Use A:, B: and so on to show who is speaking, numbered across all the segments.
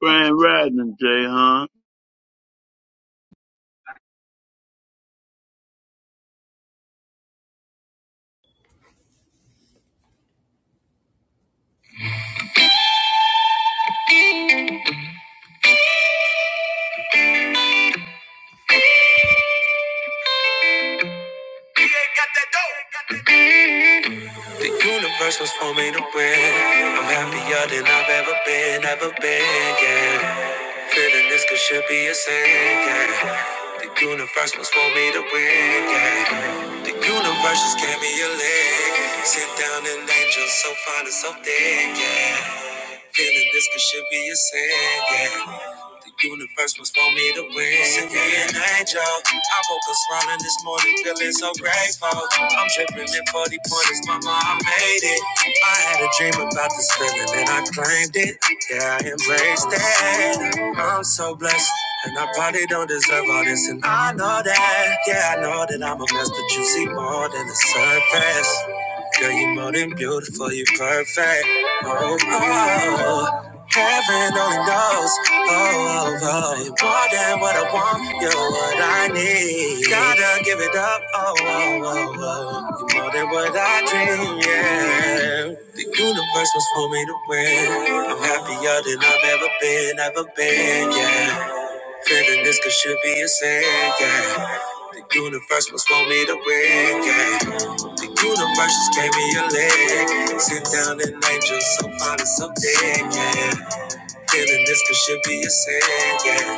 A: Grand Rising, Jay Hunt.
B: The universe was for me to win. I'm happier than I've ever been, ever been, yeah. Feeling this could should be a sin, yeah. The universe was for me to win, yeah. The universe just gave me a leg. Sit down an angel so fine and so thick, yeah. Feeling this could should be a sin, yeah. The universe must want me to win. Send me an angel. I woke up smiling this morning, feeling so grateful. I'm dripping in 40 pointers, mama, I made it. I had a dream about this feeling and I claimed it. Yeah, I embraced it. I'm so blessed. And I probably don't deserve all this, and I know that. Yeah, I know that I'm a mess, but you see more than the surface. Girl, you're more than beautiful, you're perfect. Oh, oh, oh. heaven only knows. Oh, oh, oh, you're more than what I want, you're what I need. Gotta give it up. Oh, oh, oh, oh, you're more than what I dream. Yeah, the universe was for me to win. I'm happier than I've ever been, ever been. Yeah. Feeling this could should be a sin, yeah. The universe must want me to win, yeah. The universe just gave me a leg. Sit down and angel, so fine and so thick, yeah. Feeling this could should be a sin, yeah.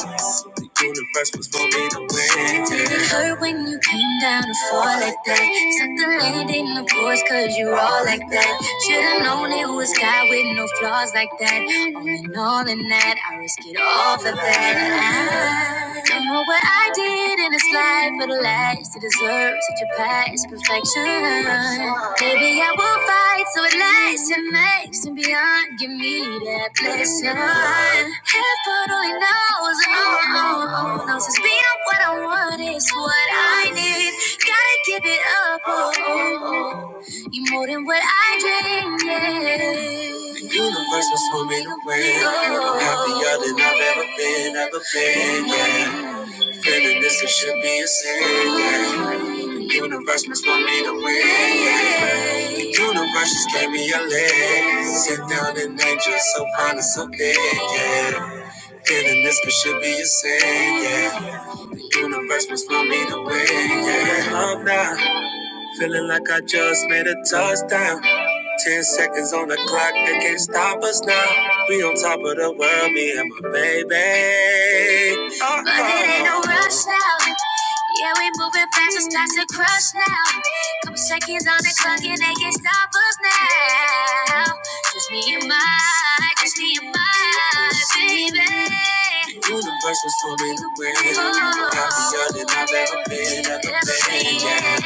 B: The universe was gonna be the wind, yeah. Did it hurt when you came down to fall like that? Suck the land in the course, cause you all like that. Should've known it was God with no flaws like that. All in all, in that, I risk it all for that. I don't know what I did did in this life for the last to deserve such a past perfection. Maybe I will fight so it lasts and makes and beyond. Give me that blessing. Heaven only knows, oh, oh, oh, knows it's beyond what I want it's what I need. Gotta give it up, oh, oh, oh. you more than what I dreamed. Yeah. The universe was swimming away. I'm happier than I've ever been, ever been. Yeah. Feeling this it should be a sin. The universe must want me to win. The universe just gave me a leg. Sit down and angel, so fine and so big, yeah. Feeling this it should be a sin, yeah. The universe must want me to win, yeah. Love now. Feeling like I just made a touchdown. Ten seconds on the clock, they can't stop us now. We on top of the world, me and my baby. Uh-oh. But it ain't no rush now. Yeah, we moving fast, it's starts to crush now. Couple seconds on the clock, and they can't stop us now. Just me and my, just me and my baby. The universe was for me to win. Happier than I've ever been, ever been, yeah.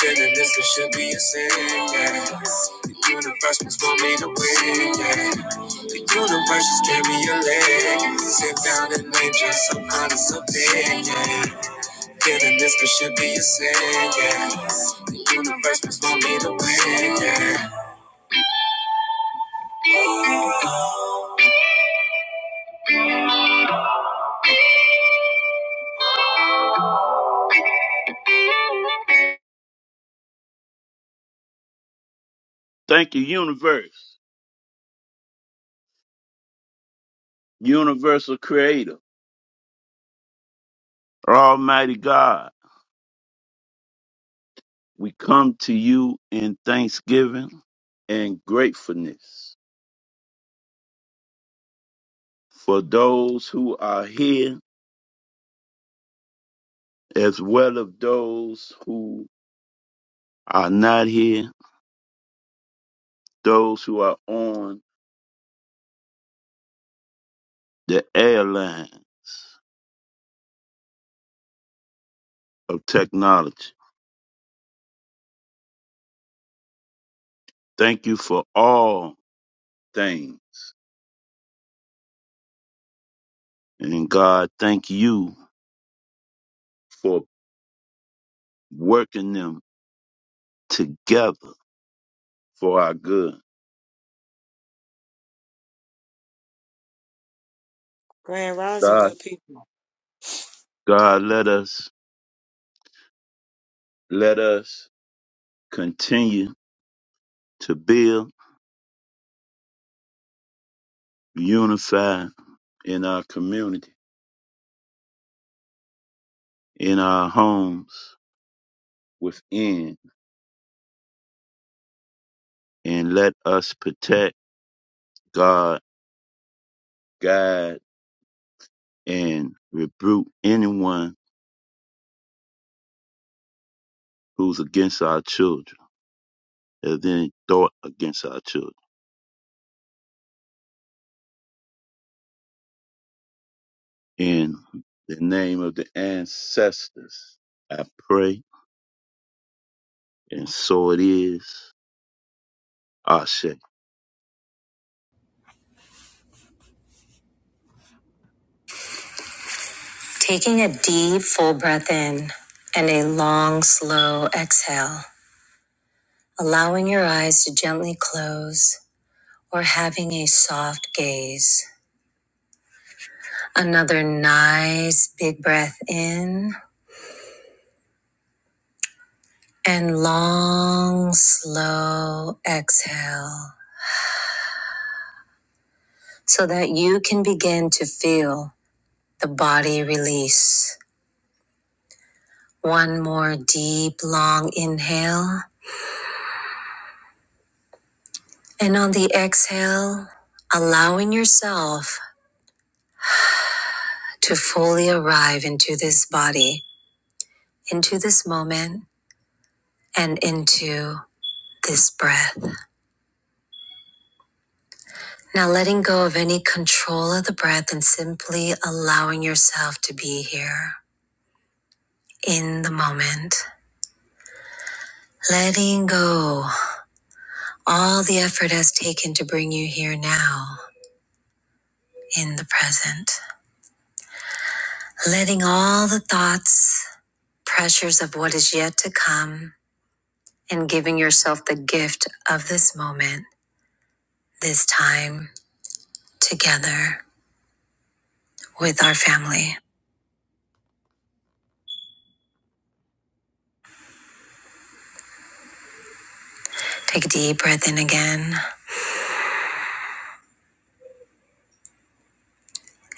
B: Feeling this it should be a sin, yeah. The universe was for me to win, yeah. The universe just gave me a leg. Sit down and name just some honest opinion. yeah. Feeling this could should be a sin, yeah. The universe was for me to win, yeah.
A: Thank you, universe, universal creator, almighty God. We come to you in thanksgiving and gratefulness for those who are here as well as those who are not here, those who are on the airline of technology. Thank you for all things. And God, thank you for working them together for our good.
C: Grand Rising,
A: God,
C: good people.
A: God, let us, let us continue to build unified in our community, in our homes, within, and let us protect God, guide, and rebuke anyone who's against our children, or then thought against our children. In the name of the ancestors, I pray, and so it is. Ashe.
B: Taking a deep, full breath in and a long, slow exhale, allowing your eyes to gently close or having a soft gaze. Another nice, big breath in and long, slow exhale so that you can begin to feel the body release. One more deep, long inhale. And on the exhale, allowing yourself to fully arrive into this body, into this moment, and into this breath. Now, letting go of any control of the breath and simply allowing yourself to be here in the moment. Letting go all the effort has taken to bring you here now in the present. Letting all the thoughts, pressures of what is yet to come, and giving yourself the gift of this moment, this time together with our family. Take a deep breath in again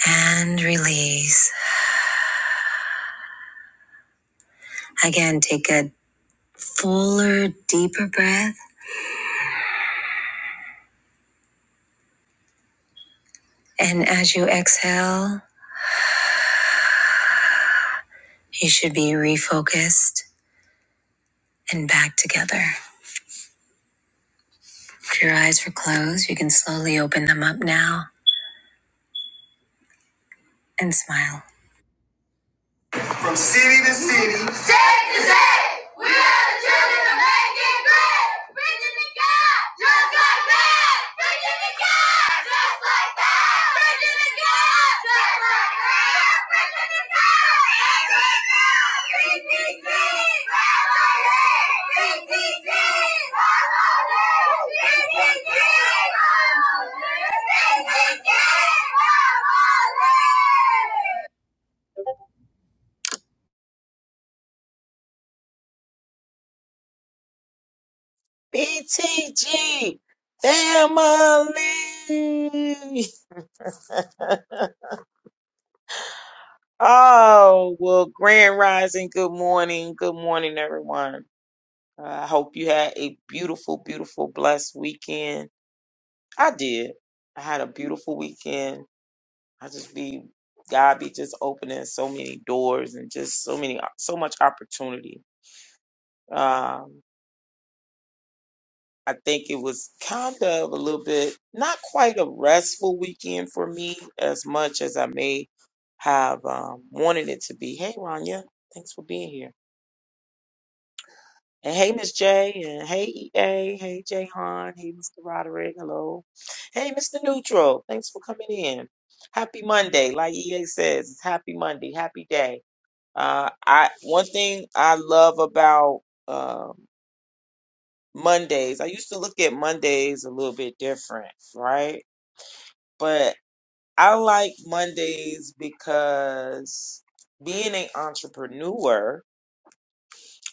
B: and release. Again, take a fuller, deeper breath. And as you exhale, you should be refocused and back together. If your eyes were closed, you can slowly open them up now and smile. From city to city. State to state. We are the children of making great. Preaching the God just like that. Preaching the God just like that. Preaching the God just like that. Preaching the God. PTT. PTT. PTT.
C: BTG family. oh, well, Grand Rising, good morning. Good morning, everyone. Uh, I hope you had a beautiful, beautiful, blessed weekend. I did. I had a beautiful weekend. I just be, God be just opening so many doors and just so many, so much opportunity. Um. I think it was kind of a little bit, not quite a restful weekend for me as much as I may have um, wanted it to be. Hey, Rania, thanks for being here. And hey, Miss J, and hey, EA, hey, Jay Han, hey, Mr. Roderick, hello. Hey, Mr. Neutral, thanks for coming in. Happy Monday. Like EA says, it's happy Monday, happy day. Uh, I One thing I love about um Mondays, I used to look at Mondays a little bit different, right? but I like Mondays because being an entrepreneur,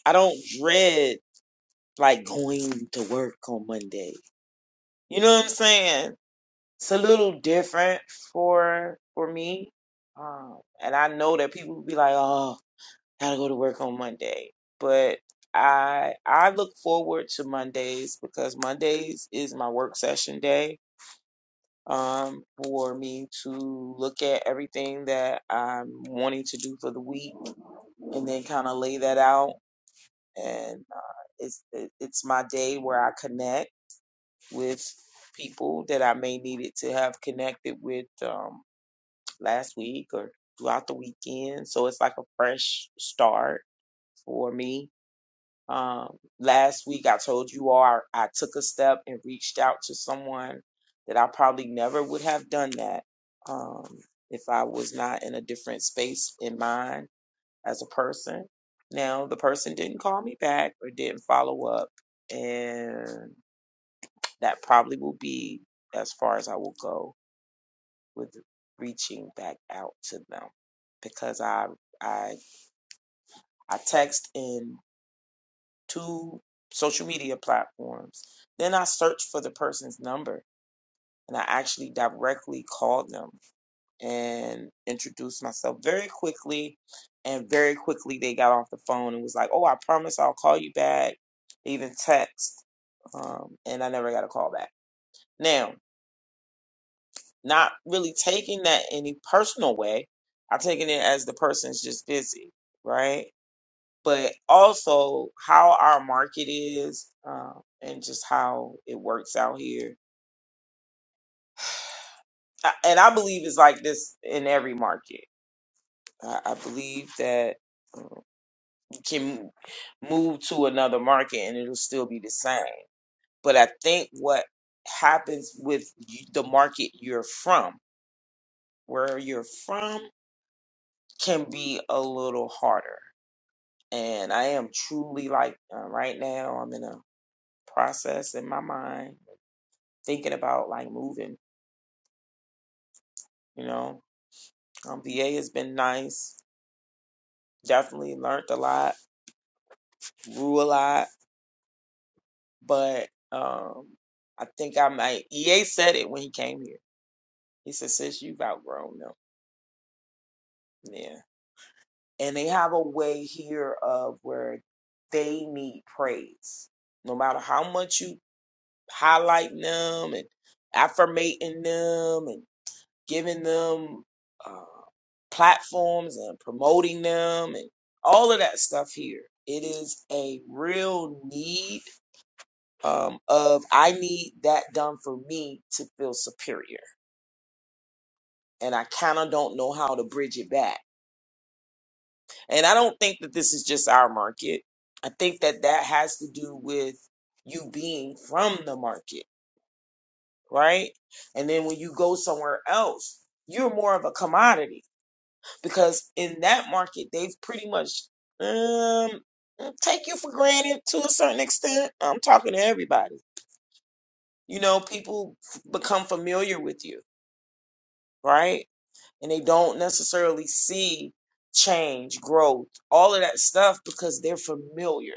C: I don't dread like going to work on Monday. You know what I'm saying? It's a little different for for me, um, and I know that people will be like, "Oh, gotta go to work on Monday," but I I look forward to Mondays because Mondays is my work session day um, for me to look at everything that I'm wanting to do for the week and then kind of lay that out. And uh, it's it, it's my day where I connect with people that I may needed to have connected with um, last week or throughout the weekend. So it's like a fresh start for me um, last week, I told you all I, I took a step and reached out to someone that I probably never would have done that um, if I was not in a different space in mind as a person. Now, the person didn't call me back or didn't follow up, and that probably will be as far as I will go with reaching back out to them because I I I text and two social media platforms. Then I searched for the person's number and I actually directly called them and introduced myself very quickly. And very quickly they got off the phone and was like, oh, I promise I'll call you back. They even text. Um, and I never got a call back. Now, not really taking that any personal way. I am taking it as the person's just busy, right? but also how our market is um, and just how it works out here. I- And I believe it's like this in every market. I I believe that you can move to another market and it'll still be the same. But I think what happens with y- the market you're from, where you're from, can be a little harder. And I am truly like uh, right now, I'm in a process in my mind thinking about like moving You know, um, VA has been nice. Definitely learned a lot, grew a lot. But um, I think I might. EA said it when he came here. He said, "Sis, you've outgrown them." Yeah, and they have a way here of where they need praise, no matter how much you highlighting them and affirmating them and. giving them uh, platforms and promoting them and all of that stuff here. It is a real need um, of I need that done for me to feel superior. And I kind of don't know how to bridge it back. And I don't think that this is just our market. I think that that has to do with you being from the market, right? And then when you go somewhere else, you're more of a commodity because in that market they've pretty much um take you for granted to a certain extent. I'm talking to everybody. You know, people f- become familiar with you, right? And they don't necessarily see change, growth, all of that stuff because they're familiar.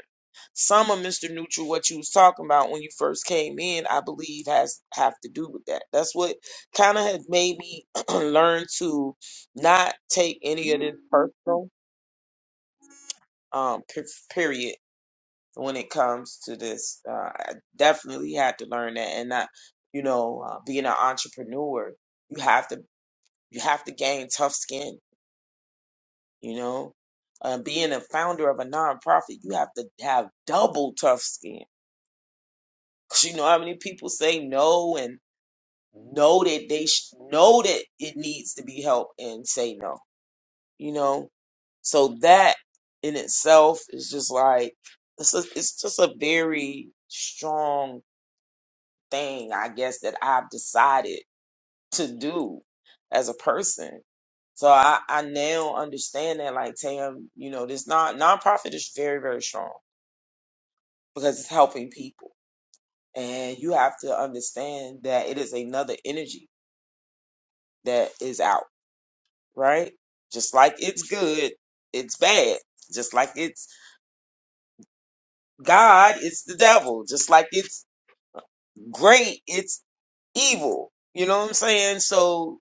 C: Some of Mr. Neutral, what you was talking about when you first came in, I believe has have to do with that. That's what kind of has made me learn to not take any of this personal um per- period when it comes to this uh, i definitely had to learn that and not you know uh, being an entrepreneur you have to you have to gain tough skin you know uh, being a founder of a nonprofit you have to have double tough skin because you know how many people say no and know that they sh- know that it needs to be helped and say no you know? So that in itself is just like, it's, a, it's just a very strong thing, I guess, that I've decided to do as a person. So I, I now understand that, like Tam, you know, this non nonprofit is very, very strong because it's helping people, and you have to understand that it is another energy that is out, right? Just like it's good, it's bad. Just like it's God, it's the devil. Just like it's great, it's evil. You know what I'm saying? So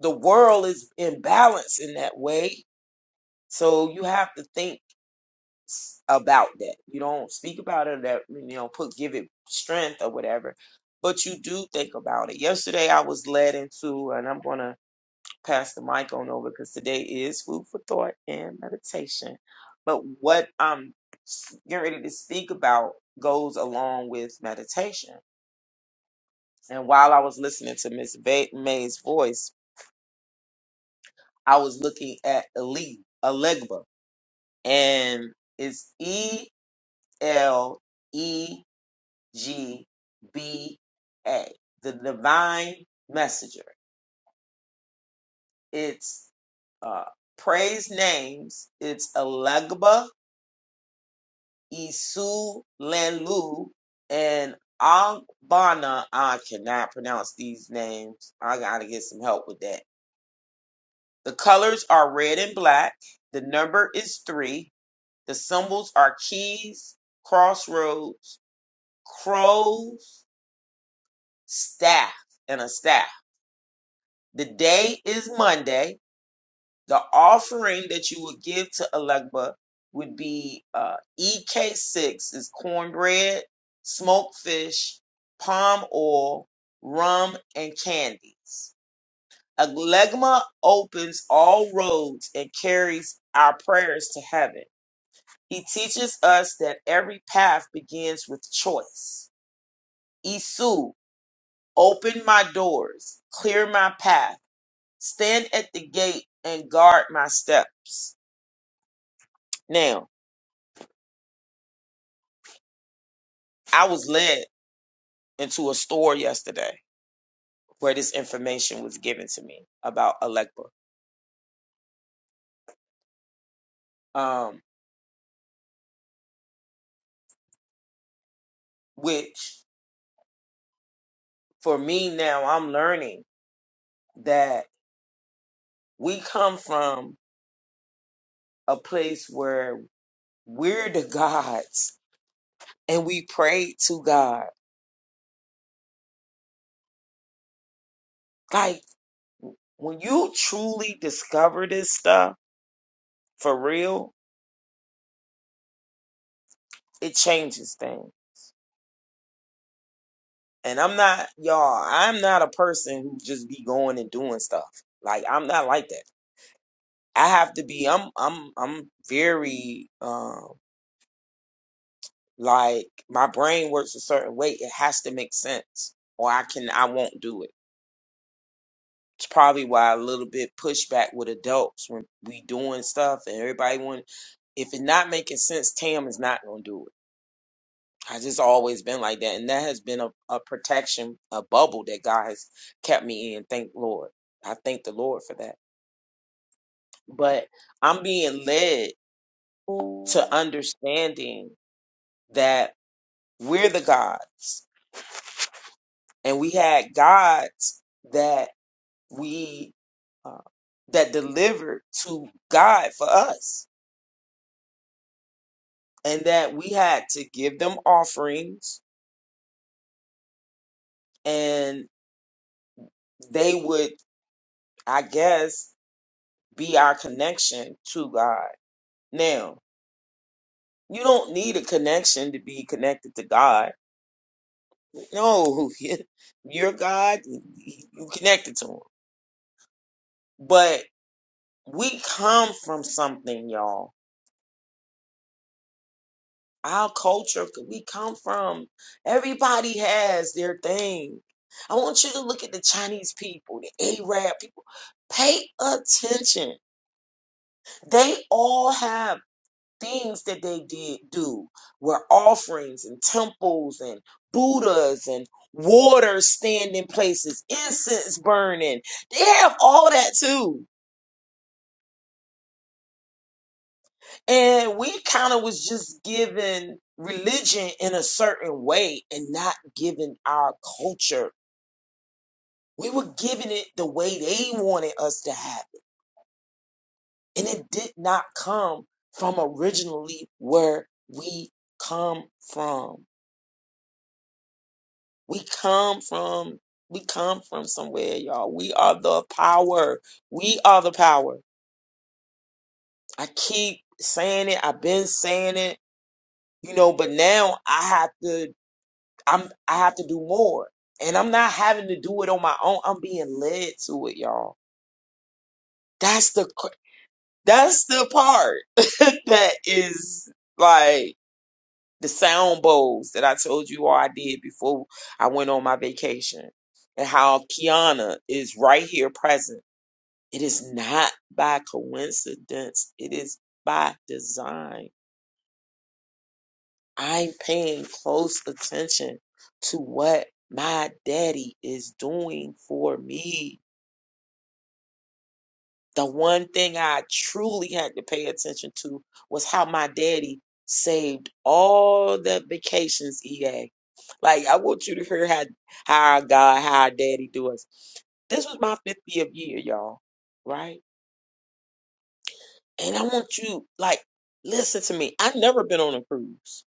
C: the world is in balance in that way. So you have to think s- about that. You don't speak about it that you know put give it strength or whatever, but you do think about it. Yesterday I was led into, and I'm gonna pass the mic on over because today is food for thought and meditation. But what I'm getting ready to speak about goes along with meditation. And while I was listening to Miss Va- May's voice, I was looking at Ali Alegba, and it's E L E G B A, the Divine Messenger. It's uh, praise names. It's Alegba Isu Lenlu and Angbana. I cannot pronounce these names. I gotta get some help with that. The colors are red and black. The number is three. The symbols are keys, crossroads, crows, staff, and a staff. The day is Monday. The offering that you would give to Alekba would be uh, EK6 is cornbread, smoked fish, palm oil, rum, and candies. Alegma opens all roads and carries our prayers to heaven. He teaches us that every path begins with choice. Isu, open my doors, clear my path, stand at the gate and guard my steps. Now, I was led into a store yesterday where this information was given to me about Alecpa, um, which for me now I'm learning that we come from a place where we're the gods and we pray to God. Like when you truly discover this stuff for real, it changes things. And I'm not, y'all, I'm not a person who just be going and doing stuff. Like I'm not like that. I have to be. I'm. I'm. I'm very. Um. Like my brain works a certain way. It has to make sense, or I can. I won't do it. It's probably why a little bit pushback with adults when we doing stuff and everybody want. If it's not making sense, Tam is not gonna do it. I just always been like that, and that has been a, a protection, a bubble that God has kept me in. Thank Lord. I thank the Lord for that. But I'm being led to understanding that We're the gods, and we had gods that we uh, that delivered to God for us, and that we had to give them offerings, and they would, I guess, be our connection to God. Now, you don't need a connection to be connected to God. No, you're God, you connected to Him. But we come from something, y'all our culture c- we come from. Everybody has their thing. I want you to look at the Chinese people, the Arab people. Pay attention. They all have things that they did do where offerings and temples and Buddhas and water standing places, incense burning. They have all that too. And we kind of was just given religion in a certain way and not given our culture. We were giving it the way they wanted us to have it. And it did not come from originally where we come from. We come from we come from somewhere, y'all. We are the power. We are the power. I keep saying it. I've been saying it, you know, but now I have to I'm I have to do more. And I'm not having to do it on my own. I'm being led to it, y'all. That's the cr- that's the part that is like the sound bowls that I told you all I did before I went on my vacation and how Kiana is right here present. It is not by coincidence. It is by design. I'm paying close attention to what my daddy is doing for me The one thing I truly had to pay attention to was how my daddy saved all the vacations EA. Like I want you to hear how how our God, how our daddy do us. This was my 50th year, y'all, right? And I want you like listen to me. I've never been on a cruise.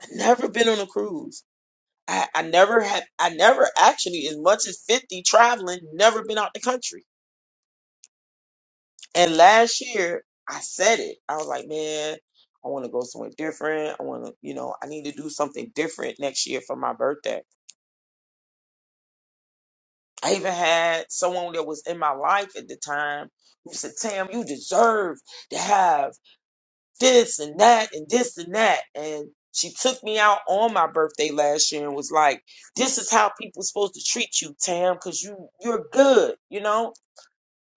C: I've never been on a cruise. I, I never had I never actually as much as 50 traveling, never been out the country. And last year, I said it. I was like, man, I want to go somewhere different. I want to, you know, I need to do something different next year for my birthday. I even had someone that was in my life at the time who said, Tam, you deserve to have this and that and this and that. And she took me out on my birthday last year and was like, this is how people supposed to treat you, Tam, because you, you're good, you know?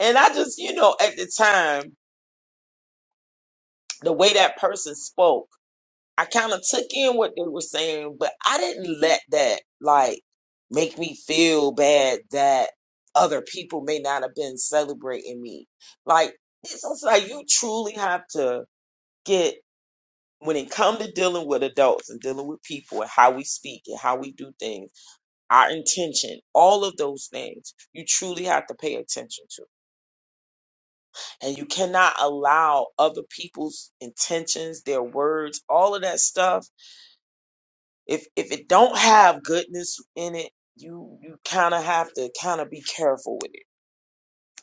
C: And I just, you know, at the time, the way that person spoke, I kind of took in what they were saying, but I didn't let that like make me feel bad that other people may not have been celebrating me. Like it's also like you truly have to get when it come to dealing with adults and dealing with people and how we speak and how we do things, our intention, all of those things, you truly have to pay attention to. And you cannot allow other people's intentions, their words, all of that stuff if if it don't have goodness in it, you you kind of have to kind of be careful with it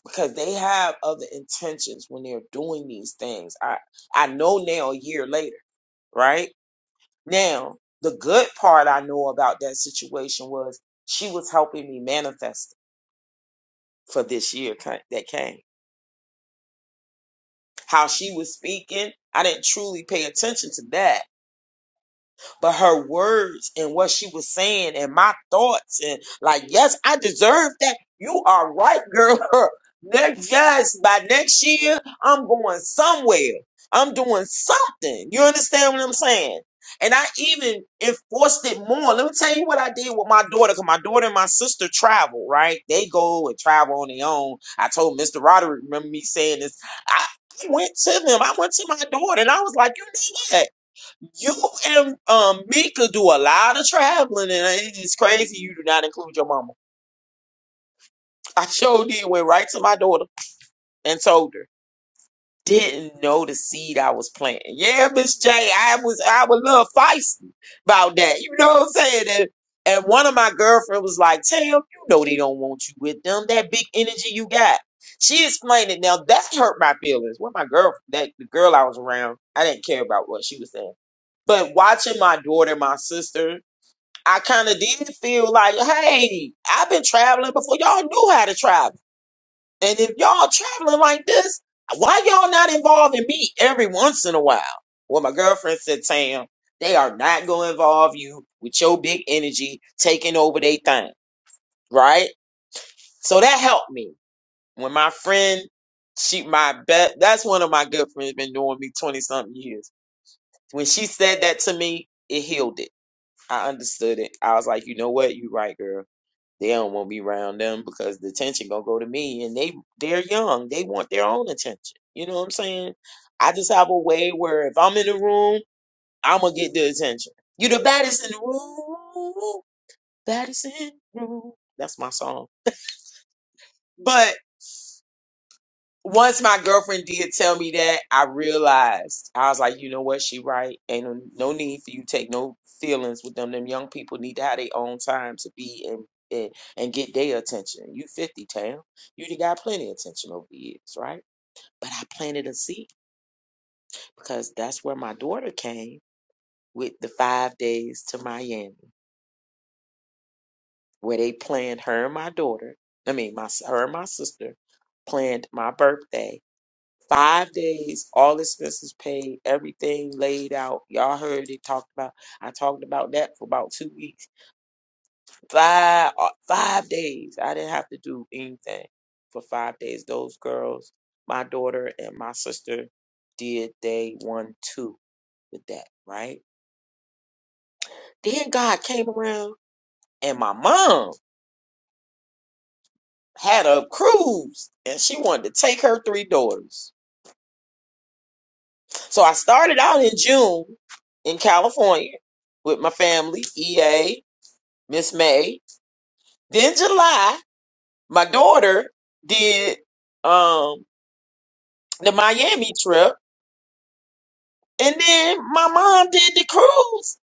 C: because they have other intentions when they're doing these things. I I know now a year later, right? Now, the good part I know about that situation was she was helping me manifest for this year ki- that came. How she was speaking, I didn't truly pay attention to that but her words and what she was saying and my thoughts and like, yes, I deserve that. You are right, girl. Next, yes, by next year, I'm going somewhere. I'm doing something. You understand what I'm saying? And I even enforced it more. Let me tell you what I did with my daughter, because my daughter and my sister travel, right? They go and travel on their own. I told Mr. Roderick, remember me saying this. I I went to them. I went to my daughter and I was like, you know what? You and um me could do a lot of traveling, and it is crazy you do not include your mama. I sure did. Went right to my daughter and told her. Didn't know the seed I was planting. Yeah, Miss J, I was I was a little feisty about that. You know what I'm saying? And, and one of my girlfriends was like, "Tam, you know they don't want you with them. That big energy you got." She explained it. Now that hurt my feelings. What my girl, that the girl I was around, I didn't care about what she was saying. But watching my daughter, my sister, I kind of did feel like, hey, I've been traveling before y'all knew how to travel. And if y'all traveling like this, why y'all not involving me every once in a while? Well, my girlfriend said, Tam, they are not going to involve you with your big energy taking over their thing, right? So that helped me. When my friend, she, my bet, that's one of my good friends been doing me 20 something years. When she said that to me, it healed it. I understood it. I was like, you know what? You right, girl They don't want to be around them because the attention gonna go to me, and they they're young. They want their own attention. You know what I'm saying? I just have a way where if I'm in the room, I'm gonna get the attention. You the baddest in the room, baddest in the room. That's my song. But. once my girlfriend did tell me that, I realized I was like, you know what, she right. Ain't no, no need for you to take no feelings with them. Them young people need to have their own time to be and and, and get their attention. You fifty, Tam. You done got plenty of attention over the years, right? But I planted a seed because that's where my daughter came with the five days to Miami, where they planned her and my daughter. I mean, my s- her and my sister planned my birthday Five days, all expenses paid, everything laid out. Y'all heard it talked about. I talked about that for about two weeks. Five, uh, five days. I didn't have to do anything for five days. Those girls, my daughter and my sister, did day one, two with that, right? Then God came around and my mom had a cruise and she wanted to take her three daughters. So I started out in June in California with my family, EA, Miss May. Then July, my daughter did um the Miami trip, and then my mom did the cruise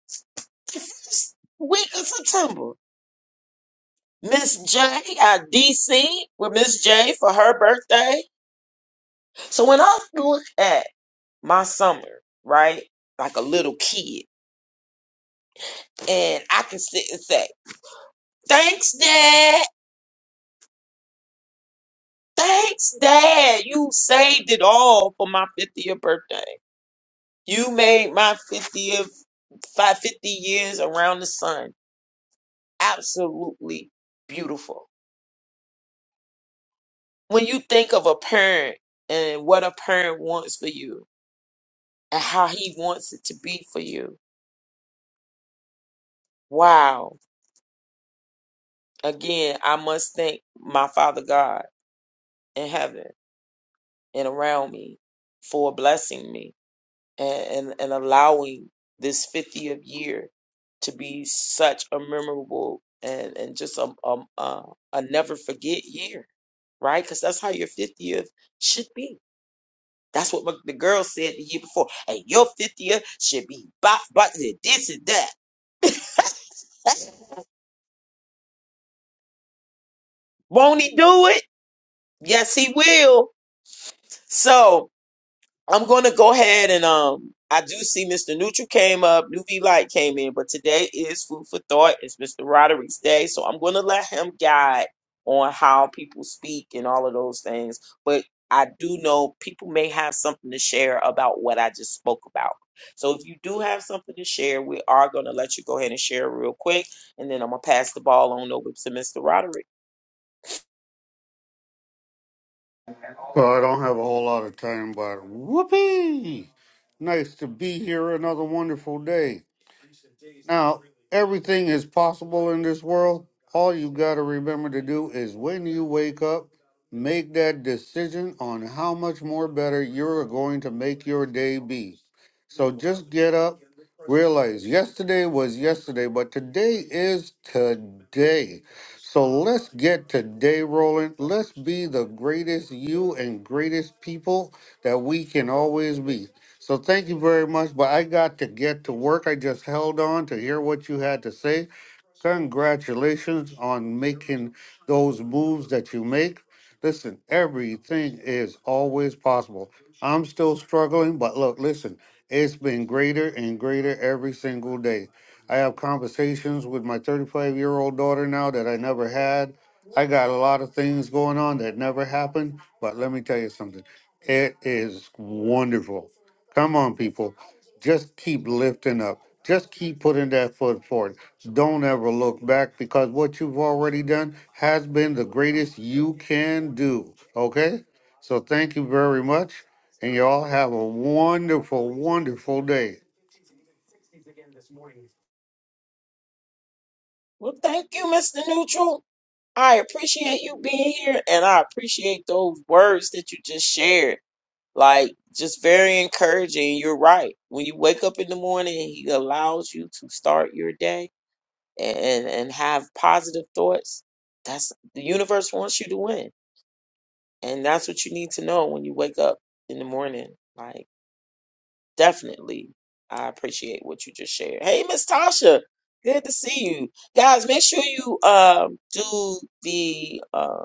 C: the first week of September. Miss J at DC with Miss J for her birthday. So when I look at my summer, right, like a little kid, and I can sit and say, "Thanks, Dad." Thanks, Dad. You saved it all for my 50th birthday. You made my 50th, five fifty years around the sun absolutely beautiful. When you think of a parent and what a parent wants for you and how he wants it to be for you, wow. Again, I must thank my Father God in heaven and around me for blessing me and, and, and allowing this 50th year to be such a memorable and, and just a, a, a, a never forget year, right? Because that's how your 50th should be. That's what my, the girl said the year before. Hey, your 50th should be bop, bop, this and that. Won't he do it? Yes, he will. So, I'm going to go ahead and um, I do see Mr. Neutral came up, Newbie Light came in, but today is food for thought. It's Mr. Roderick's day, so I'm going to let him guide on how people speak and all of those things. But I do know people may have something to share about what I just spoke about. So if you do have something to share, we are going to let you go ahead and share real quick, and then I'm gonna pass the ball on over to Mr. Roderick.
D: Well, I don't have a whole lot of time, but whoopee! Nice to be here another wonderful day. Now, everything is possible in this world. All you got to remember to do is when you wake up, make that decision on how much more better you're going to make your day be. So just get up, realize yesterday was yesterday, but today is today. So let's get today rolling. Let's be the greatest you and greatest people that we can always be. So thank you very much. But I got to get to work. I just held on to hear what you had to say. Congratulations on making those moves that you make. Listen, everything is always possible. I'm still struggling, but look, listen, it's been greater and greater every single day. I have conversations with my 35 year old daughter now that I never had. I got a lot of things going on that never happened, but let me tell you something. It is wonderful. Come on, people. Just keep lifting up. Just keep putting that foot forward. Don't ever look back because what you've already done has been the greatest you can do. Okay? So thank you very much. And y'all have a wonderful, wonderful day.
C: Well, thank you, Mr. Neutral. I appreciate you being here and I appreciate those words that you just shared. Like, just very encouraging. You're right. When you wake up in the morning, he allows you to start your day and, and have positive thoughts. That's the universe wants you to win. And that's what you need to know when you wake up in the morning. Like, Definitely. I appreciate what you just shared. Hey, Miss Tasha, good to see you. Guys, make sure you um do the uh,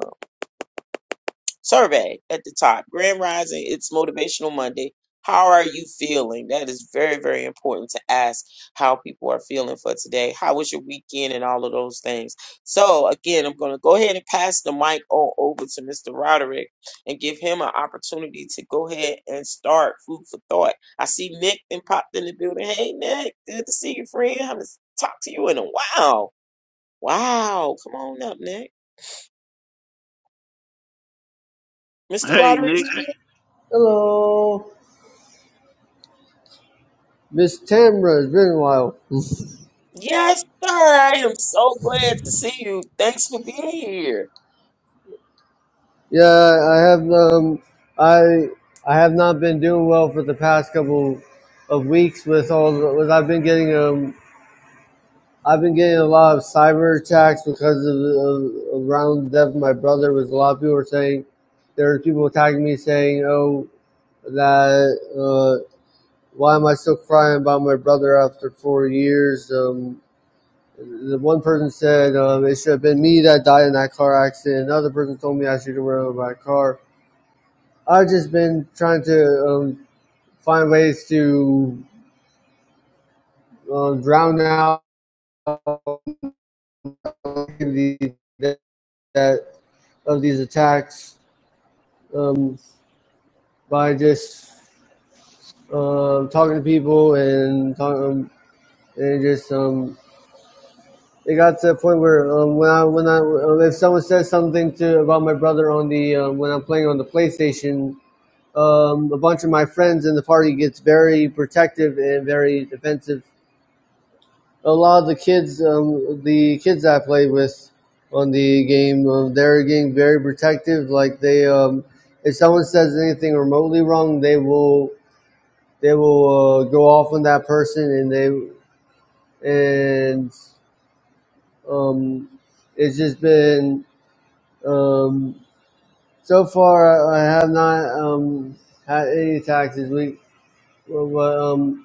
C: survey at the top. Grand Rising, it's Motivational Monday. How are you feeling? That is very, very important to ask how people are feeling for today. How was your weekend and all of those things? So, again, I'm going to go ahead and pass the mic on over to Mr. Roderick and give him an opportunity to go ahead and start food for thought. I see Nick then popped in the building. Hey, Nick, good to see you, friend. I haven't talked to you in a while. Wow. Come on up, Nick. Mr.
A: Hey,
C: Roderick,
A: Nick.
E: Hello, Miss Tamra. It's been a while.
C: Yes, sir. I am so glad to see you. Thanks for being here.
E: Yeah, I have um, I I have not been doing well for the past couple of weeks with all the, with I've been getting um I've been getting a lot of cyber attacks because of, of around the death of my brother. Was a lot of people were saying there were people attacking me saying oh that uh, why am I still crying about my brother after four years um The one person said um, it should have been me that died in that car accident. Another person told me I should have run over my car. I've just been trying to um, find ways to um, drown out the, that of these attacks um, by just um, talking to people and talk, um, and just um, it got to a point where um, when I when I um, if someone says something to about my brother on the um, when I'm playing on the PlayStation um, a bunch of my friends in the party gets very protective and very defensive. A lot of the kids, um, the kids I play with on the game, um, they're getting very protective. Like they, um, if someone says anything remotely wrong, they will they will uh, go off on that person, and they and um, it's just been um, so far. I have not um, had any attacks this week. Well, well, um,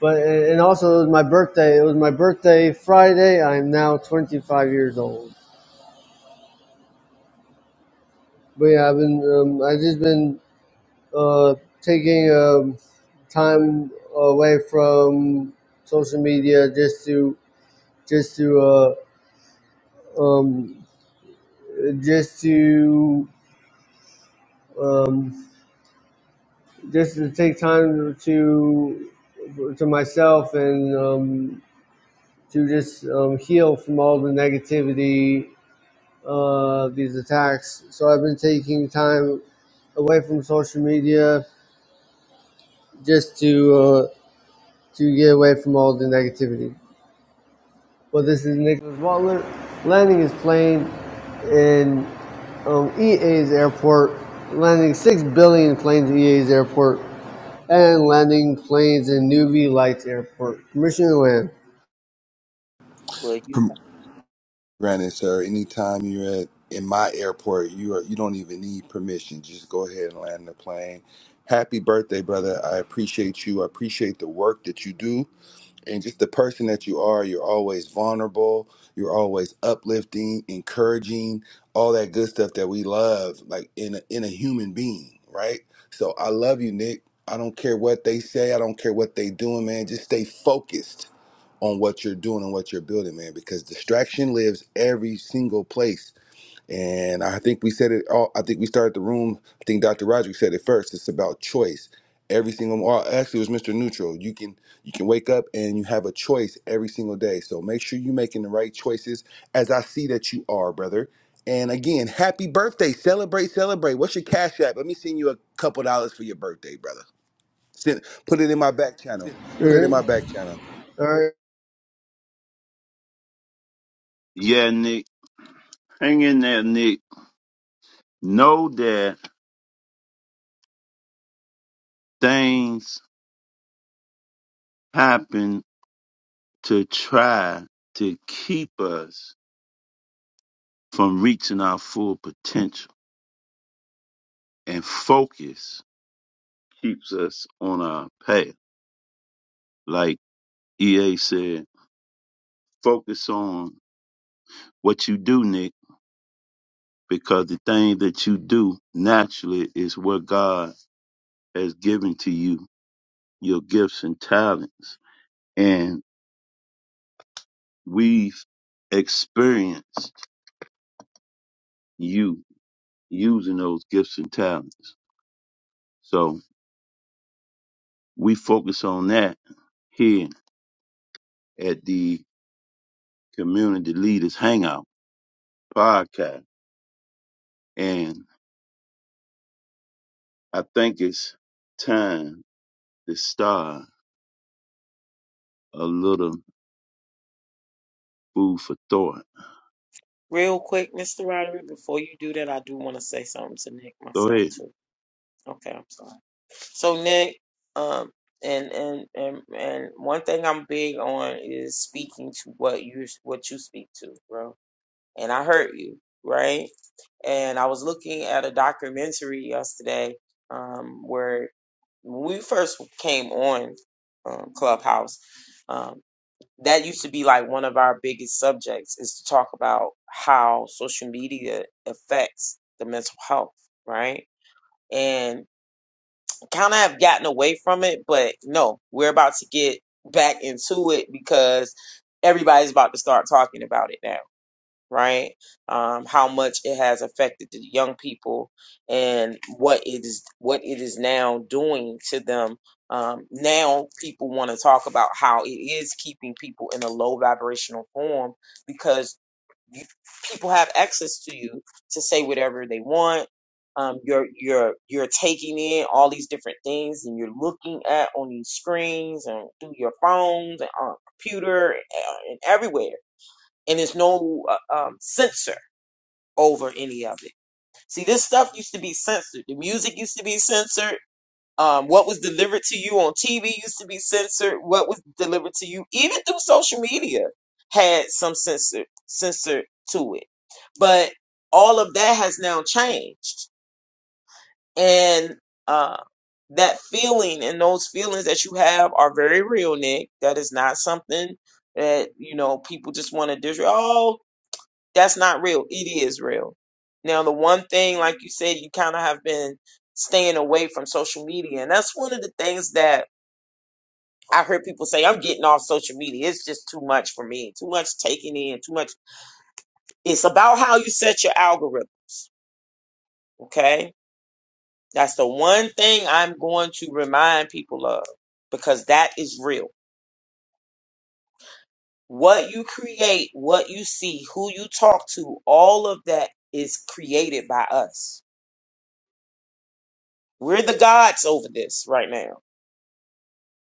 E: But and also it was my birthday. It was my birthday Friday. I'm now 25 years old. But yeah, I've been um, I've just been uh, taking um, time away from social media just to just to uh, um, just to um, just to take time to to myself and um, to just um, heal from all the negativity uh, these attacks. So I've been taking time away from social media just to uh, to get away from all the negativity. Well, this is Nicholas Butler landing his plane in um, EA's airport, landing six billion planes at EA's airport, and landing planes in Newbie Lights Airport. Permission to land.
C: Well, you
F: Granted, sir, anytime you're at in my airport, you are you don't even need permission. Just go ahead and land the plane. Happy birthday, brother. I appreciate you. I appreciate the work that you do and just the person that you are. You're always vulnerable. You're always uplifting, encouraging, all that good stuff that we love, like in a, in a human being, right? So I love you, Nick. I don't care what they say. I don't care what they doing, man. Just stay focused on what you're doing and what you're building, man, because distraction lives every single place. And I think we said it all. I think we started the room. I think Dr. Roger said it first. It's about choice. Every single, well, actually, it was Mr. Neutral. You can you can wake up and you have a choice every single day. So make sure you're making the right choices, as I see that you are, brother. And again, happy birthday! Celebrate, celebrate. What's your cash app? Let me send you a couple dollars for your birthday, brother. Send, put it in my back channel.
E: All
F: Put it in my
E: right.
F: back channel.
E: All right.
A: Yeah, Nick. Hang in there, Nick. Know that things happen to try to keep us from reaching our full potential. And focus keeps us on our path. Like EA said, focus on what you do, Nick, because the thing that you do naturally is what God has given to you, your gifts and talents. And we've experienced you using those gifts and talents. So we focus on that here at the Community Leaders Hangout podcast. And I think it's time to start a little food for thought.
C: real quick, Mr. Roderick, before you do that, I do want to say something to Nick
A: Go
C: myself
A: ahead.
C: too. Okay, I'm sorry. So Nick, um, and and and and one thing I'm big on is speaking to what you what you speak to, bro. And I heard you, right? And I was looking at a documentary yesterday, um, where when we first came on um, Clubhouse. um, that used to be like one of our biggest subjects is to talk about how social media affects the mental health, right? And kind of have gotten away from it, but no, we're about to get back into it because everybody's about to start talking about it now right? Um, how much it has affected the young people and what it is what it is now doing to them. Um, now people want to talk about how it is keeping people in a low vibrational form because you, people have access to you to say whatever they want. Um, you're you're you're taking in all these different things and you're looking at on these screens and through your phones and on computer and, and everywhere and there's no uh, um, censor over any of it. See, this stuff used to be censored. The music used to be censored. Um, what was delivered to you on TV used to be censored. What was delivered to you, even through social media, had some censor censored to it. But all of that has now changed, and uh, that feeling and those feelings that you have are very real, Nick. That is not something that you know people just want to disregard. Oh, that's not real. It is real. Now, the one thing, like you said, you kind of have been staying away from social media. And that's one of the things that I heard people say, I'm getting off social media. It's just too much for me, too much taking in, too much. It's about how you set your algorithm. Okay. That's the one thing I'm going to remind people of because that is real. What you create, what you see, who you talk to, all of that is created by us. We're the gods over this right now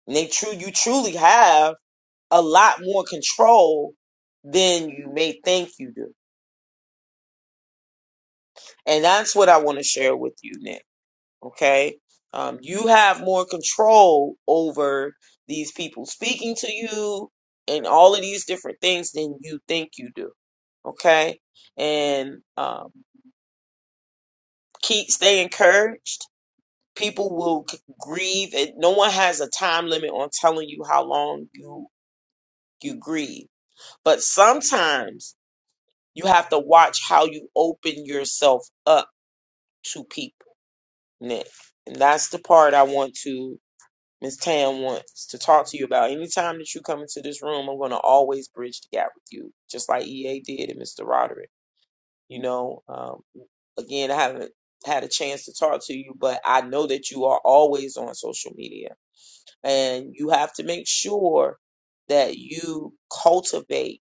C: And they true you truly have a lot more control than you may think you do. And that's what I want to share with you, Nick. Okay? Um, you have more control over these people speaking to you and all of these different things than you think you do. Okay? And um, keep stay encouraged. People will g- grieve. And no one has a time limit on telling you how long you you grieve. But sometimes You have to watch how you open yourself up to people, Nick. And that's the part I want to, Miss Tam wants to talk to you about. Anytime that you come into this room, I'm going to always bridge the gap with you, just like EA did and Mr. Roderick. You know, um, again, I haven't had a chance to talk to you, but I know that you are always on social media and you have to make sure that you cultivate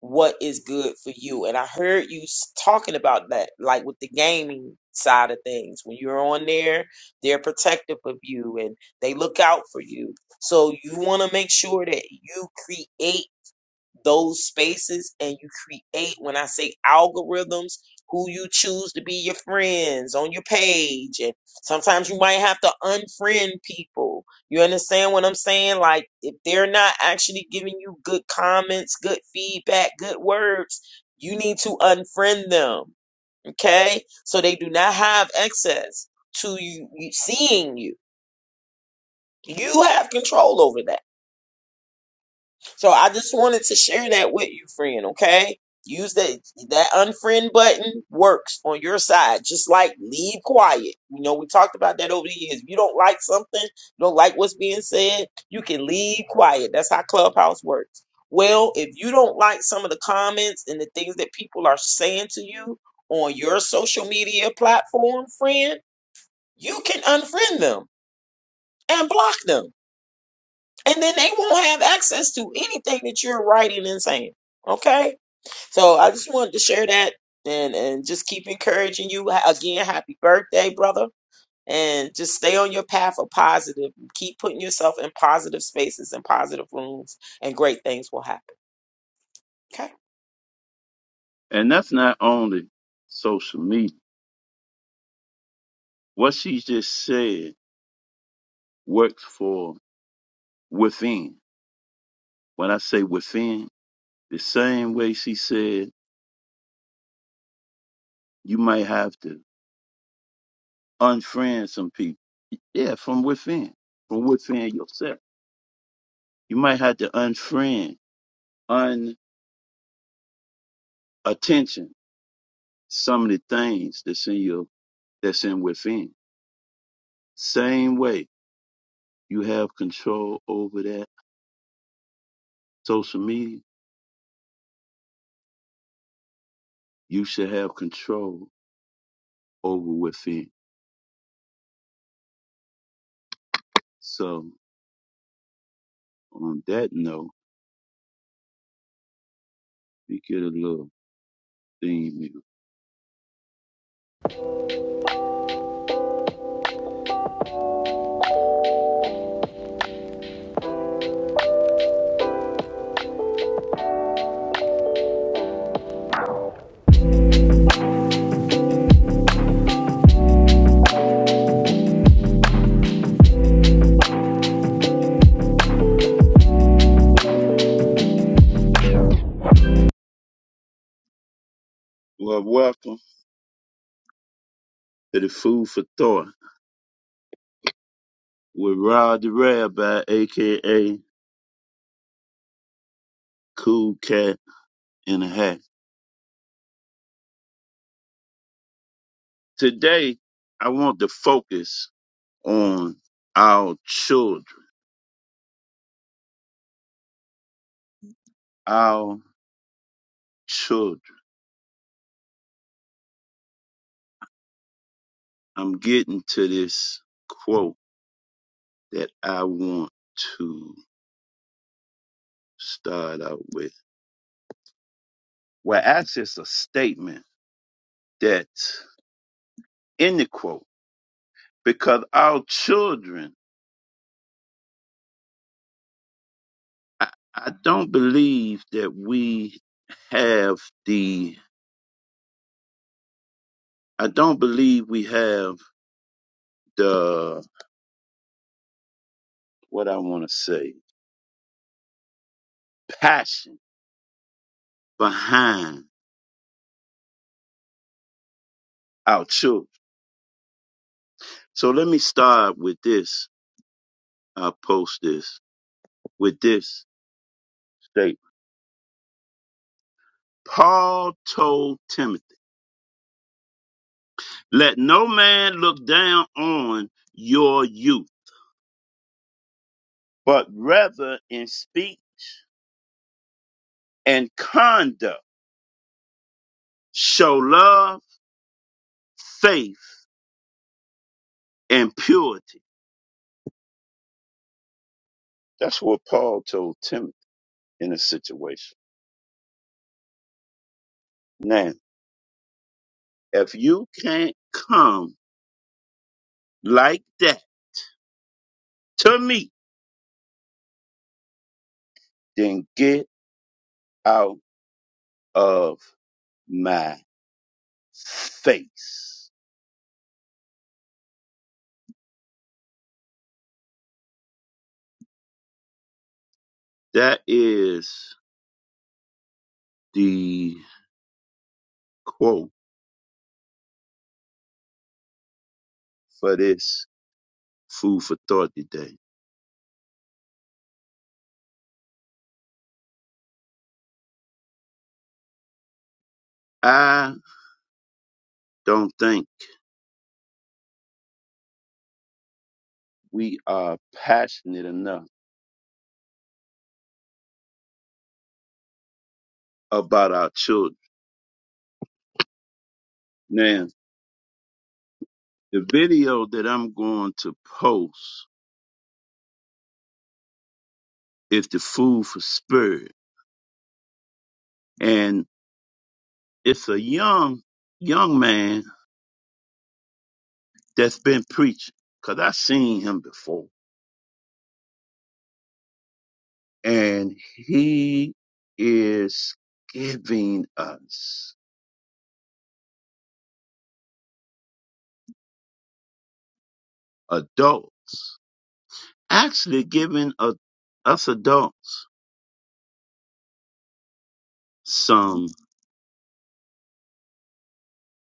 C: what is good for you. And I heard you s- talking about that, like with the gaming side of things. When you're on there, they're protective of you and they look out for you. So you want to make sure that you create those spaces and you create when i say algorithms who you choose to be your friends on your page and sometimes you might have to unfriend people you understand what i'm saying like if they're not actually giving you good comments good feedback good words you need to unfriend them okay so they do not have access to you you- seeing you you have control over that So I just wanted to share that with you, friend, okay? Use that that unfriend button works on your side, just like leave quiet. You know, we talked about that over the years. If you don't like something, you don't like what's being said, you can leave quiet. That's how Clubhouse works. Well, if you don't like some of the comments and the things that people are saying to you on your social media platform, friend, you can unfriend them and block them and then they won't have access to anything that you're writing and saying. Okay, so I just wanted to share that and and just keep encouraging you Ha- again. Happy birthday, brother, and just stay on your path of positive. Keep putting yourself in positive spaces and positive rooms, and great things will happen. Okay.
A: And that's not only social media. What she just said works for within. When I say within, the same way she said you might have to unfriend some people Yeah, from within, from within yourself. You might have to unfriend, unattention some of the things that's in your that's in within. Same way you have control over that social media, you should have control over within. So on that note, we get a little theme music. Well, welcome to the Food for Thought with Rod the Rabbi, aka Cool Cat in a Hat. Today, I want to focus on our children. Our children. I'm getting to this quote that I want to start out with. Well, actually, it's a statement that's in the quote because our children, I, I don't believe that we have the, I don't believe we have the, what I want to say, passion behind out too. So let me start with this. I'll post this with this statement. Paul told Timothy, let no man look down on your youth, but rather in speech and conduct show love, faith, and purity. That's what Paul told Timothy in a situation. Now, if you can't come like that to me, then get out of my face. That is the quote for this food for thought today. I don't think we are passionate enough about our children. Now, the video that I'm going to post is the food for spirit. And it's a young, young man that's been preaching because i seen him before. And he is giving us adults actually giving a, us adults some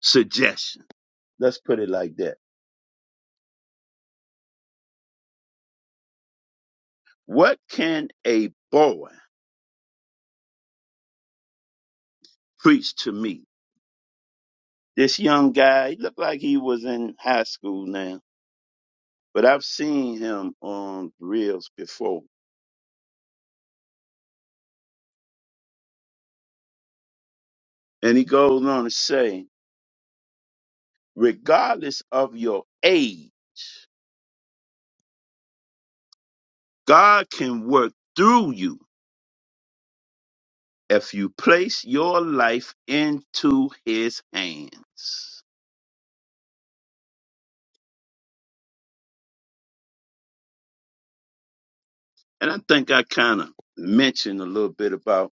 A: suggestion. Let's put it like that. What can a boy preach to me? This young guy, he looked like he was in high school now, but I've seen him on reels before. And he goes on to say, regardless of your age, God can work through you if you place your life into his hands. And I think I kind of mentioned a little bit about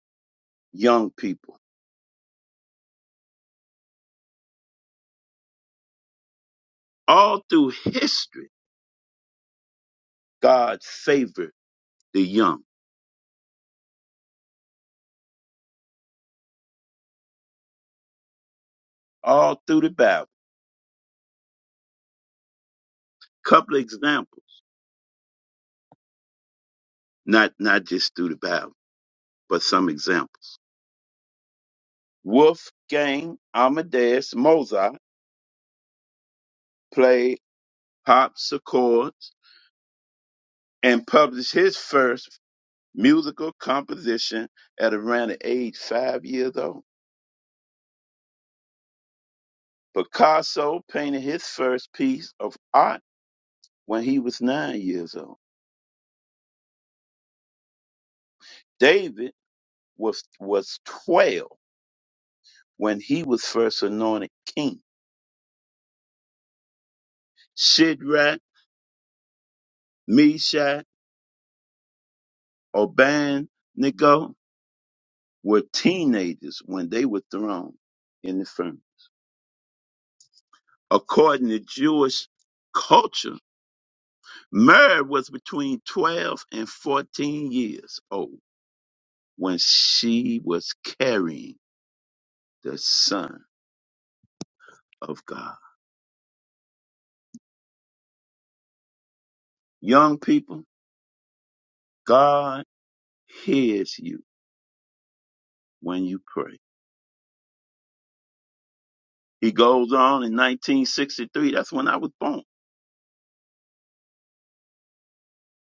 A: young people. All through history, God favored the young. All through the Bible. Couple of examples, not not just through the Bible, but some examples. Wolfgang Amadeus Mozart played harpsichords and published his first musical composition at around the age five years old. Picasso painted his first piece of art when he was nine years old. David was was twelve when he was first anointed king. Shadrach, Meshach, Abednego were teenagers when they were thrown in the furnace. According to Jewish culture, Mary was between twelve and fourteen years old when she was carrying the Son of God. Young people, God hears you when you pray. He goes on in 1963, that's when I was born.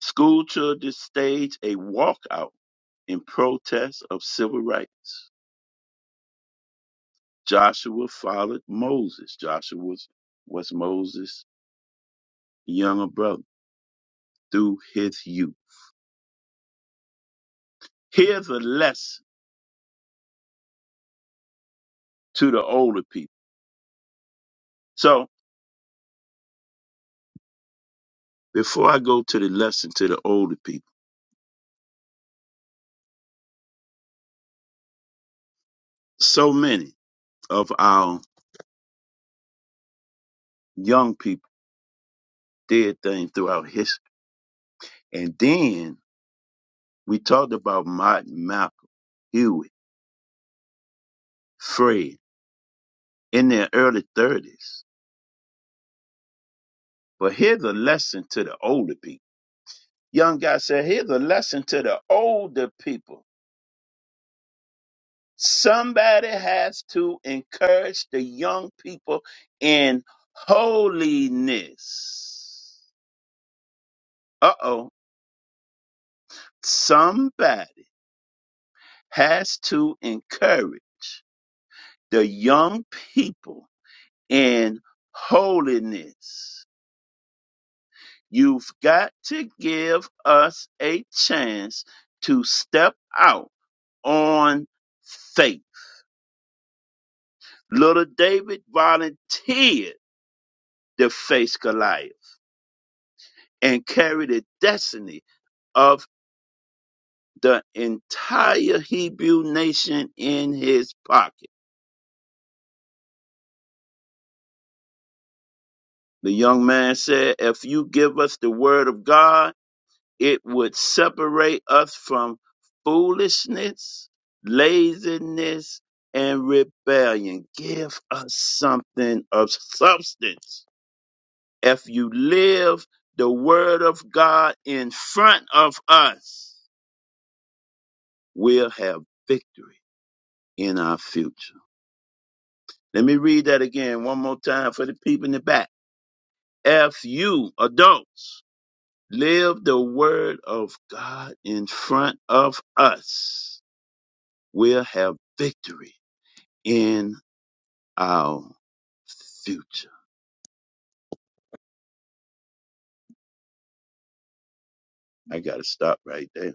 A: School children staged a walkout in protest of civil rights. Joshua followed Moses. Joshua was, was Moses' younger brother through his youth. Here's a lesson to the older people. So before I go to the lesson to the older people, so many of our young people did things throughout history. And then we talked about Martin Malcolm Hewitt. free in their early 30s. But here's a lesson to the older people. Young guy said, here's a lesson to the older people. Somebody has to encourage the young people in holiness. Uh oh. Somebody has to encourage the young people in holiness. You've got to give us a chance to step out on faith. Little David volunteered to face Goliath and carried the destiny of the entire Hebrew nation in his pocket. The young man said, If you give us the word of God, It would separate us from foolishness, laziness, and rebellion. Give us something of substance. If you live the word of God in front of us, we'll have victory in our future. Let me read that again one more time for the people in the back. If you adults live the word of God in front of us. will have victory in our future. I got to stop right there.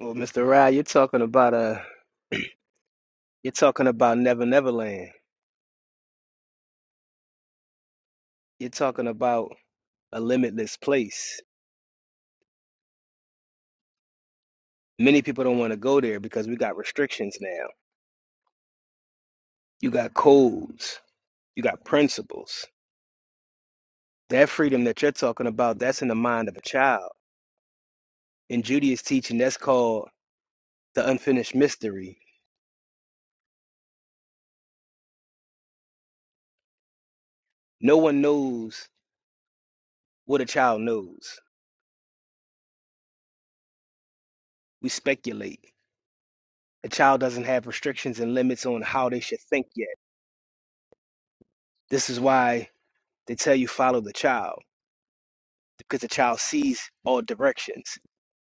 G: Well, Mr. Rye, you're talking about a you're talking about Never Neverland. You're talking about a limitless place. Many people don't want to go there because we got restrictions now. You got codes, you got principles. That freedom that you're talking about, that's in the mind of a child. In Judaism teaching, that's called the unfinished mystery. No one knows what a child knows. We speculate. A child doesn't have restrictions and limits on how they should think yet. This is why they tell you follow the child because the child sees all directions.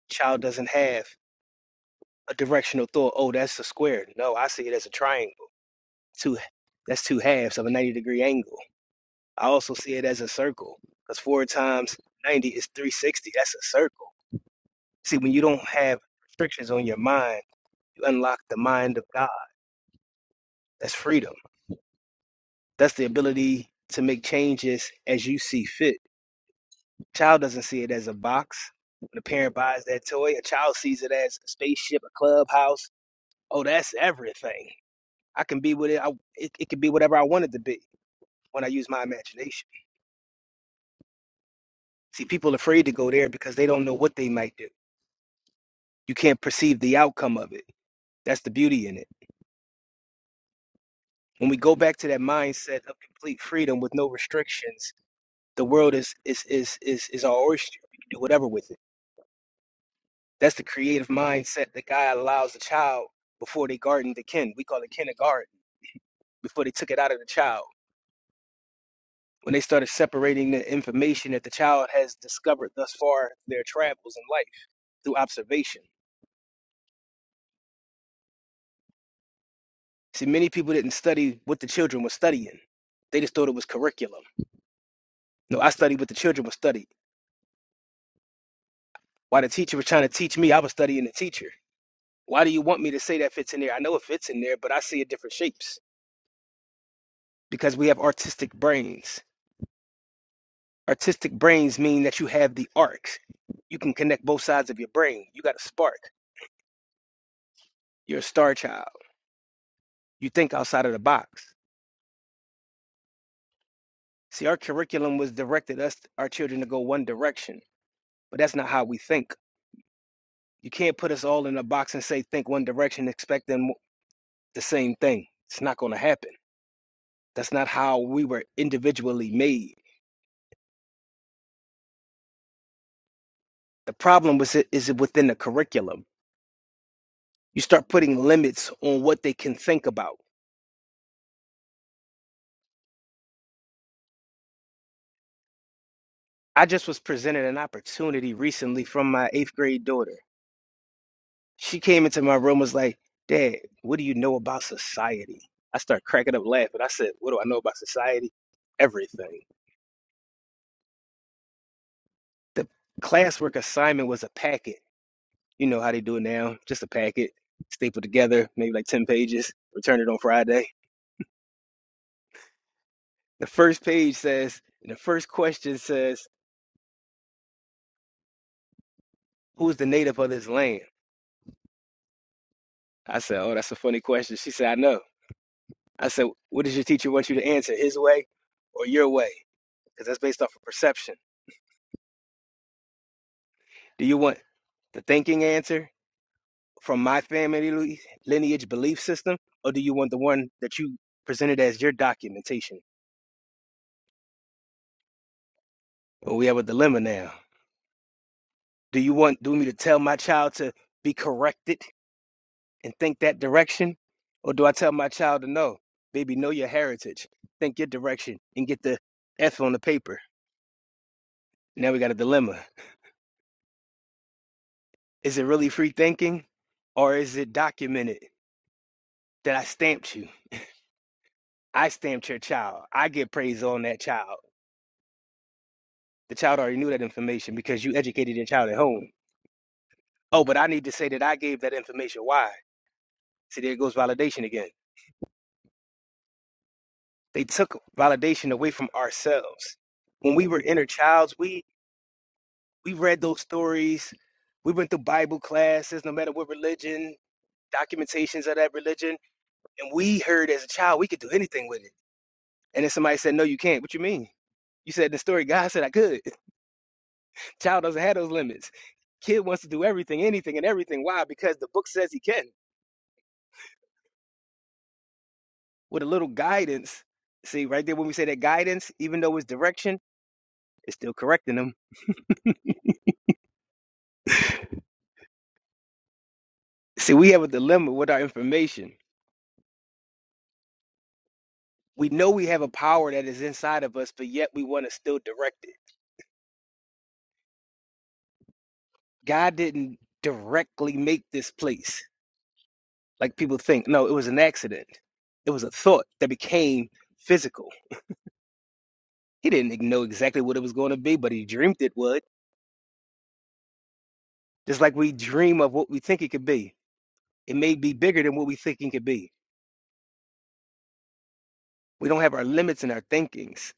G: Child doesn't have a directional thought. Oh, that's a square. No, I see it as a triangle. Two, that's two halves of a ninety degree angle. I also see it as a circle because four times ninety is three sixty. That's a circle. See, when you don't have restrictions on your mind, you unlock the mind of God. That's freedom. That's the ability to make changes as you see fit. Child doesn't see it as a box. When a parent buys that toy, a child sees it as a spaceship, a clubhouse, oh, that's everything. I can be with it, I, it, it can be whatever I want it to be when I use my imagination. See, people are afraid to go there because they don't know what they might do. You can't perceive the outcome of it. That's the beauty in it. When we go back to that mindset of complete freedom with no restrictions, the world is is is is, is our oyster. We can do whatever with it. That's the creative mindset that God allows the child before they garden the kin. We call it kindergarten before they took it out of the child when they started separating the information that the child has discovered thus far their travels in life through observation. See, many people didn't study what the children were studying. They just thought it was curriculum. No, I studied what the children were studying. While the teacher was trying to teach me, I was studying the teacher. Why do you want me to say that fits in there? I know it fits in there, but I see it different shapes because we have artistic brains. Artistic brains mean that you have the arcs. You can connect both sides of your brain. You got a spark. You're a star child. You think outside of the box See, our curriculum was directed us, our children, to go one direction, but that's not how we think. You can't put us all in a box and say, think one direction, expect them the same thing. It's not going to happen. That's not how we were individually made. The problem was it, is it within the curriculum. You start putting limits on what they can think about. I just was presented an opportunity recently from my eighth grade daughter. She came into my room was like, Dad, what do you know about society? I start cracking up laughing. I said, What do I know about society? Everything. The classwork assignment was a packet. You know how they do it now, just a packet, stapled together, maybe like 10 pages, return it on Friday. The first page says, and the first question says, Who's the native of this land? I said, Oh, that's a funny question. She said, I know. I said, What does your teacher want you to answer, his way or your way? Because that's based off of perception. Do you want the thinking answer from my family lu- lineage belief system, or do you want the one that you presented as your documentation? Well, we have a dilemma now. Do you want do me to tell my child to be corrected and think that direction, or do I tell my child to know, baby, know your heritage, think your direction, and get the F on the paper? Now we got a dilemma. Is it really free thinking, or is it documented that I stamped you? I stamped your child. I get praise on that child. The child already knew that information because you educated your child at home. Oh, but I need to say that I gave that information. Why? See, there goes validation again. They took validation away from ourselves. When we were inner childs, we we read those stories. We went through Bible classes, no matter what religion, documentations of that religion, and we heard as a child we could do anything with it. And then somebody said, "No, you can't." What you mean? You said in the story, God said I could. Child doesn't have those limits. Kid wants to do everything, anything, and everything. Why? Because the book says he can. with a little guidance. See, right there when we say that guidance, even though it's direction, it's still correcting them. See, we have a dilemma with our information. We know we have a power that is inside of us, but yet we want to still direct it. God didn't directly make this place like people think. No, it was an accident. It was a thought that became physical. He didn't know exactly what it was going to be, but he dreamed it would. Just like we dream of what we think it could be, it may be bigger than what we think it could be. We don't have our limits in our thinkings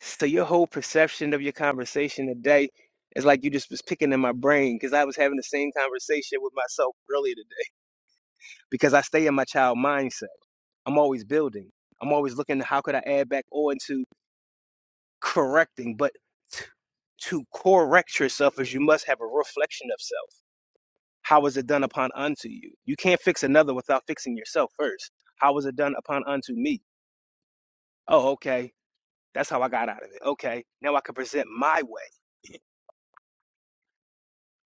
G: So your whole perception of your conversation today is like you just was picking in my brain because I was having the same conversation with myself earlier today because I stay in my child mindset. I'm always building. I'm always looking at how could I add back on to correcting, but t- to correct yourself is you must have a reflection of self. How is it done upon unto you? You can't fix another without fixing yourself first. How was it done upon unto me? Oh, okay. That's how I got out of it. Okay. Now I can present my way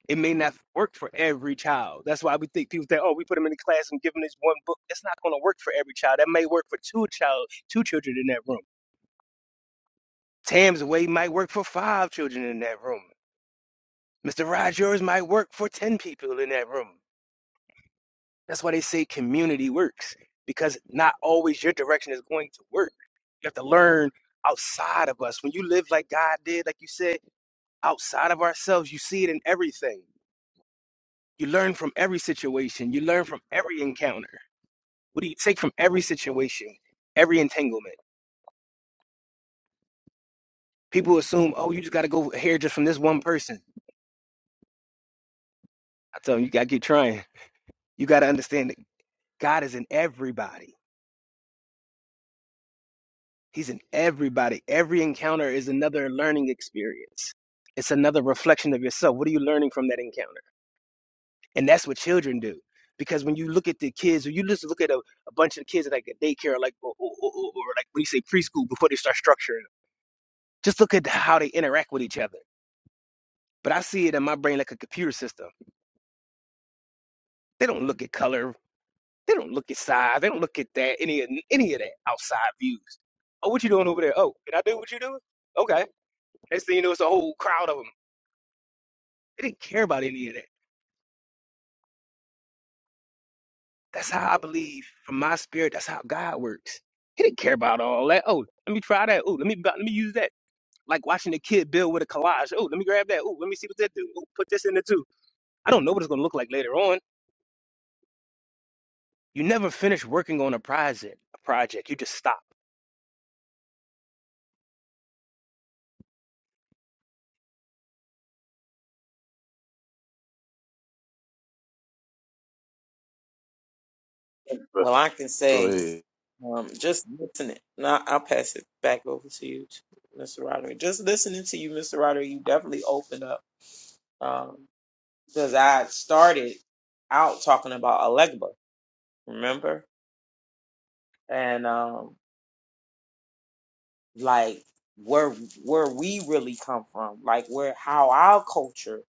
G: It may not work for every child. That's why we think people think, oh, we put them in the class and give them this one book. It's not going to work for every child. That may work for two child, two children in that room. Tam's way might work for five children in that room. Mr. Rogers might work for ten people in that room. That's why they say community works because not always your direction is going to work. You have to learn outside of us. When you live like God did, like you said, outside of ourselves, you see it in everything. You learn from every situation. You learn from every encounter. What do you take from every situation, every entanglement? People assume, oh, you just got to go here just from this one person. I tell them, you got to keep trying. You got to understand that God is in everybody. He's in everybody. Every encounter is another learning experience. It's another reflection of yourself. What are you learning from that encounter? And that's what children do. Because when you look at the kids, or you just look at a, a bunch of kids at like a daycare, or like or, or, or, or like what do you say preschool before they start structuring them. Just look at how they interact with each other but I see it in my brain like a computer system. They don't look at color. They don't look at size. They don't look at that any of any of that outside views. Oh, what you doing over there? Oh, can I do what you doing? Okay. Next thing you know, it's a whole crowd of them. They didn't care about any of that. That's how I believe from my spirit. That's how God works. He didn't care about all that. Oh, let me try that. Oh, let me let me use that. Like watching a kid build with a collage. Oh, let me grab that. Oh, let me see what that do. Oh, put this in there too. I don't know what it's gonna look like later on. You never finish working on a project. A project. You just stop.
C: Well, I can
A: Go
C: say,
A: ahead.
C: um, just listening. Now I'll pass it back over to you, Mr. Roderick. Just listening to you, Mr. Roderick. You definitely opened up. um, because I started out talking about Alegba, remember? And um, like where where we really come from, like where how our culture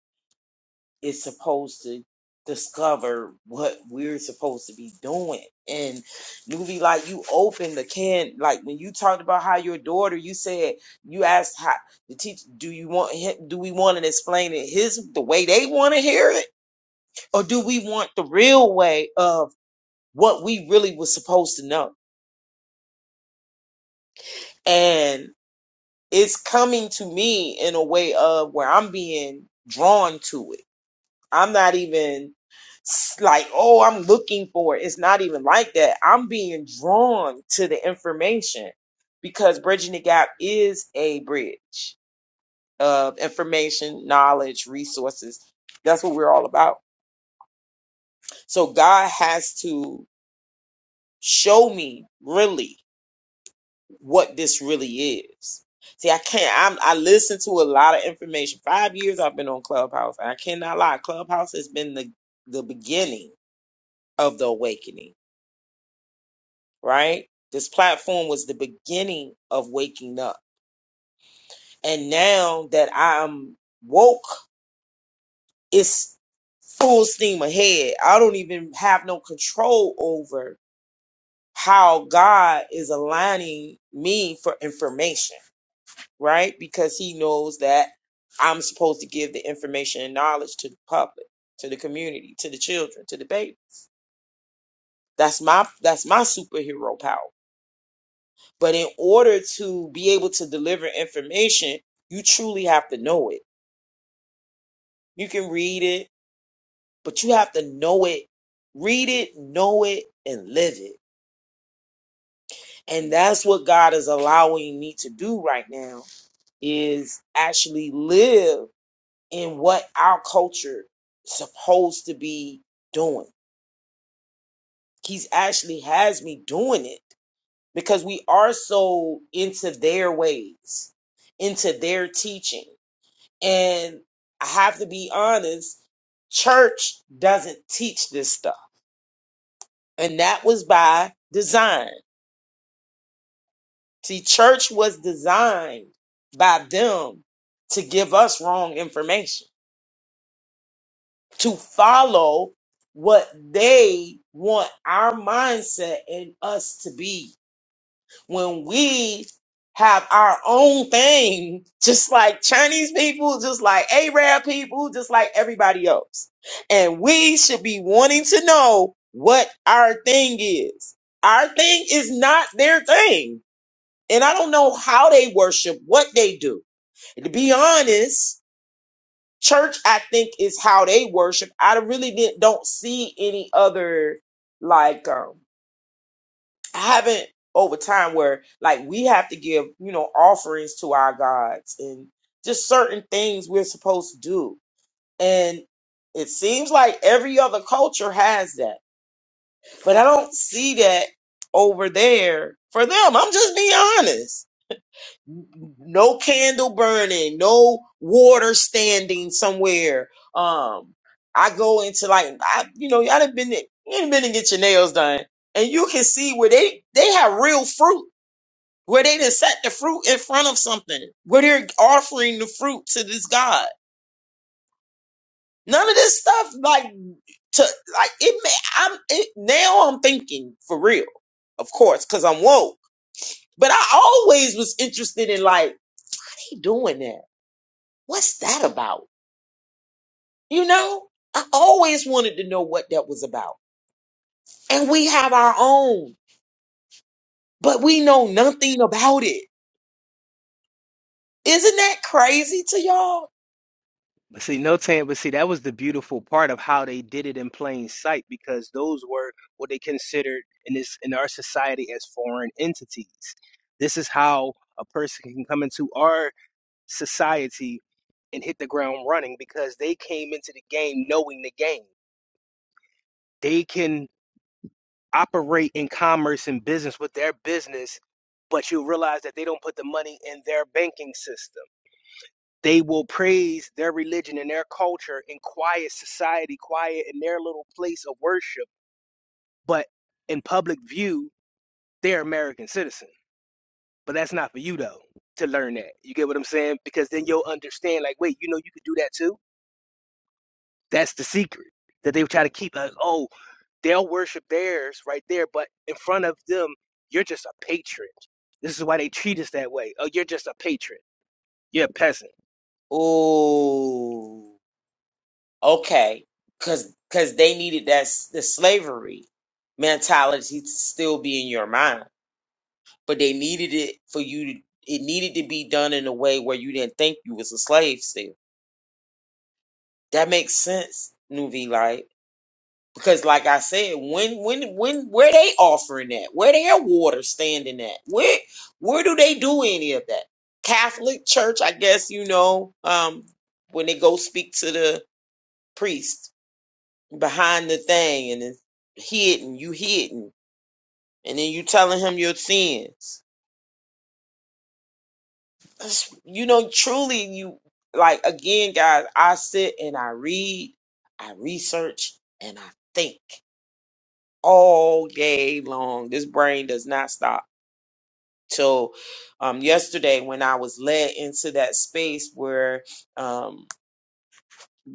C: is supposed to discover what we're supposed to be doing. And newly like you opened the can like when you talked about how your daughter you said you asked how the teacher do you want him do we want to explain it his the way they want to hear it or do we want the real way of what we really was supposed to know. And it's coming to me in a way of where I'm being drawn to it. I'm not even s- like, oh, I'm looking for it. It's not even like that. I'm being drawn to the information because Bridging the Gap is a bridge of information, knowledge, resources. That's what we're all about. So God has to show me really what this really is. See, I can't. I'm, I listen to a lot of information. Five years I've been on Clubhouse, and I cannot lie. Clubhouse has been the the beginning of the awakening. Right, this platform was the beginning of waking up, and now that I'm woke, it's full steam ahead. I don't even have no control over how God is aligning me for information right? Because he knows that I'm supposed to give the information and knowledge to the public, to the community, to the children, to the baby. That's my that's my superhero power. But in order to be able to deliver information, you truly have to know it. You can read it, but you have to know it. Read it, know it, and live it. And that's what God is allowing me to do right now is actually live in what our culture is supposed to be doing. He's actually has me doing it because we are so into their ways, into their teaching. And I have to be honest, church doesn't teach this stuff. And that was by design. See, church was designed by them to give us wrong information to follow what they want our mindset and us to be when we have our own thing, just like Chinese people, just like Arab people, just like everybody else. And we should be wanting to know what our thing is. Our thing is not their thing. And I don't know how they worship, what they do. And To be honest, church i think is how they worship i really didn't don't see any other like um i haven't over time where like we have to give you know offerings to our gods and just certain things we're supposed to do and it seems like every other culture has that but i don't see that over there for them i'm just being honest no candle burning, no water standing somewhere. Um, I go into like I, you know, y'all done been to- you ain't been to get your nails done, and you can see where they they have real fruit, where they done set the fruit in front of something, where they're offering the fruit to this god. None of this stuff like to like it. May, I'm it, now I'm thinking for real, of course, because I'm woke. But I always was interested in like they doing that. What's that about? You know, I always wanted to know what that was about. And we have our own, but we know nothing about it. Isn't that crazy to y'all?
G: See, no tan, but see, that was the beautiful part of how they did it in plain sight because those were what they considered in this in our society as foreign entities. This is how a person can come into our society and hit the ground running because they came into the game knowing the game. They can operate in commerce and business with their business, but you realize that they don't put the money in their banking system They will praise their religion and their culture in quiet society, quiet in their little place of worship. But in public view, they're American citizen. But that's not for you though to learn that. You get what I'm saying? Because then you'll understand. Like, wait, you know, you could do that too. That's the secret that they try to keep. Like, oh, they'll worship theirs right there, but in front of them, you're just a patriot. This is why they treat us that way. Oh, you're just a patriot. You're a peasant
C: Oh, okay. Cause, cause they needed that s- the slavery mentality to still be in your mind, but they needed it for you to. It needed to be done in a way where you didn't think you was a slave still. That makes sense, Nuvi Because like I said, when when when where they offering that? Where their water standing at? Where where do they do any of that? Catholic church, I guess you know, um, when they go speak to the priest behind the thing and it's hidden, you hidden, and then you telling him your sins. That's- You know, truly you like again, guys, I sit and I read, I research, and I think all day long. This brain does not stop till um, yesterday when I was led into that space where um,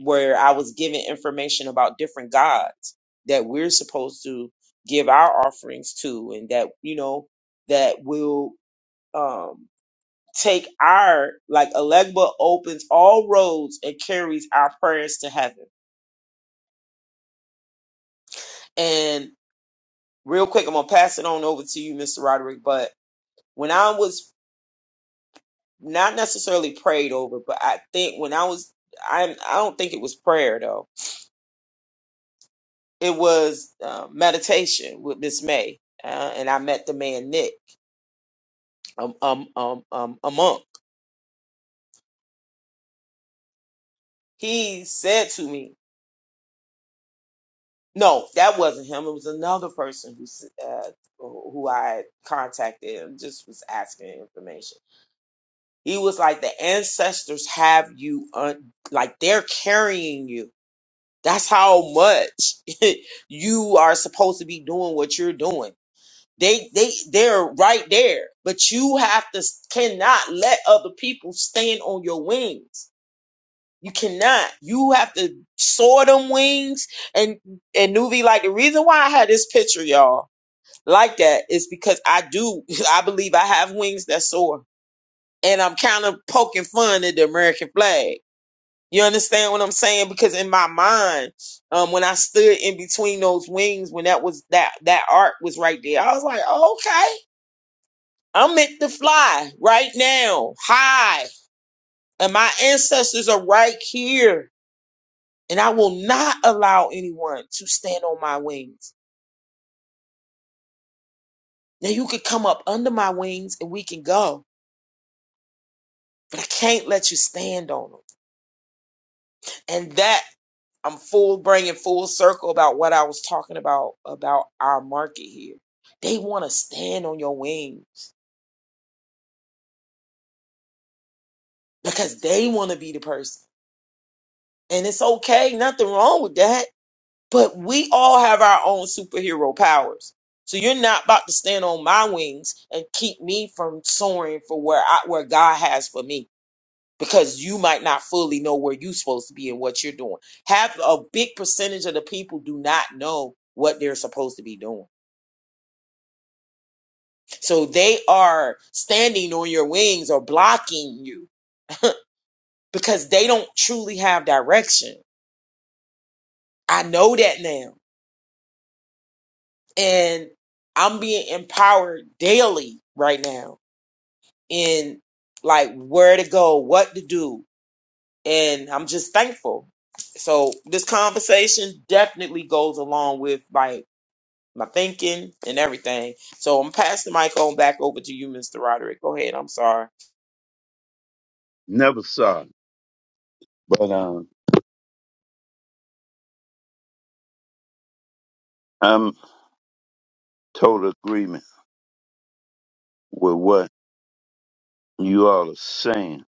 C: where I was given information about different gods that we're supposed to give our offerings to, and that you know that will um, take our like Alegba opens all roads and carries our prayers to heaven. And real quick, I'm gonna pass it on over to you, Mr. Roderick, but. When I was not necessarily prayed over, but I think when I was, I I don't think it was prayer though. It was uh, meditation with Miss May, uh, and I met the man Nick, um, um, um, um, a monk. He said to me, "No, that wasn't him. It was another person who s- uh, who I had contacted and just was asking information." He was like, "The ancestors have you, un- like they're carrying you." That's how much you are supposed to be doing what you're doing. They they they're right there, but you have to cannot let other people stand on your wings. You cannot. You have to soar them wings and and Nuvi like the reason why I had this picture, y'all, like that is because I do I believe I have wings that soar. And I'm kind of poking fun at the American flag you understand what I'm saying? Because in my mind, um, when I stood in between those wings, when that was that that arc was right there, I was like, oh, okay, I'm meant to fly right now, high, and my ancestors are right here, and I will not allow anyone to stand on my wings. Now you could come up under my wings and we can go, but I can't let you stand on them. And that I'm full bringing full circle about what I was talking about about our market here. They want to stand on your wings because they want to be the person. And it's okay, nothing wrong with that. But we all have our own superhero powers. So you're not about to stand on my wings and keep me from soaring for where I where God has for me because you might not fully know where you're supposed to be and what you're doing. Half a big percentage of the people do not know what they're supposed to be doing So they are standing on your wings or blocking you because they don't truly have direction. I know that now. And I'm being empowered daily right now in like where to go, what to do. And I'm just thankful. So this conversation definitely goes along with like my thinking and everything. So I'm passing the mic on back over to you, Mr. Roderick. Go ahead. I'm sorry.
A: Never saw it, but um, I'm total agreement. with what you all are saying.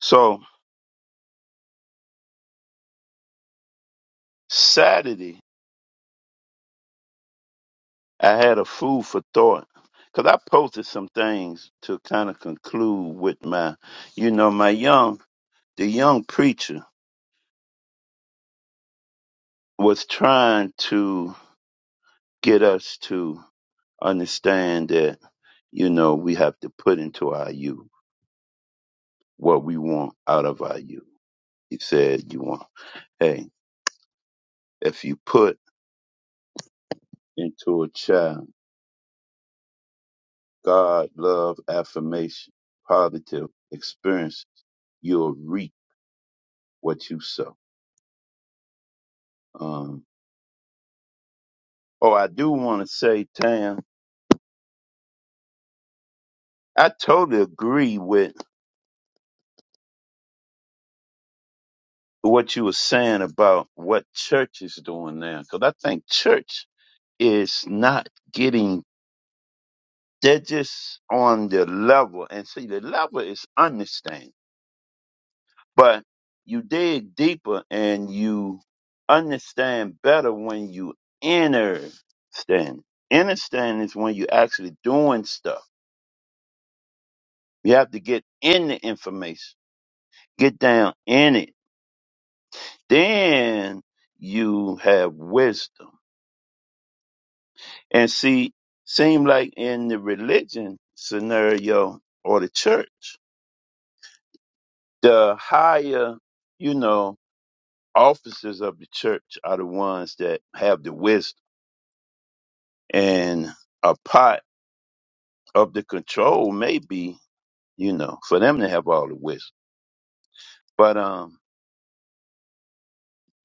A: So Saturday, I had a food for thought because I posted some things to kind of conclude with my, you know, my young, the young preacher was trying to get us to understand that, you know, we have to put into our youth what we want out of our youth. He said, you want, hey, if you put into a child God, love, affirmation, positive experiences, you'll reap what you sow. Um, oh, I do want to say, Tam, I totally agree with what you were saying about what church is doing now, because I think church is not getting, they're just on the level. And see, the level is understanding. But you dig deeper and you understand better when you understand. Understand is when you're actually doing stuff. You have to get in the information, get down in it. Then you have wisdom. And see, seem like in the religion scenario or the church, the higher, you know, officers of the church are the ones that have the wisdom And a part of the control may be, you know, for them to have all the wisdom. But um,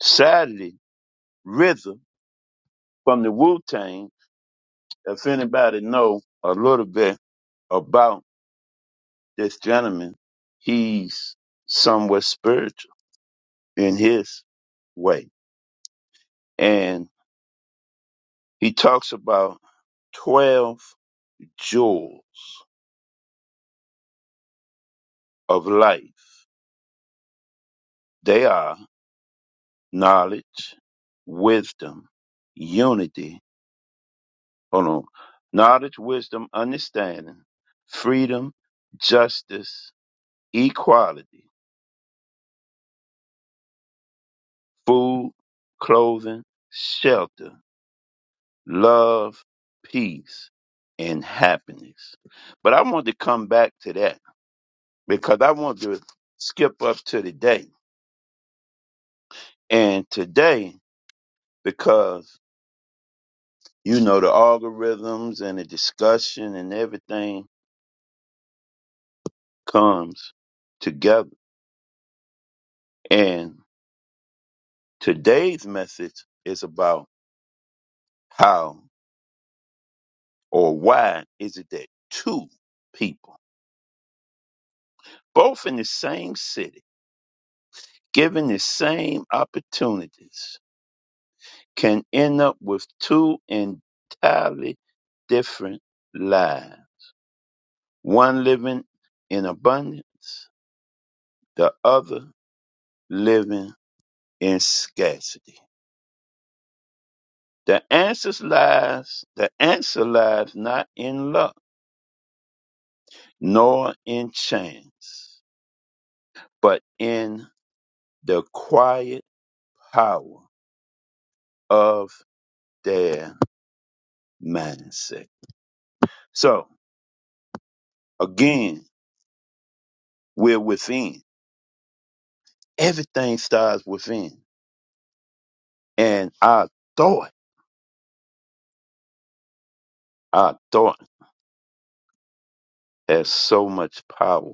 A: sadly, Rhythm from the Wu Tang, if anybody know a little bit about this gentleman, he's somewhat spiritual in his way. And he talks about 12 jewels of life. They are knowledge, wisdom, unity, Hold on. Knowledge, wisdom, understanding, freedom, justice, equality, food, clothing, shelter, love, peace, and happiness. But I want to come back to that because I want to skip up to today. And today, because you know the algorithms and the discussion and everything comes together. And today's message is about How or why is it that two people, both in the same city, given the same opportunities, can end up with two entirely different lives? One living in abundance, the other living in scarcity. The answers lies, the answer lies not in luck, nor in chance, but in the quiet power of their mindset. So again, we're within. Everything starts within. And our thought, our thought has so much power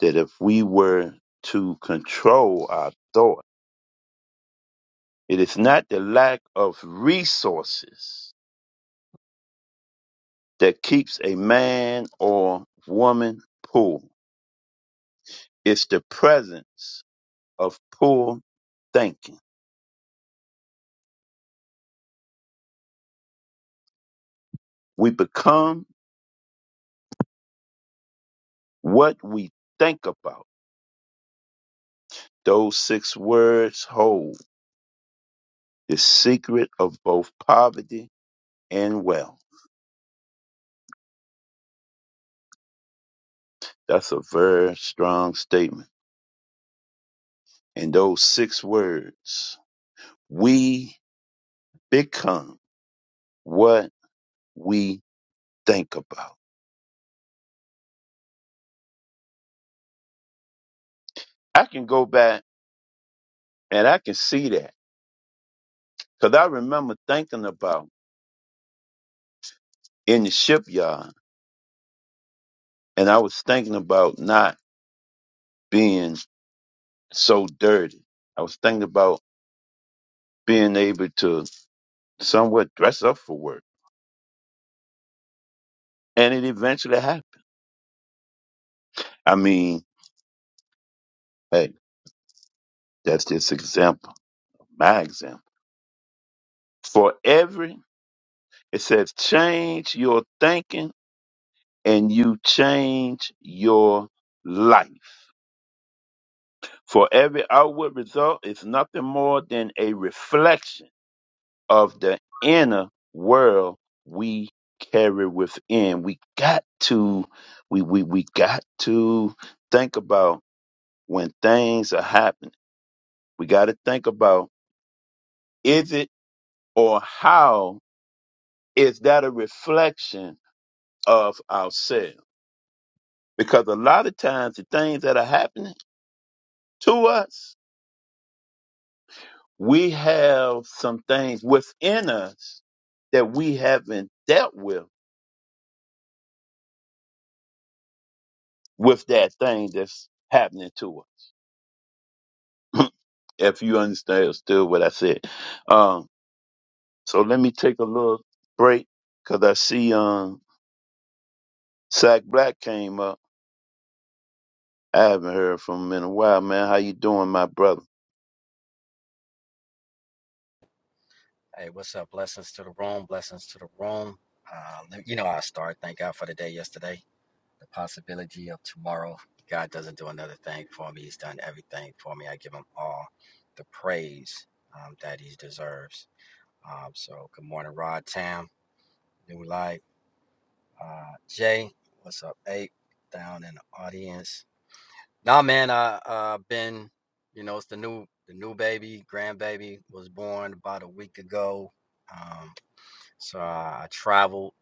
A: that if we were to control our thought, it is not the lack of resources that keeps a man or woman poor. It's the presence of poor thinking. We become what we think about Those six words hold the secret of both poverty and wealth. That's a very strong statement. And those six words, we become what we think about. I can go back and I can see that because I remember thinking about in the shipyard and I was thinking about not being so dirty. I was thinking about being able to somewhat dress up for work. And it eventually happened. I mean, hey, that's just example, my example. For every, it says, change your thinking and you change your life. For every outward result is nothing more than a reflection of the inner world we carry within. We got to, we, we, we got to think about when things are happening. We got to think about is it or how Is that a reflection of ourselves? Because a lot of times the things that are happening to us, we have some things within us that we haven't dealt with with that thing that's happening to us. if you understand still what I said. Um, so let me take a little break because I see um Sack Black came up. I haven't heard from him in a while, man. How you doing, my brother?
H: Hey, what's up? Blessings to the room. Blessings to the room. Uh, let- you know, how I start. Thank God for the day yesterday, the possibility of tomorrow. God doesn't do another thing for me. He's done everything for me. I give him all the praise um, that he deserves. Um, so, good morning, Rod Tam, New Life. Uh, Jay, what's up, Ape, down in the audience? Nah, man, I uh, been, you know, it's the new, the new baby, grandbaby was born about a week ago. Um, so I I traveled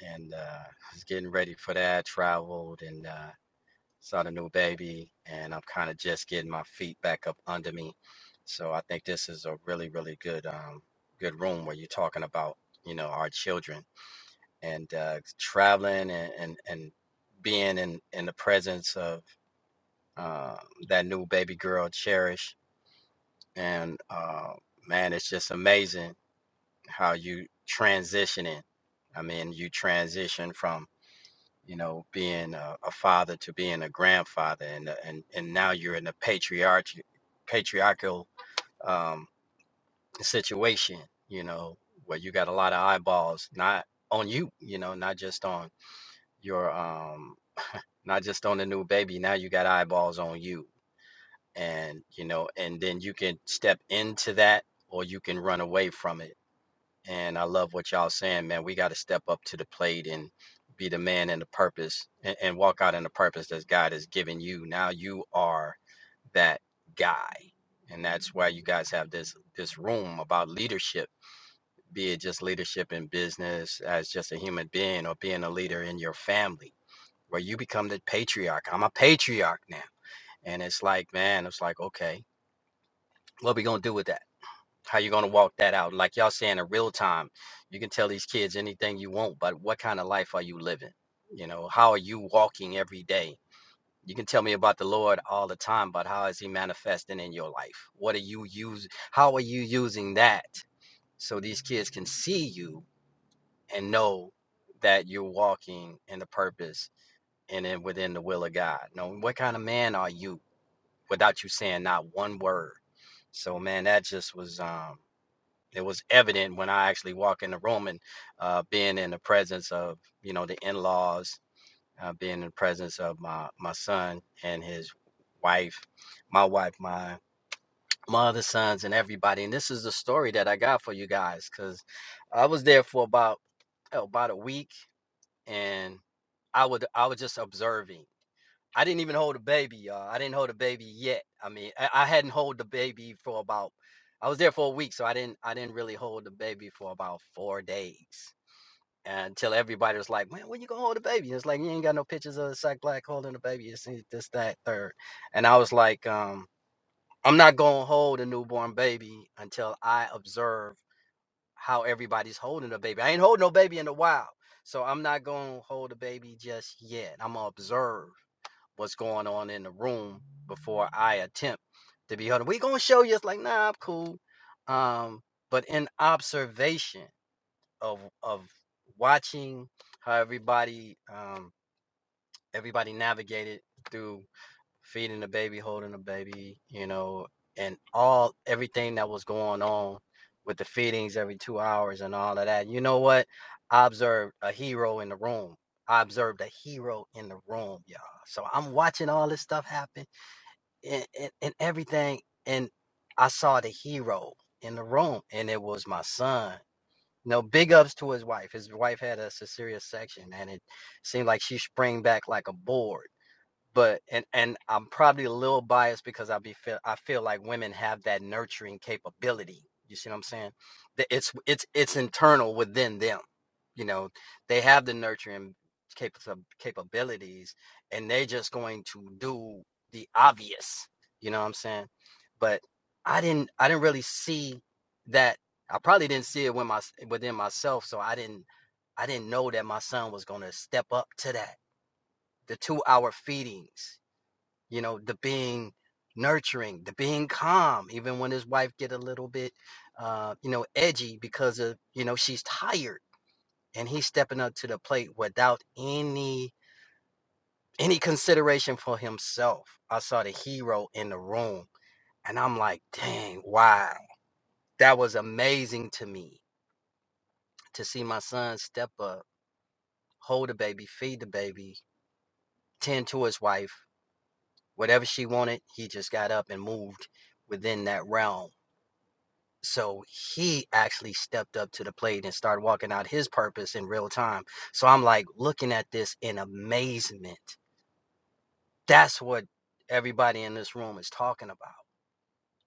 H: and uh, I was getting ready for that. I Traveled and uh, saw the new baby, and I'm kind of just getting my feet back up under me. So I think this is a really, really good, um, good room where you're talking about, you know, our children and uh, traveling and, and and being in in the presence of uh, that new baby girl, Cherish. And uh, man, it's just amazing how you transitioning. I mean, you transition from you know, being a, a father to being a grandfather, and uh, and and now you're in a patriarch patriarchal um, situation, you know, where you got a lot of eyeballs not on you, you know, not just on your um, not just on the new baby. Now you got eyeballs on you, and you know, and then you can step into that, or you can run away from it and I love what y'all saying, man. We got to step up to the plate and be the man and the purpose and, and walk out in the purpose that God has given you. Now you are that guy. And that's why you guys have this this room about leadership, be it just leadership in business as just a human being or being a leader in your family, where you become the patriarch. I'm a patriarch now. And it's like, man, it's like, okay, what are we gonna do with that? how you going to walk that out like y'all saying in real time you can tell these kids anything you want but what kind of life are you living you know how are you walking every day you can tell me about the lord all the time but how is he manifesting in your life what are you use how are you using that so these kids can see you and know that you're walking in the purpose and then within the will of god now what kind of man are you without you saying not one word so man that just was um it was evident when I actually walked in the room and uh, being in the presence of you know the in-laws, uh, being in the presence of my my son and his wife, my wife, my my other sons, and everybody. And this is the story that I got for you guys because I was there for about oh, about a week, and I would I was just observing. I didn't even hold a baby, y'all. I didn't hold a baby yet. I mean, I, I hadn't hold the baby for about. I was there for a week, so I didn't. I didn't really hold the baby for about four days until everybody was like, "Man, when you gonna hold a baby?" It's like you ain't got no pictures of a Sack Black holding a baby. It's this, this, that, third, and I was like, um, "I'm not gonna hold a newborn baby until I observe how everybody's holding a baby. I ain't holding no baby in the wild, so I'm not gonna hold a baby just yet. I'm gonna observe." what's going on in the room before I attempt to be heard. We gonna show you it's like, nah, I'm cool. Um, but in observation of of watching how everybody um everybody navigated through feeding the baby, holding the baby, you know, and all everything that was going on with the feedings every two hours and all of that. You know what? I observed a hero in the room. I observed a hero in the room, y'all. So I'm watching all this stuff happen and, and, and everything. And I saw the hero in the room, and it was my son. No big ups to his wife. His wife had a cesarean section, and it seemed like she sprang back like a board but and and I'm probably a little biased because I be feel I feel like women have that nurturing capability. You see what I'm saying? That It's it's it's internal within them. You know, they have the nurturing capa- capabilities, and they're just going to do the obvious. You know what I'm saying? But I didn't I didn't really see that. I probably didn't see it when my within myself, so I didn't I didn't know that my son was going to step up to that. The two hour feedings you know the being nurturing the being calm even when his wife get a little bit uh you know edgy because of you know she's tired and he's stepping up to the plate without any any consideration for himself i saw the hero in the room and i'm like dang wow that was amazing to me to see my son step up hold the baby feed the baby tend to his wife whatever she wanted he just got up and moved within that realm So he actually stepped up to the plate and started walking out his purpose in real time. So I'm like looking at this in amazement. That's what everybody in this room is talking about.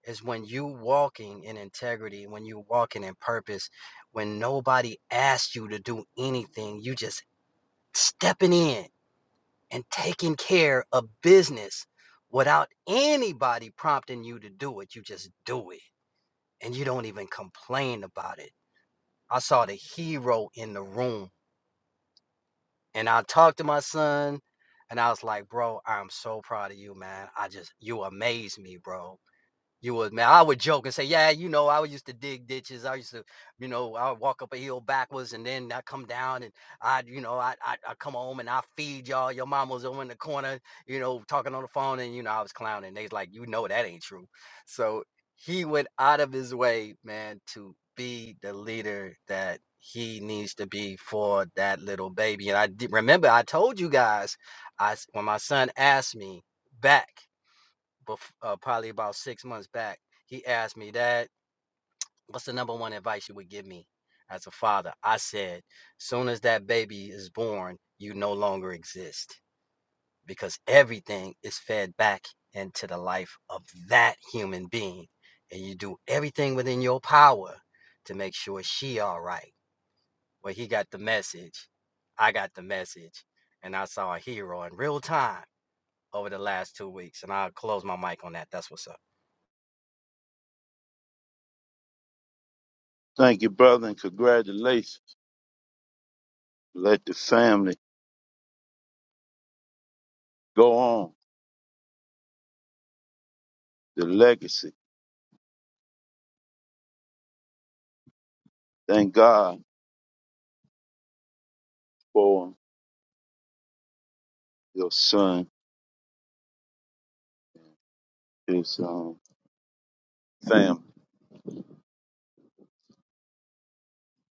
H: Is when you walking in integrity, when you walking in purpose, when nobody asks you to do anything, you just stepping in and taking care of business without anybody prompting you to do it. You just do it and you don't even complain about it I saw the hero in the room. And I talked to my son and I was like, bro, I'm so proud of you, man. I just, you amaze me, bro. You would, man. I would joke and say, "Yeah, you know, I used to dig ditches. I used to, you know, I would walk up a hill backwards and then I come down and I, you know, I I, I come home and I feed y'all. Your mom was over in the corner, you know, talking on the phone, and you know, I was clowning. They's like, you know, that ain't true. So he went out of his way, man, to be the leader that he needs to be for that little baby. And I did, remember I told you guys, I s- when my son asked me back bef- uh, probably about six months back. He asked me that. What's the number one advice you would give me as a father? I said, soon as that baby is born, you no longer exist because everything is fed back into the life of that human being, and you do everything within your power to make sure she all right. Well, he got the message. I got the message, and I saw a hero in real time over the last two weeks. And I'll close my mic on that. That's what's up.
A: Thank you, brother, and congratulations. Let the family go on the legacy. Thank God for your son, his um, family.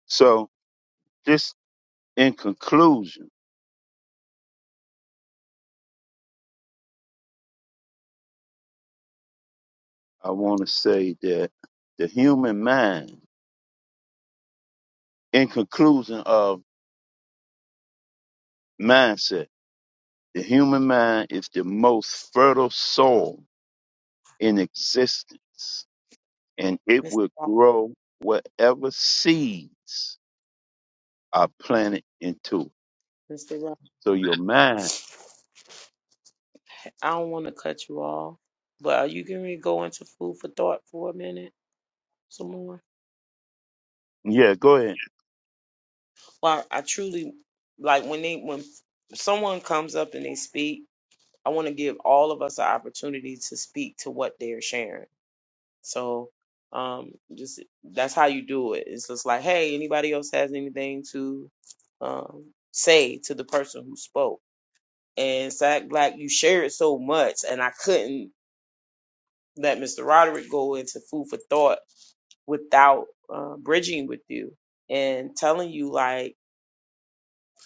A: So, just in conclusion, I want to say that the human mind, in conclusion of mindset, the human mind is the most fertile soil in existence, and it
C: Mr.
A: will grow whatever seeds are planted into. it.
C: Roderick.
A: So, your mind,
C: I don't want to cut you off, but are you going to go into food for thought for a minute some more?
A: yeah, go ahead.
C: Well, I truly like when they when someone comes up and they speak. I want to give all of us an opportunity to speak to what they're sharing. So, um, just that's how you do it. It's just like, hey, anybody else has anything to um, say to the person who spoke? And Sack Black, you shared so much, and I couldn't. let Mr. Roderick go into food for thought without uh, bridging with you and telling you like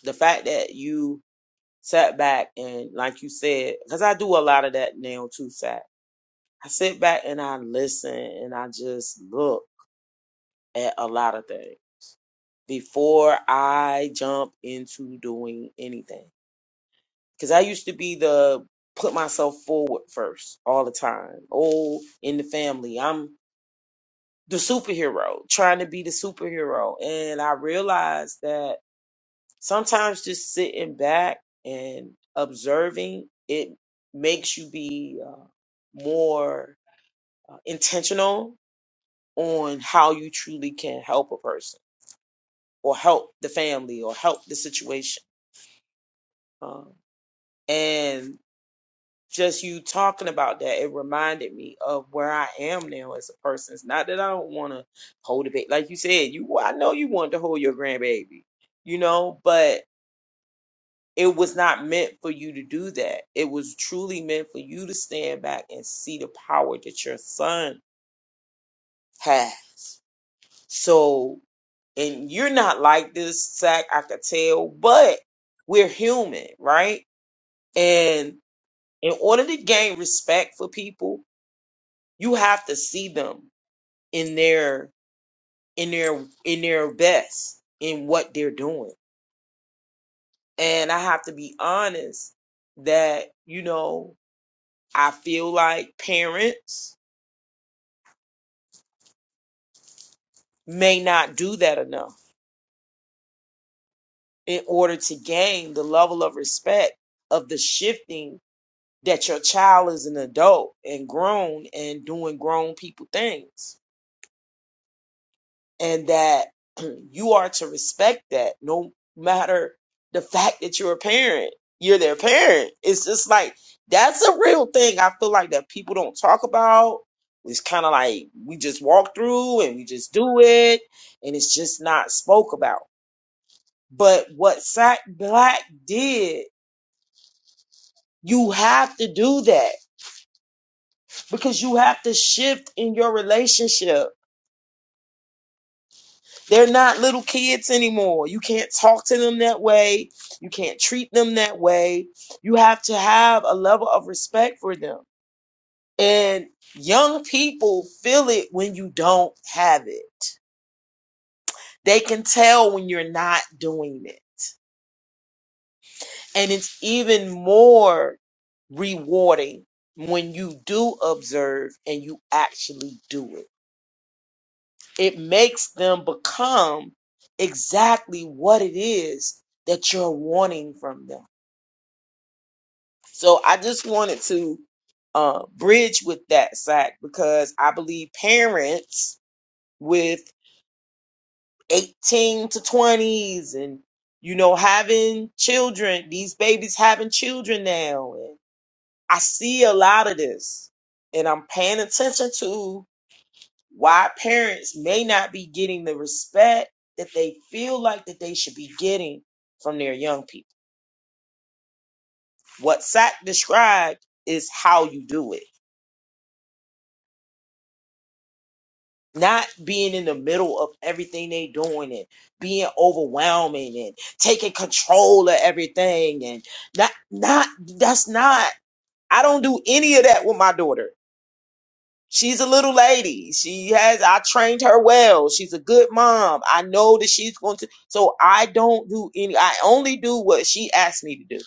C: the fact that you sat back and like you said because i do a lot of that now too sat i sit back and i listen and i just look at a lot of things before i jump into doing anything because i used to be the put myself forward first all the time oh in the family i'm the superhero, trying to be the superhero. And I realized that sometimes just sitting back and observing it makes you be uh, more uh, intentional on how you truly can help a person or help the family or help the situation. Um, and just you talking about that, it reminded me of where I am now as a person. It's not that I don't want to hold a baby, like you said. You, I know you wanted to hold your grandbaby, you know, but it was not meant for you to do that. It was truly meant for you to stand back and see the power that your son has. So, and you're not like this, Zach. I could tell, but we're human, right? And in order to gain respect for people you have to see them in their in their in their best in what they're doing and i have to be honest that you know i feel like parents may not do that enough in order to gain the level of respect of the shifting that your child is an adult and grown and doing grown people things and that you are to respect that no matter the fact that you're a parent you're their parent it's just like that's a real thing i feel like that people don't talk about it's kind of like we just walk through and we just do it and it's just not spoke about but what sack black did you have to do that because you have to shift in your relationship They're not little kids anymore. You can't talk to them that way. You can't treat them that way. You have to have a level of respect for them. And young people feel it when you don't have it. They can tell when you're not doing it. And it's even more rewarding when you do observe and you actually do it. It makes them become exactly what it is that you're wanting from them So I just wanted to uh, bridge with that sack because I believe parents with 18 to 20s and, you know, having children, these babies having children now. And I see a lot of this and I'm paying attention to why parents may not be getting the respect that they feel like that they should be getting from their young people. What Sack described is how you do it not being in the middle of everything they doing and being overwhelming and taking control of everything and not not that's not I don't do any of that with my daughter. She's a little lady. She has I trained her well. She's a good mom. I know that she's going to so I don't do any I only do what she asks me to do.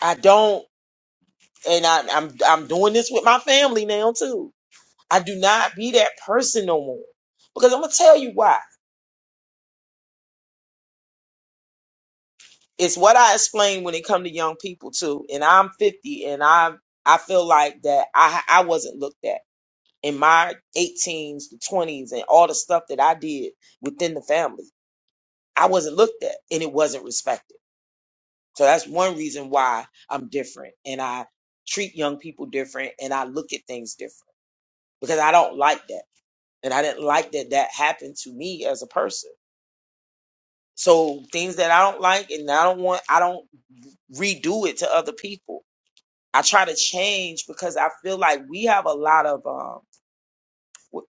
C: I don't and I, I'm I'm doing this with my family now too. I do not be that person no more. Because I'm gonna tell you why. it's what I explain when it come to young people too. And I'm 50 and I I feel like that I I wasn't looked at in my 18s, the 20s and all the stuff that I did within the family. I wasn't looked at and it wasn't respected. So that's one reason why I'm different and I treat young people different and I look at things different because I don't like that. And I didn't like that that happened to me as a person. So things that I don't like and I don't want, I don't redo it to other people I try to change because I feel like we have a lot of um, w-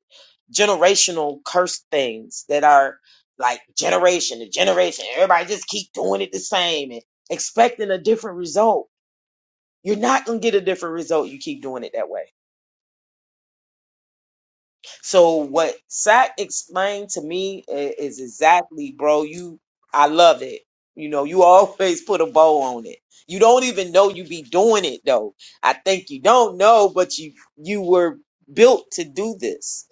C: generational curse things that are like generation to generation. Everybody just keep doing it the same and expecting a different result. You're not gonna get a different result. You keep doing it that way. So what Sack explained to me i- is exactly, bro. You, I love it. You know, you always put a bow on it. You don't even know you be doing it though. I think you don't know, but you you were built to do this,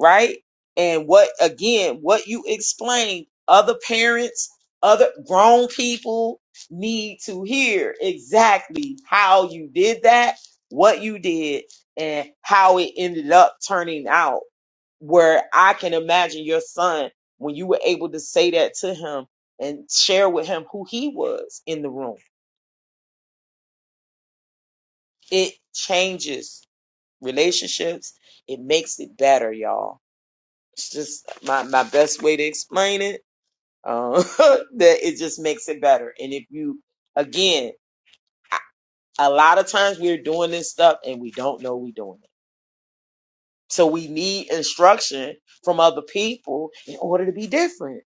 C: right? And what again? What you explained, other parents, other grown people need to hear exactly how you did that, what you did, and how it ended up turning out where I can imagine your son when you were able to say that to him and share with him who he was in the room. It changes relationships. It makes it better, y'all. It's just my, my best way to explain it. Uh, that it just makes it better. And if you, again, a lot of times we're doing this stuff and we don't know we're doing it. So we need instruction from other people in order to be different.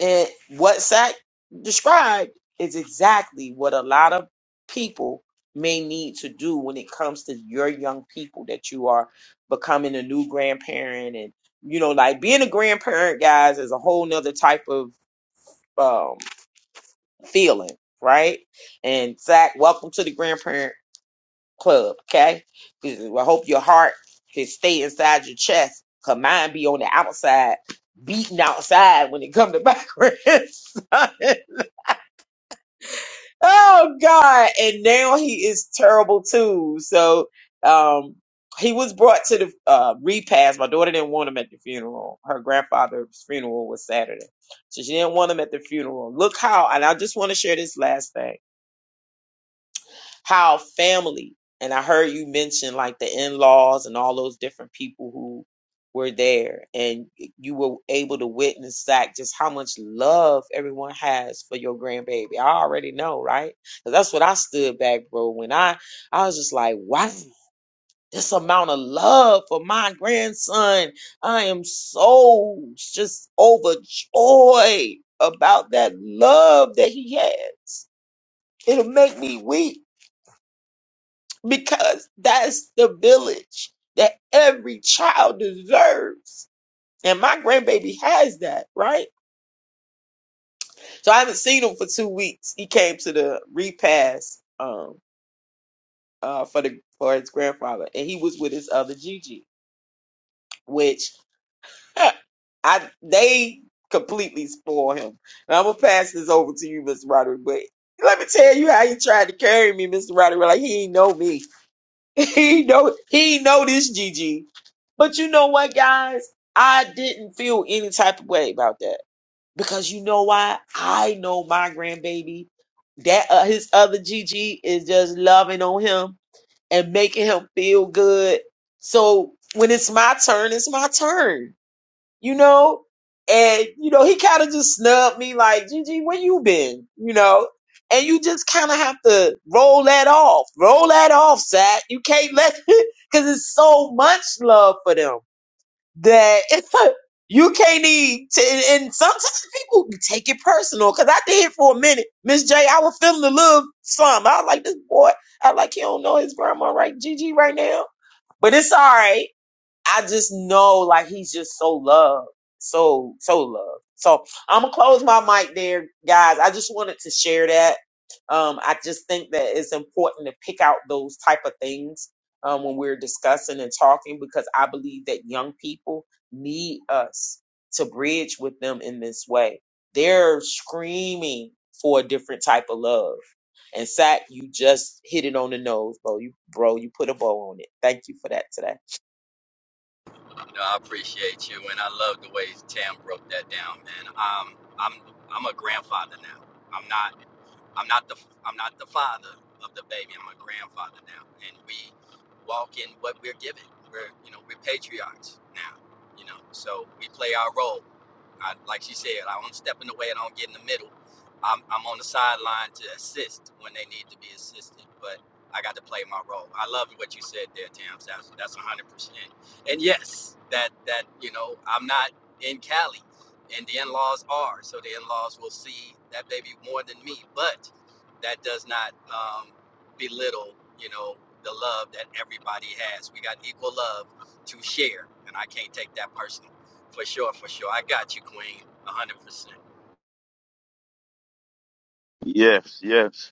C: And what Sack described is exactly what a lot of people may need to do when it comes to your young people that you are becoming a new grandparent and you know like being a grandparent guys is a whole nother type of um feeling right and zach welcome to the grandparent club okay 'Cause i hope your heart can stay inside your chest cause mine be on the outside beating outside when it come to backwards Oh God. And now he is terrible too. So um he was brought to the uh repast. My daughter didn't want him at the funeral. Her grandfather's funeral was Saturday. So she didn't want him at the funeral. Look how and I just want to share this last thing how family and I heard you mention like the in-laws and all those different people who were there and you were able to witness that just how much love everyone has for your grandbaby. I already know, right? 'Cause that's what I stood back, bro. When I I was just like, wow, this amount of love for my grandson. I am so just overjoyed about that love that he has. It'll make me weak because that's the village that every child deserves. And my grandbaby has that, right? So I haven't seen him for two weeks. He came to the repast um uh for the for his grandfather and he was with his other Gigi, which huh, I they completely spoil him. And I'm gonna pass this over to you, Mr. Roderick, but let me tell you how he tried to carry me, Mr. Roderick. Like he ain't know me. he know he know this Gigi. But you know what, guys? I didn't feel any type of way about that because you know why? I know my grandbaby. That uh, his other Gigi is just loving on him and making him feel good. So when it's my turn, it's my turn you know? And, you know, he kind of just snubbed me like, Gigi, where you been? You know? And you just kind of have to roll that off. Roll that off, Zach. You can't let, because it's so much love for them that it's like, you can't need to, and, and sometimes people take it personal. Because I did for a minute. Miss J, I was feeling a little something. I was like, this boy, I was like, he don't know his grandma right, Gigi, right now. But it's all right I just know like he's just so loved. So so loved. So I'm gonna close my mic there, guys. I just wanted to share that. Um, I just think that it's important to pick out those type of things um, when we're discussing and talking because I believe that young people need us to bridge with them in this way. They're screaming for a different type of love. And Sack, you just hit it on the nose, bro. You bro, you put a bow on it. Thank you for that today.
H: No, I appreciate you, and I love the way Tam broke that down, man. Um, I'm I'm a grandfather now. I'm not I'm not the I'm not the father of the baby. I'm a grandfather now, and we walk in what we're given. We're you know we're patriarchs now, you know. So we play our role. I, like she said, I don't step in the way. I don't get in the middle. I'm I'm on the sideline to assist when they need to be assisted, but I got to play my role. I love what you said there, Tam. That's that's 100% and yes, that that you know I'm not in Cali, and the in-laws are, so the in-laws will see that baby more than me. But that does not um, belittle, you know, the love that everybody has. We got equal love to share, and I can't take that personal. For sure, for sure. I got you, Queen, one hundred percent.
A: Yes, yes.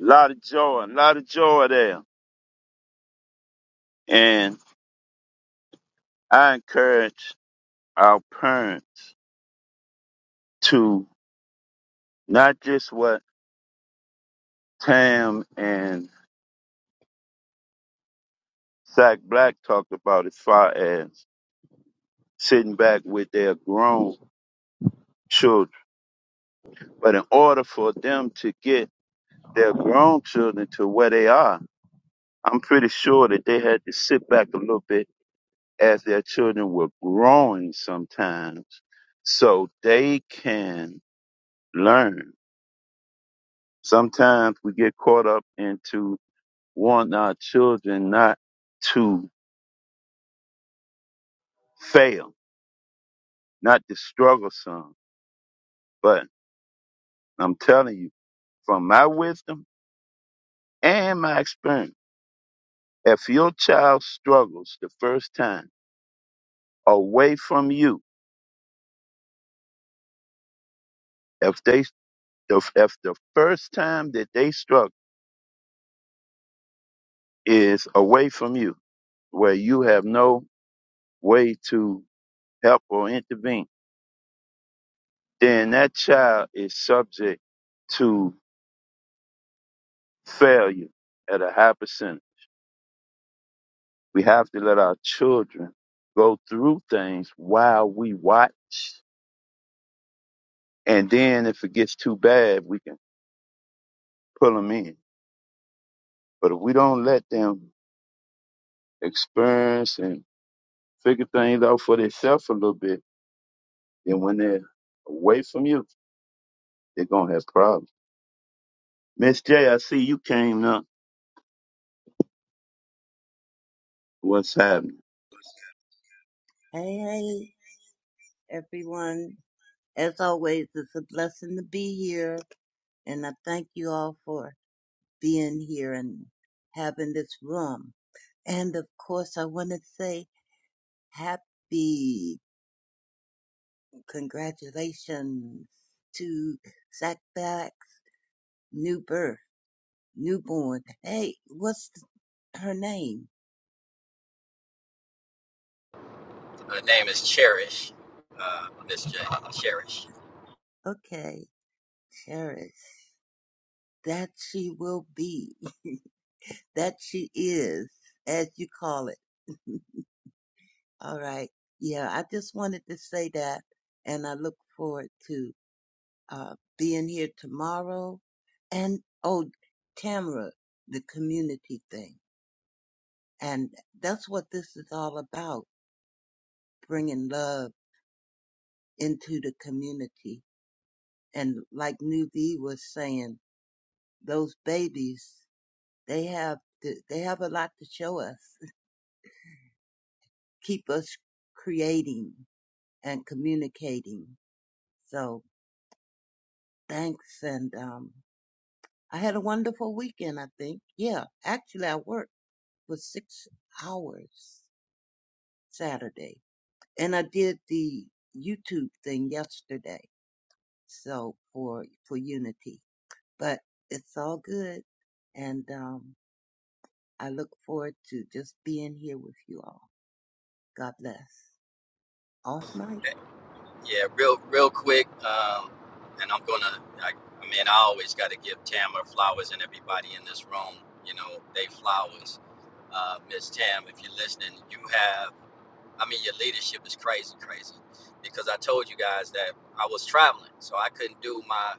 A: A lot of joy, a lot of joy there. And I encourage our parents to not just what Tam and Zach Black talked about as far as sitting back with their grown children, but in order for them to get their grown children to where they are, I'm pretty sure that they had to sit back a little bit as their children were growing sometimes so they can learn Sometimes we get caught up into wanting our children not to fail, not to struggle some. But I'm telling you, from my wisdom and my experience, if your child struggles the first time away from you, if they if if the first time that they struggle is away from you, where you have no way to help or intervene, then that child is subject to. failure at a high percent. We have to let our children go through things while we watch. And then if it gets too bad, we can pull them in. But if we don't let them experience and figure things out for themselves a little bit, then when they're away from you, they're going to have problems. Miss J, I see you came up. What's happening?
I: Hey, hey, everyone. As always, it's a blessing to be here, and I thank you all for being here and having this room. And of course, I want to say happy congratulations to Sackback New Birth, Newborn. Hey, what's her name?
H: Her name is Cherish, uh, Miss J. Cherish.
I: Okay, Cherish. That she will be, that she is, as you call it. All right. Yeah, I just wanted to say that, and I look forward to uh, being here tomorrow. And oh, Tamara, the community thing, and that's what this is all about: bringing love into the community. And like New was saying, those babies, they have to, they have a lot to show us, keep us creating and communicating. So thanks, and um, I had a wonderful weekend, I think. Yeah, actually, I worked for six hours Saturday, and I did the YouTube thing yesterday. So for for Unity, but it's all good, and um, I look forward to just being here with you all. God bless. Off mic.
H: Yeah, real real quick, um, and I'm gonna. I, I mean, I always got to give Tamara flowers and everybody in this room. You know, they flowers. Uh, Miss Tam, if you're listening, you have. I mean, your leadership is crazy, crazy. Because I told you guys that I was traveling, so I couldn't do my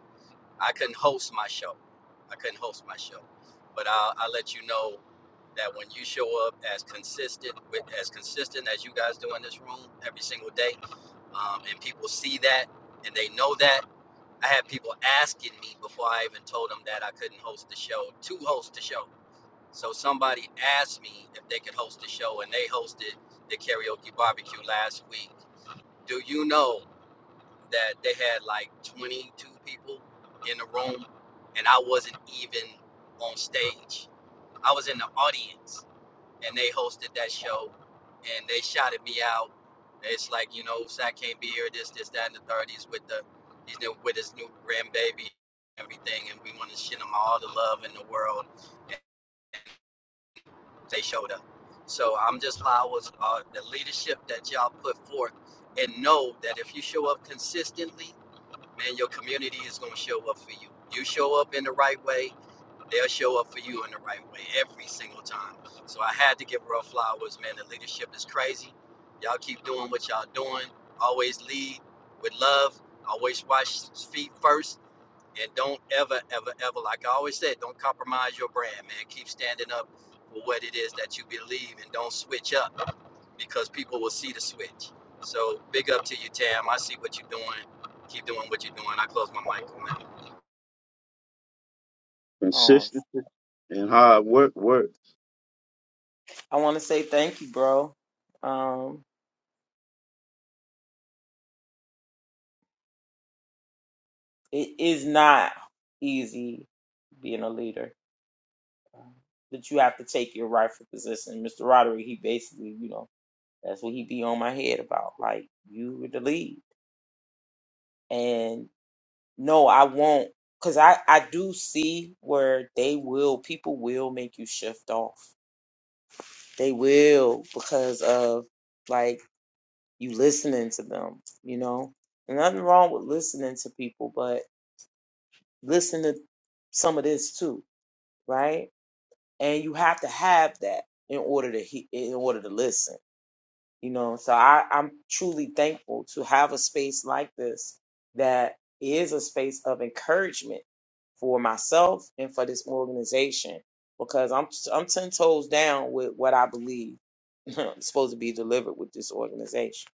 H: I couldn't host my show. I couldn't host my show, but I'll, I'll let you know that when you show up as consistent with as consistent as you guys do in this room every single day, um, and people see that and they know that. I had people asking me before I even told them that I couldn't host the show to host the show. So somebody asked me if they could host the show, and they hosted the karaoke barbecue last week. Do you know? that they had like 22 people in the room and I wasn't even on stage. I was in the audience and they hosted that show and they shouted me out. It's like, you know, Sack can't be here, this, this, that, and the third. He's with the he's new with his new grandbaby, and everything, and we want to send him all the love in the world. And they showed up. So I'm just flowers uh, the leadership that y'all put forth and know that if you show up consistently man, your community is going to show up for you. You show up in the right way, they'll show up for you in the right way every single time. So I had to give Ruff flowers, man. The leadership is crazy. Y'all keep doing what y'all doing. Always lead with love. Always wash feet first. And don't ever, ever, ever, like I always said, don't compromise your brand, man. Keep standing up for what it is that you believe and don't switch up because people will see the switch. So big up to you, Tam. I see what you're doing. Keep doing what you're doing. I close my mic on that.
C: Oh.
A: Consistency and hard work work.
C: I want to say thank you, bro. Um, it is not easy being a leader, um, but you have to take your rightful position. Mr. Roderick, he basically, you know, that's what he be on my head about. Like, you were the lead. And no, I won't, because I, I do see where they will, people will make you shift off. They will, because of, like, you listening to them, you know? And nothing wrong with listening to people, but listen to some of this too, right? And you have to have that in order to he- in order to listen, you know. So I, I'm truly thankful to have a space like this that is a space of encouragement for myself and for this organization because I'm I'm ten toes down with what I believe is supposed to be delivered with this organization.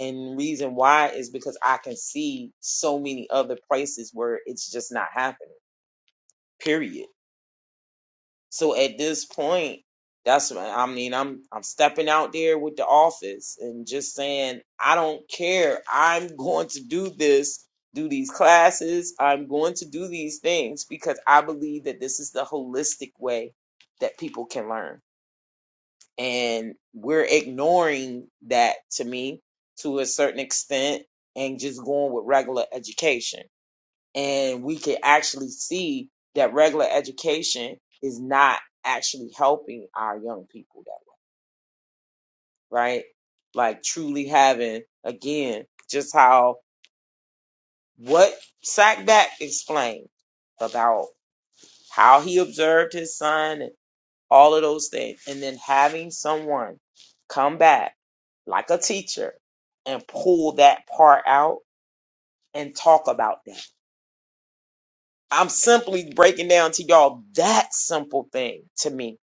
C: And reason why is because I can see so many other places where it's just not happening. Period So at this point, that's what I mean. I'm I'm stepping out there with the office and just saying, I don't care. I'm going to do this, do these classes. I'm going to do these things because I believe that this is the holistic way that people can learn. And we're ignoring that to me to a certain extent and just going with regular education and we can actually see that regular education is not actually helping our young people that right like truly having again just how what sackback explained about how he observed his son and all of those things and then having someone come back like a teacher and pull that part out and talk about that i'm simply breaking down to y'all that simple thing to me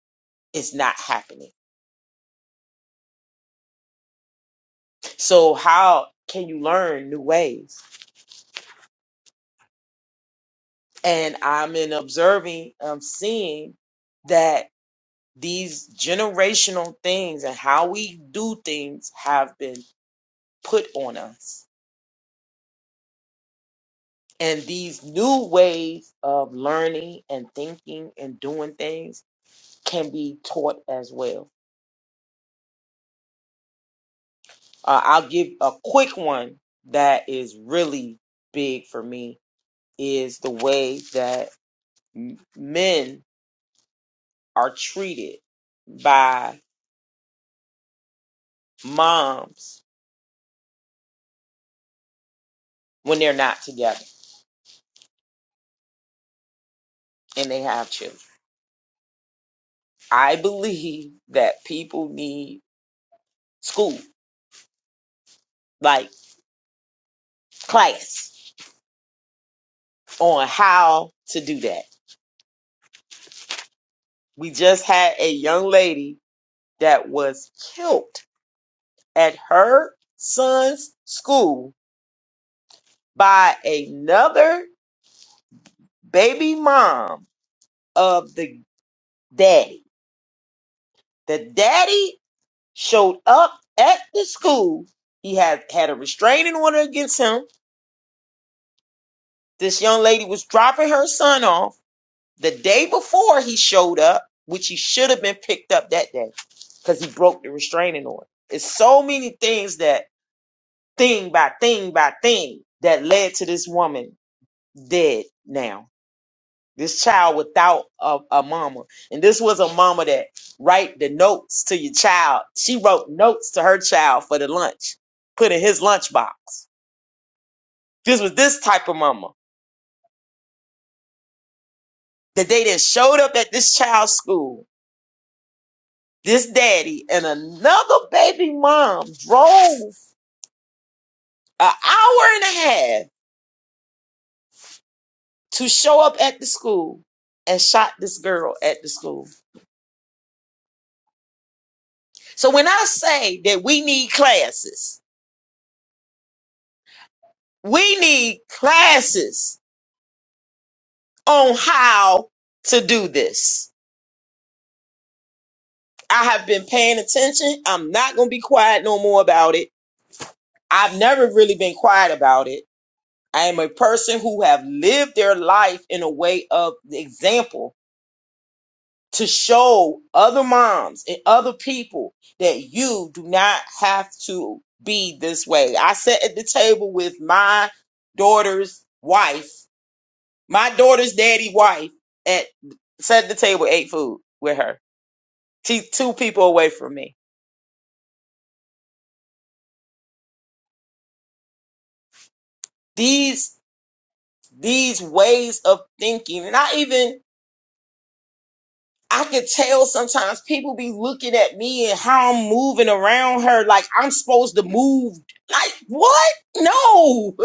C: it's not happening. So how can you learn new ways? And I'm in observing, I'm seeing that these generational things and how we do things have been put on us. And these new ways of learning and thinking and doing things can be taught as well. Uh, I'll give a quick one that is really big for me is the way that m- men are treated by moms when they're not together and they have children. I believe that people need school, like class, on how to do that. We just had a young lady that was killed at her son's school by another baby mom of the daddy. The daddy showed up at the school. He had had a restraining order against him. This young lady was dropping her son off the day before he showed up, which he should have been picked up that day because he broke the restraining order. It's so many things that thing by thing by thing that led to this woman dead now This child without a, a mama. And this was a mama that write the notes to your child. She wrote notes to her child for the lunch, put in his lunchbox. This was this type of mama. The day that showed up at this child's school, this daddy and another baby mom drove an hour and a half to show up at the school and shot this girl at the school. So when I say that we need classes, we need classes on how to do this. I have been paying attention. I'm not going to be quiet no more about it. I've never really been quiet about it. I am a person who have lived their life in a way of the example to show other moms and other people that you do not have to be this way. I sat at the table with my daughter's wife, my daughter's daddy wife at sat at the table ate food with her t- two people away from me. These these ways of thinking, and I even I could tell sometimes people be looking at me and how I'm moving around her like I'm supposed to move. Like what? No,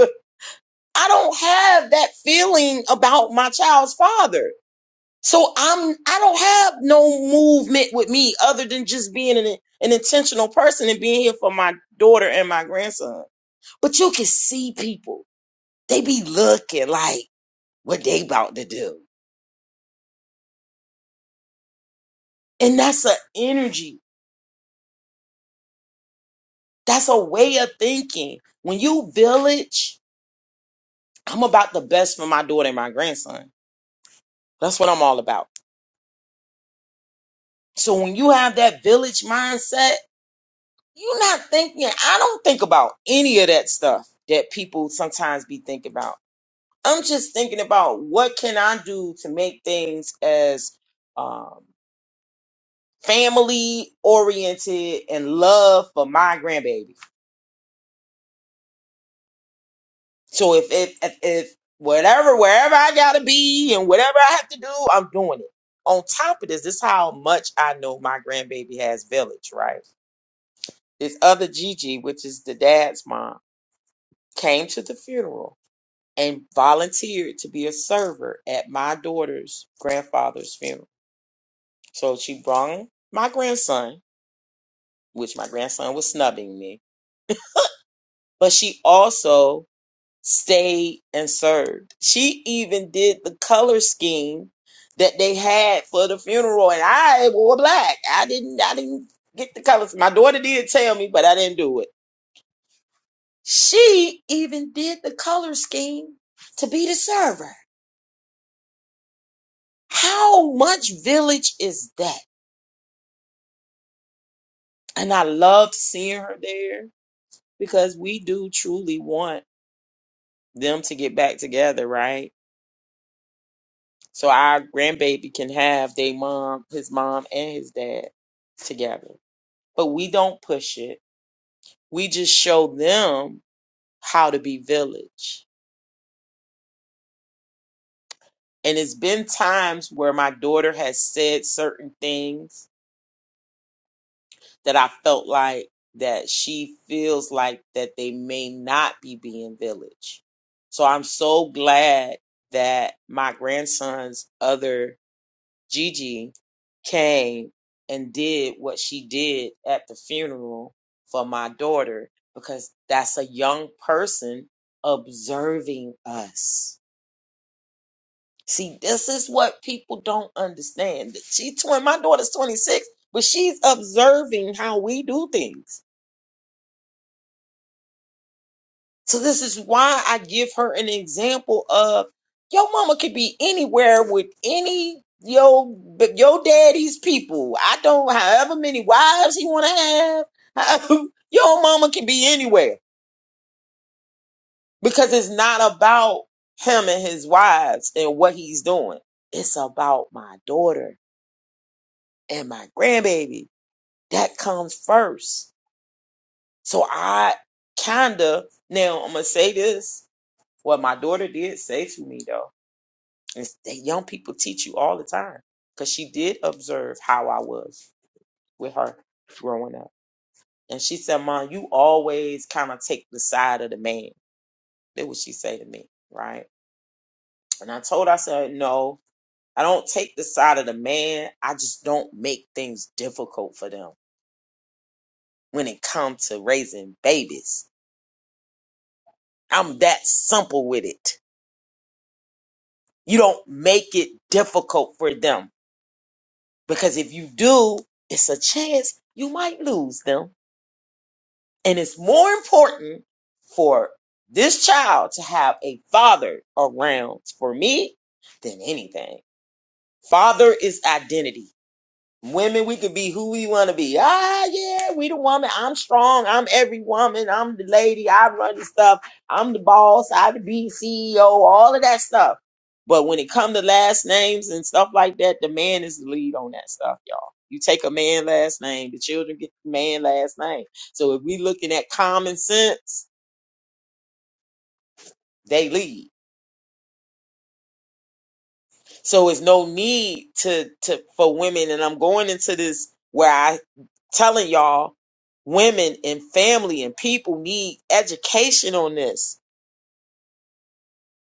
C: I don't have that feeling about my child's father. So I'm I don't have no movement with me other than just being an, an intentional person and being here for my daughter and my grandson. But you can see people. They be looking like what they about to do. And that's a energy. That's a way of thinking. When you village, I'm about the best for my daughter and my grandson. That's what I'm all about. So when you have that village mindset, you're not thinking, I don't think about any of that stuff that people sometimes be thinking about. I'm just thinking about what can I do to make things as um, family oriented and love for my grandbaby So if if if, if whatever wherever I gotta be and whatever I have to do, I'm doing it. On top of this, this is how much I know my grandbaby has village, right? This other Gigi, which is the dad's mom, came to the funeral and volunteered to be a server at my daughter's grandfather's funeral. So she brought my grandson, which my grandson was snubbing me, but she also stayed and served. She even did the color scheme that they had for the funeral, and I wore black. I didn't. I didn't get the colors. My daughter did tell me, but I didn't do it. She even did the color scheme to be the server. How much village is that? And I loved seeing her there because we do truly want them to get back together, right? So our grandbaby can have their mom, his mom, and his dad together. But we don't push it. We just show them how to be village. And it's been times where my daughter has said certain things that I felt like that she feels like that they may not be being village. So I'm so glad that my grandson's other Gigi came and did what she did at the funeral for my daughter because that's a young person observing us. See, this is what people don't understand. She's twenty, my daughter's 26, but she's observing how we do things. So this is why I give her an example of your mama could be anywhere with any yo but your daddy's people. I don't however many wives he want to have. your mama can be anywhere because it's not about him and his wives and what he's doing. It's about my daughter and my grandbaby. That comes first. So I kinda now I'm gonna say this. What my daughter did say to me though And s- the young people teach you all the time because she did observe how I was with her growing up. And she said, Mom, you always kind of take the side of the man. That's what she say to me, right? And I told her, I said, no, I don't take the side of the man. I just don't make things difficult for them when it comes to raising babies. I'm that simple with it. You don't make it difficult for them because if you do, it's a chance you might lose them And it's more important for this child to have a father around for me than anything. Father is identity. Women, we could be who we want to be. Ah, yeah, we the woman. I'm strong. I'm every woman. I'm the lady. I run the stuff. I'm the boss. I the be CEO. All of that stuff. But when it come to last names and stuff like that, the man is the lead on that stuff, y'all. You take a man last name, the children get the man last name. So if we looking at common sense, they lead. So it's no need to to for women, and I'm going into this where I telling y'all women and family and people need education on this.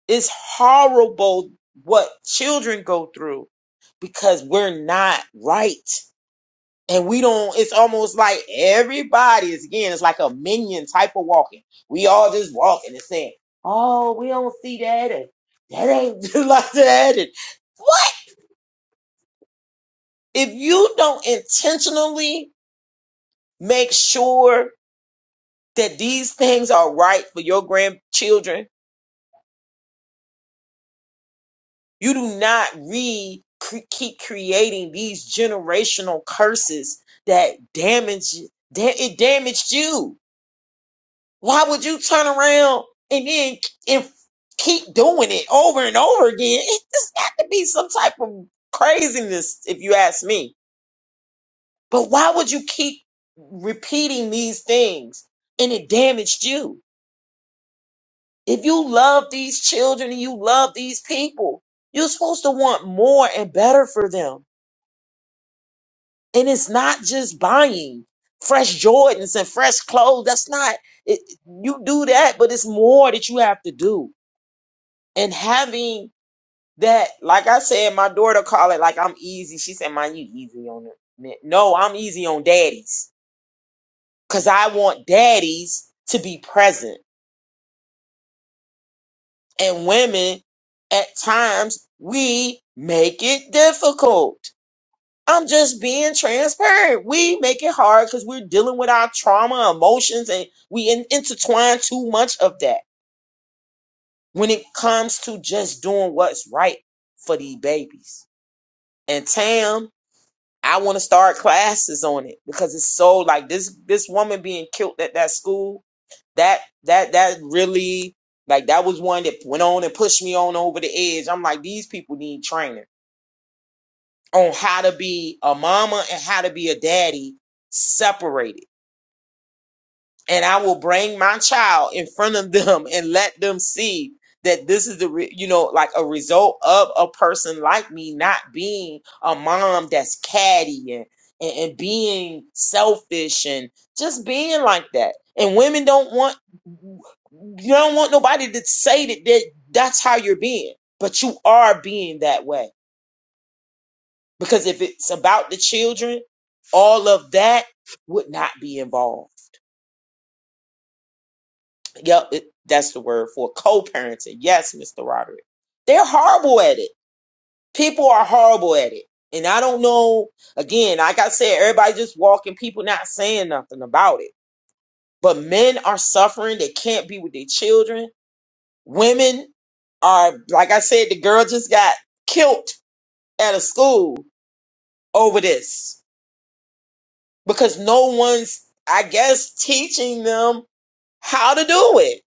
C: It's horrible what children go through because we're not right. And we don't, it's almost like everybody is again, it's like a minion type of walking. We all just walking and saying, Oh, we don't see that and that ain't like that and what? if you don't intentionally make sure that these things are right for your grandchildren, you do not re cre- keep creating these generational curses that damage da- it damaged you. Why would you turn around and then and keep doing it over and over again? It has got to be some type of craziness, if you ask me. But why would you keep repeating these things and it damaged you? If you love these children and you love these people, you're supposed to want more and better for them. And it's not just buying fresh Jordans and fresh clothes. That's not, it, you do that, but it's more that you have to do. And having that, like I said, my daughter call it like I'm easy. She said, "Mine, you easy on it." No, I'm easy on daddies because I want daddies to be present. and women at times we make it difficult i'm just being transparent we make it hard because we're dealing with our trauma emotions and we in- intertwine too much of that when it comes to just doing what's right for these babies and tam i want to start classes on it because it's so like this this woman being killed at that school that that that really like that was one that went on and pushed me on over the edge. I'm like, these people need training on how to be a mama and how to be a daddy separated and I will bring my child in front of them and let them see that this is the re- you know like a result of a person like me not being a mom that's catty and, and and being selfish and just being like that. And women don't want you don't want nobody to say that, that that's how you're being, but you are being that way because if it's about the children, all of that would not be involved Yep, it, that's the word for it. co-parenting. Yes, Mr. Roderick. They're horrible at it. People are horrible at it. And I don't know, again, like I said, everybody just walking, people not saying nothing about it. But men are suffering. They can't be with their children. Women are, like I said, the girl just got killed at a school over this because no one's, I guess, teaching them how to do it.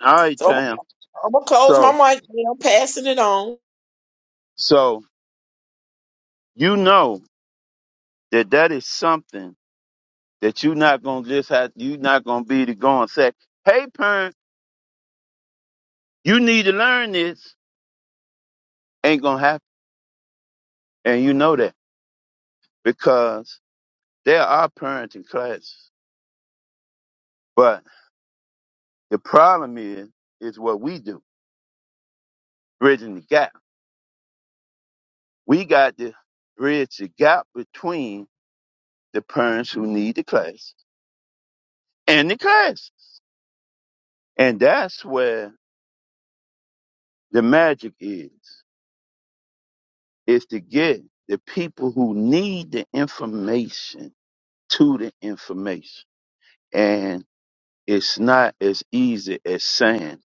A: All right,
C: So I'm,
A: Tam.
C: I'm going to close my
A: So,
C: mic. I'm passing it on.
A: so you know that that is something that you not gonna just have you not gonna be to go and say, Hey parent, you need to learn this. Ain't gonna happen. And you know that because there are parenting classes. But the problem is is what we do, bridging the gap. We got to bridge the gap between the parents who need the class and the class. And that's where the magic is, is to get the people who need the information to the information and it's not as easy as saying,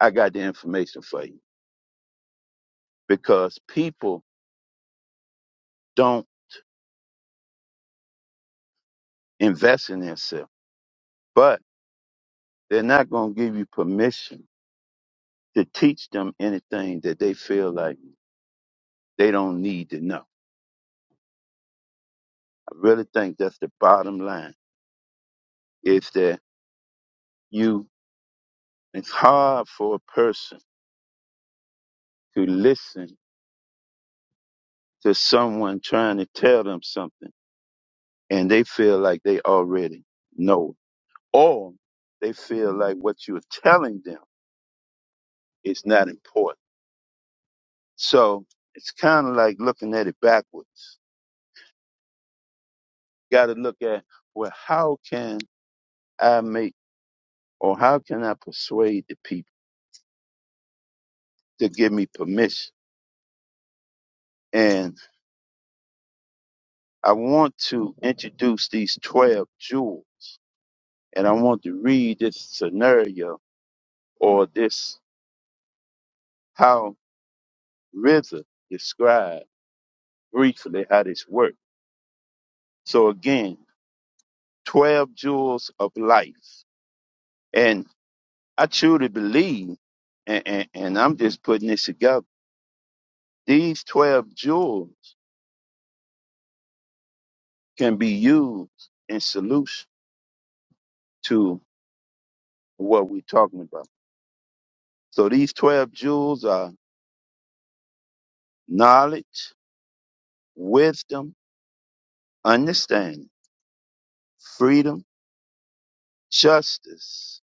A: I got the information for you because people don't invest in themselves, but they're not going to give you permission to teach them anything that they feel like they don't need to know. I really think that's the bottom line is that you, it's hard for a person to listen to someone trying to tell them something and they feel like they already know it or they feel like what you're telling them is not important. So it's kind of like looking at it backwards. Got to look at, well, how can I make or how can I persuade the people to give me permission? And I want to introduce these 12 jewels and I want to read this scenario or this how RZA described briefly how this works. So again, 12 jewels of life. And I truly believe, and, and, and I'm just putting this together, these 12 jewels can be used in solution to what we're talking about. So these 12 jewels are knowledge, wisdom, understanding, freedom, justice,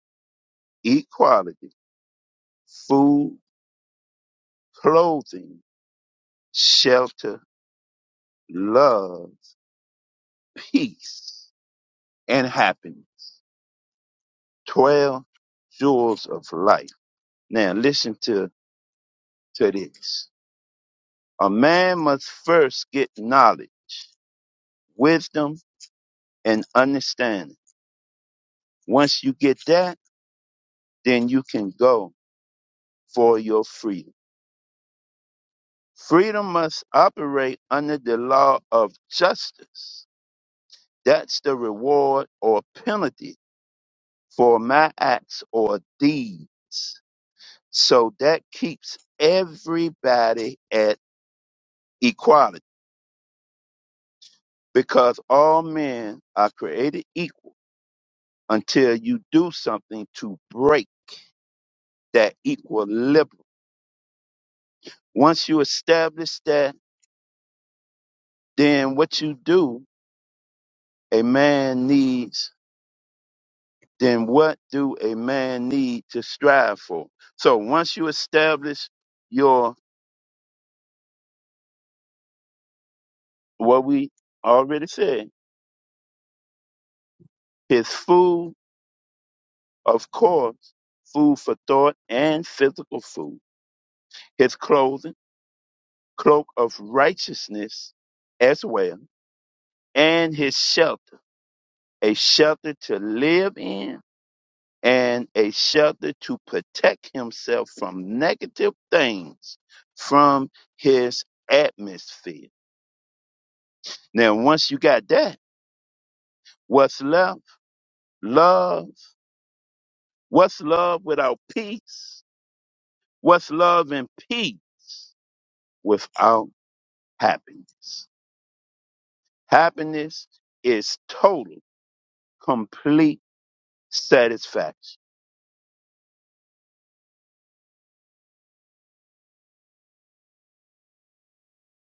A: equality, food, clothing, shelter, love, peace, and happiness. 12 jewels of life. Now listen to. to this. A man must first get knowledge, wisdom, and understanding. Once you get that, then you can go for your freedom. Freedom must operate under the law of justice. That's the reward or penalty for my acts or deeds. So that keeps everybody at equality because all men are created equal until you do something to break that equilibrium. Once you establish that, then what you do, a man needs, then what do a man need to strive for? So once you establish your, what we already said, his food, of course, food for thought and physical food, his clothing, cloak of righteousness as well, and his shelter, a shelter to live in and a shelter to protect himself from negative things from his atmosphere. Now, once you got that, what's left? Love. What's love without peace? What's love and peace without happiness? Happiness is total, complete satisfaction.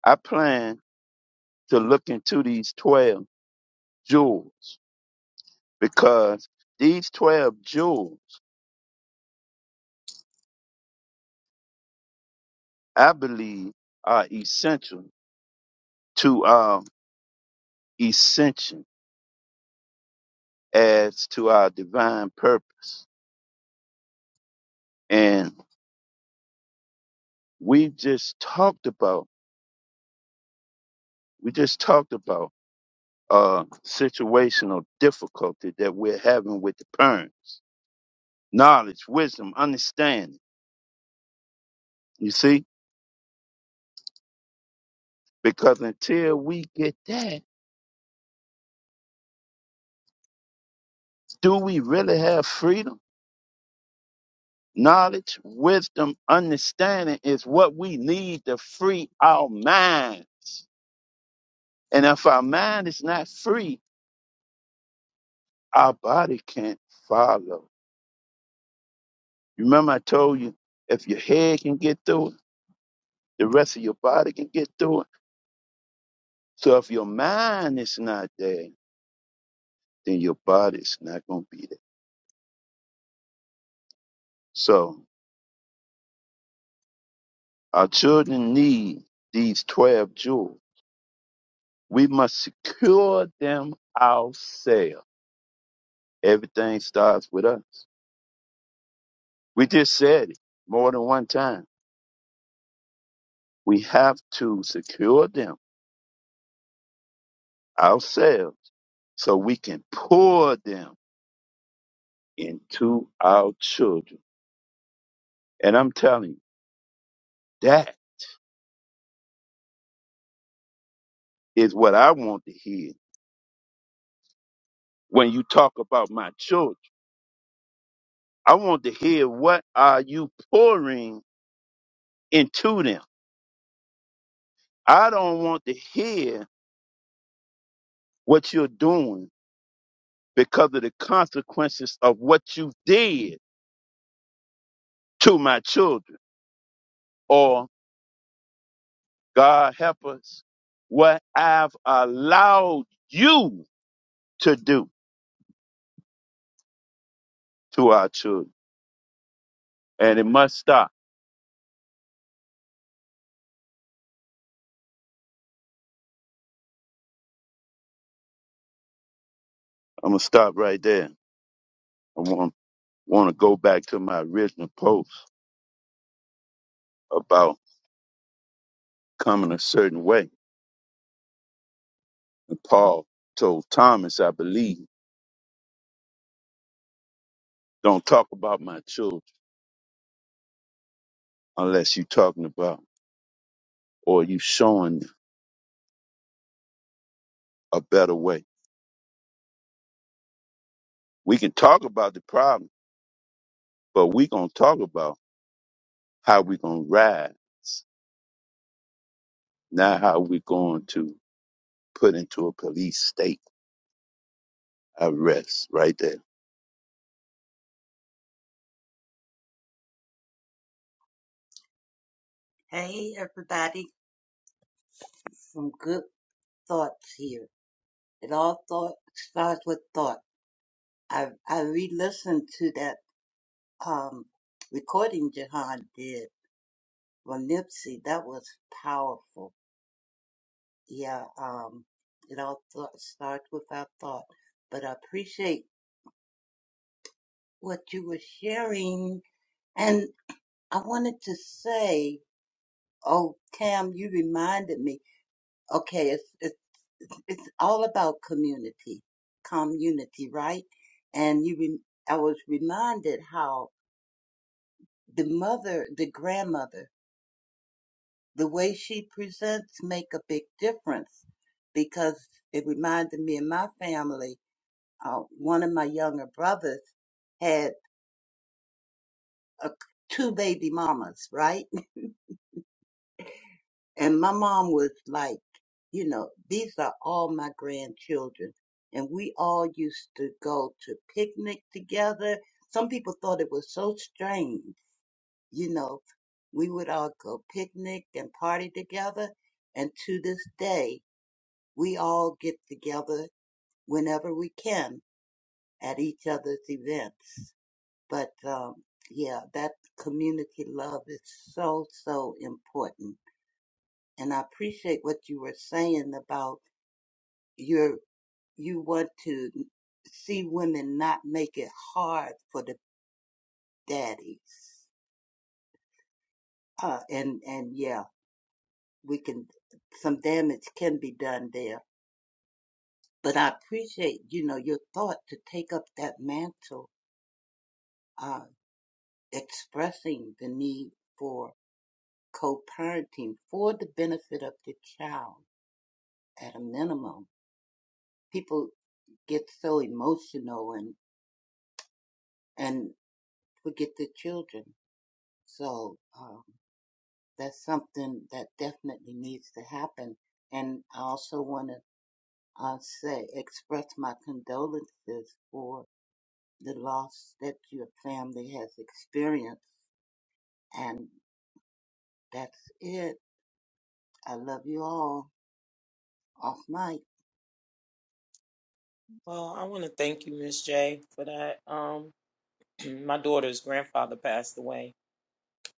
A: I plan to look into these 12 jewels because these 12 jewels I believe are essential to our ascension as to our divine purpose. And we just talked about, we just talked about uh situational difficulty that we're having with the parent. Knowledge, wisdom, understanding. You see? Because until we get that, do we really have freedom? Knowledge, wisdom, understanding is what we need to free our mind And if our mind is not free, our body can't follow. Remember, I told you, if your head can get through it, the rest of your body can get through it. So if your mind is not there, then your body's not going to be there. So our children need these 12 jewels. We must secure them ourselves. Everything starts with us. We just said it more than one time. We have to secure them ourselves so we can pour them into our children. And I'm telling you, that is what I want to hear when you talk about my children. I want to hear what are you pouring into them. I don't want to hear what you're doing because of the consequences of what you did to my children. Or God help us, what I've allowed you to do to our children. And it must stop I'm gonna stop right there. I want want to go back to my original post about coming a certain way. And Paul told Thomas, I believe, don't talk about my children unless you're talking about or you showing a better way. We can talk about the problem, but we gonna talk about how we gonna rise, not how we going to put into a police state. I rest right there.
I: Hey, everybody, some good thoughts here. It all thought starts with thought. I I re-listened to that um, recording Jahan did for Nipsey, that was powerful. Yeah, um, it all thought, starts with our thought. But I appreciate what you were sharing. And I wanted to say, oh, Tam, you reminded me. Okay, it's, it's, it's all about community, community, right? And you, re- I was reminded how the mother, the grandmother the way she presents make a big difference because it reminded me of my family. Uh, one of my younger brothers had a, two baby mamas, right? And my mom was like, you know, these are all my grandchildren. And we all used to go to picnic together. Some people thought it was so strange, you know. We would all go picnic and party together. And to this day, We all get together whenever we can at each other's events. But um, yeah, that community love is so, so important. And I appreciate what you were saying about your, you want to see women not make it hard for the daddies. Uh, and, and yeah, we can, some damage can be done there. But I appreciate, you know, your thought to take up that mantle Uh, expressing the need for co-parenting for the benefit of the child at a minimum. People get so emotional and, and forget the children. So, um, that's something that definitely needs to happen. And I also want to uh, say, express my condolences for the loss that your family has experienced. And that's it. I love you all. Off mic.
C: Well, I want to thank you, Miss J, for that. Um, my daughter's grandfather passed away,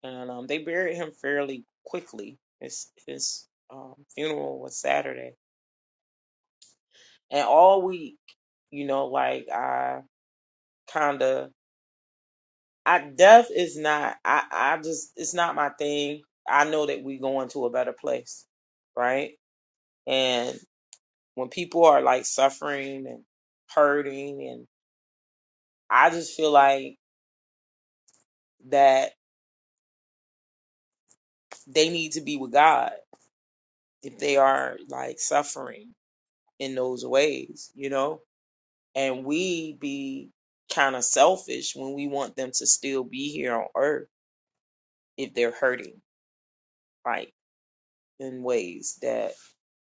C: and um, they buried him fairly quickly. His his um, funeral was Saturday, and all week, you know, like I kind of, I death is not, I I just it's not my thing. I know that we going to a better place, right? And when people are like suffering and hurting, and I just feel like that they need to be with God if they are like suffering in those ways, you know, and we be kind of selfish when we want them to still be here on earth if they're hurting, like in ways that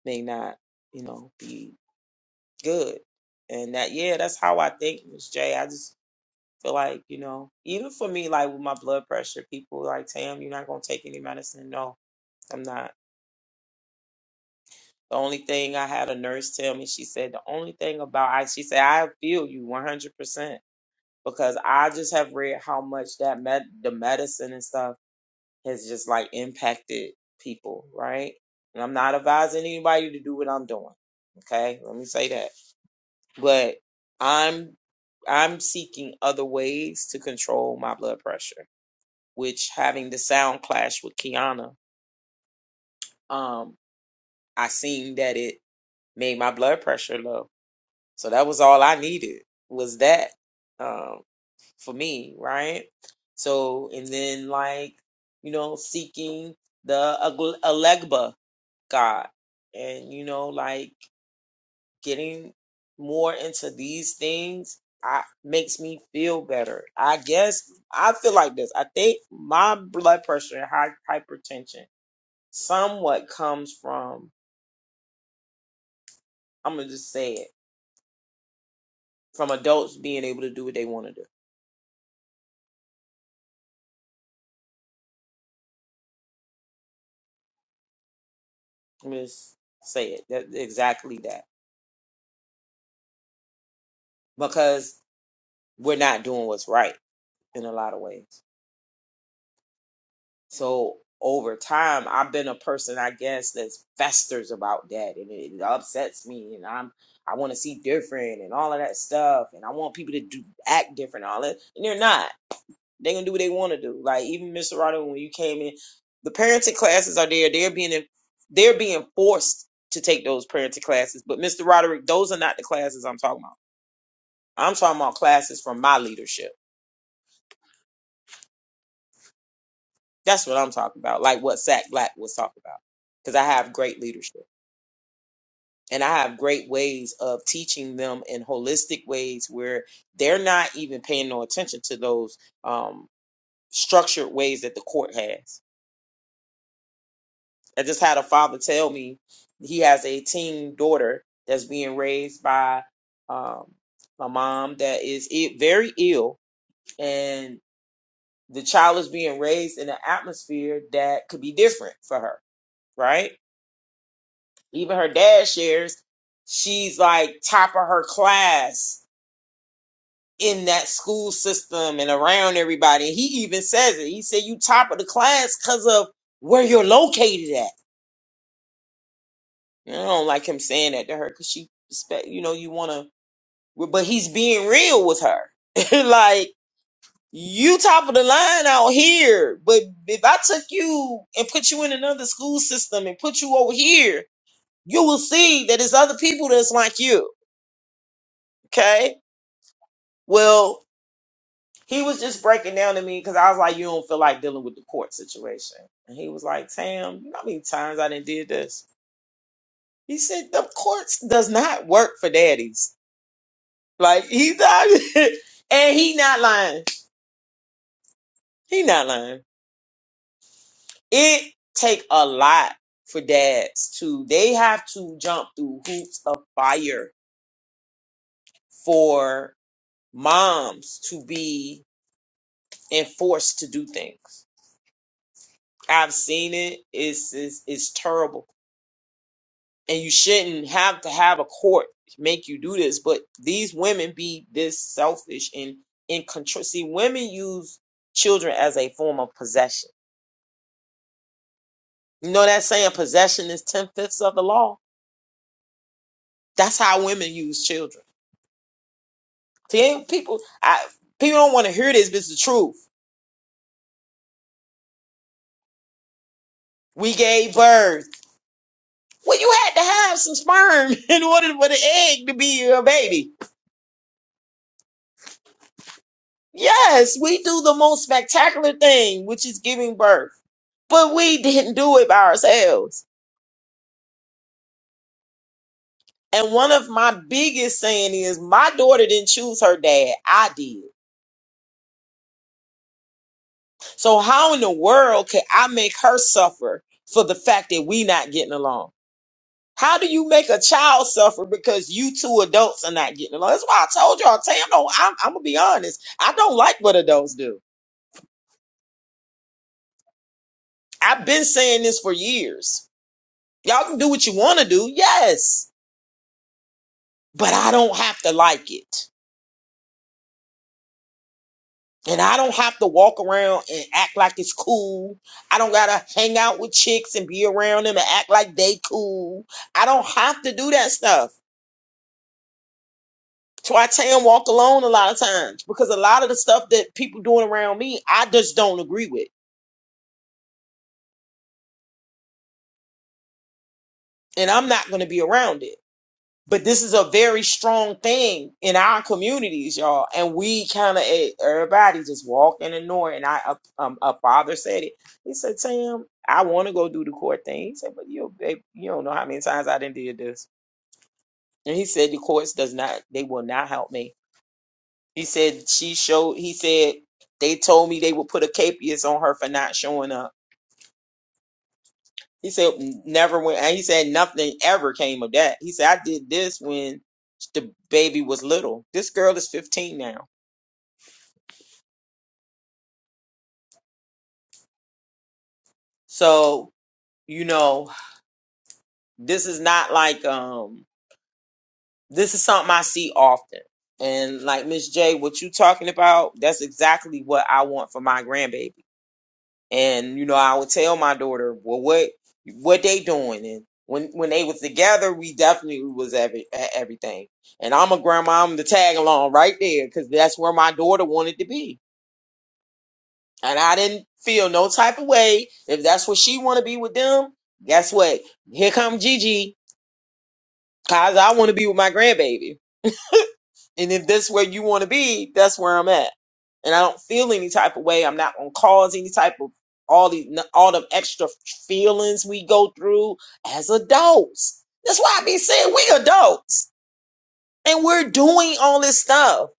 C: may not, you know, be good. And that, yeah, that's how I think, Miss J. I just feel like, you know, even for me, like with my blood pressure, people like, Tam, you're not going to take any medicine. No, I'm not. The only thing I had a nurse tell me, she said, the only thing about I, she said, I feel you 100% because I just have read how much that med, the medicine and stuff has just like impacted people, right? And I'm not advising anybody to do what I'm doing. Okay, let me say that. But I'm I'm seeking other ways to control my blood pressure, which having the sound clash with Kiana, um, I seen that it made my blood pressure low So that was all I needed was that um, for me, right? So and then like you know seeking the Ag- Alegba God, and you know like getting more into these things. I makes me feel better. I guess I feel like this. I think my blood pressure and high, hypertension somewhat comes from. I'm gonna just say it from adults being able to do what they want to do Let me just say it. That exactly that. Because we're not doing what's right in a lot of ways. So over time I've been a person I guess that's festers about that and it upsets me and I'm I want to see different and all of that stuff and I want people to do act different and all that and they're not. They're gonna do what they want to do. Like even Mr. Rodder when you came in, the parenting classes are there. They're being in, they're being forced to take those parenting classes. But Mr. Roderick, those are not the classes I'm talking about. I'm talking about classes from my leadership. That's what I'm talking about, like what Zach Black was talking about, because I have great leadership and I have great ways of teaching them in holistic ways where they're not even paying no attention to those um, structured ways that the court has. I just had a father tell me he has a teen daughter that's being raised by um, a mom that is i- very ill, and the child is being raised in an atmosphere that could be different for her, right? Even her dad shares she's like top of her class in that school system and around everybody. And he even says it. He said, You top of the class because of where you're located at. And I don't like him saying that to her because she expect, you know, you want to, but he's being real with her. like, You top of the line out here, but if I took you and put you in another school system and put you over here, you will see that there's other people that's like you. Okay. Well, he was just breaking down to me because I was like, you don't feel like dealing with the court situation. And he was like, Tam, you know how many times I did did this? He said, the courts does not work for daddies. Like he's not, and he not lying. He not lying. It take a lot for dads to they have to jump through hoops of fire for moms to be enforced to do things. I've seen it. It's it's, it's terrible. And you shouldn't have to have a court make you do this, but these women be this selfish and in control. See, women use children as a form of possession. You know that saying possession is ten fifths of the law? That's how women use children. See, people, I, people don't want to hear this, but it's the truth. We gave birth. Well, you had to have some sperm in order for the egg to be your baby. Yes, we do the most spectacular thing, which is giving birth, but we didn't do it by ourselves. And one of my biggest saying is, my daughter didn't choose her dad. I did. So how in the world could I make her suffer for the fact that we not getting along? How do you make a child suffer because you two adults are not getting along? That's why I told y'all, Tam, no, I'm, I'm gonna be honest. I don't like what adults do. I've been saying this for years. Y'all can do what you want to do, yes, but I don't have to like it. And I don't have to walk around and act like it's cool. I don't gotta hang out with chicks and be around them and act like they cool. I don't have to do that stuff. So I tell them walk alone a lot of times because a lot of the stuff that people doing around me, I just don't agree with. and I'm not going to be around it. But this is a very strong thing in our communities, y'all. And we kind of, everybody just walking and ignoring. And I, a- um, a father said it. He said, Sam, I want to go do the court thing. He said, but you, babe, you don't know how many times I didn't did this. And he said, the courts does not, they will not help me. He said, she showed, he said, they told me they would put a capias on her for not showing up. He said never went, and he said nothing ever came of that. He said I did this when the baby was little. This girl is 15 now, so you know this is not like um this is something I see often. And like Miss J, what you talking about? That's exactly what I want for my grandbaby. And you know, I would tell my daughter, well, what what they doing? And when when they was together, we definitely was every, at everything. And I'm a grandma. I'm the tag along right there because that's where my daughter wanted to be. And I didn't feel no type of way if that's what she want to be with them. Guess what? Here come Gigi, cause I want to be with my grandbaby. And if that's where you want to be, that's where I'm at. And I don't feel any type of way. I'm not gonna cause any type of all the all the extra feelings we go through as adults. That's why I be saying we adults and we're doing all this stuff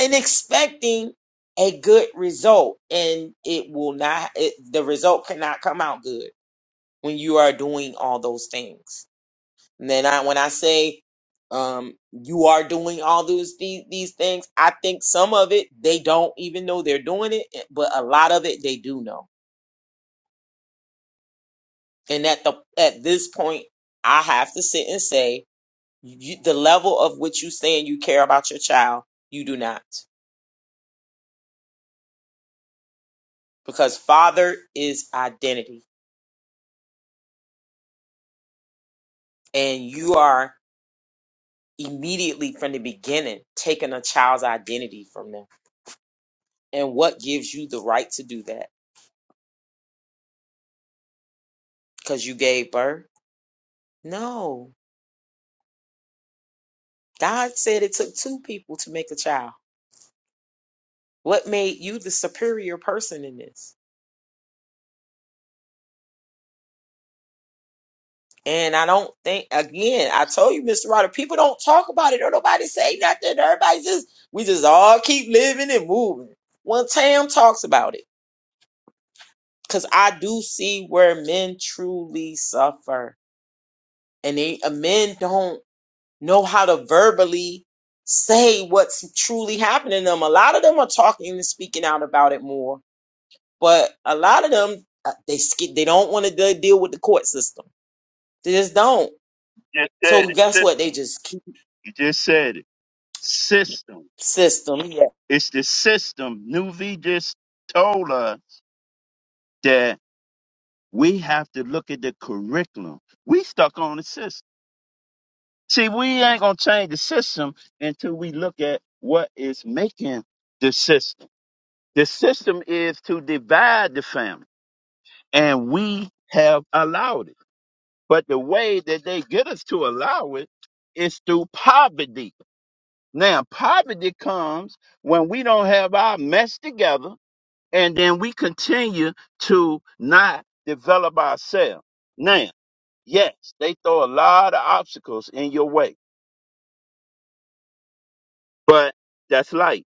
C: and expecting a good result, and it will not. It, the result cannot come out good when you are doing all those things. And then I, when I say um, you are doing all those these, these things, I think some of it they don't even know they're doing it, eh, but a lot of it they do know. And at the at this point, I have to sit and say you, the level of which you saying you care about your child, you do not, because father is identity, and you are immediately from the beginning taking a child's identity from them. And what gives you the right to do that? Because you gave birth? No God said it took two people to make a child. What made you the superior person in this? And I don't think again, I told you, Mr. Ryder, people don't talk about it or nobody say nothing. Everybody just we just all keep living and moving. Well, Tam talks about it. Cause I do see where men truly suffer. And they uh, men don't know how to verbally say what's truly happening to them. A lot of them are talking and speaking out about it more But a lot of them, uh, they skip. They don't want to deal with the court system. They just don't.
A: Just
C: So
A: said it,
C: guess what? They
A: system.
C: just keep
A: You just said it, system.
C: system. Yeah.
A: It's the system. Nuvi just told us that we have to look at the curriculum. We stuck on the system. See, we ain't gonna change the system until we look at what is making the system. The system is to divide the family, and we have allowed it. But the way that they get us to allow it is through poverty. Now, poverty comes when we don't have our mess together and then we continue to not develop ourselves. Now, yes, they throw a lot of obstacles in your way, but that's life.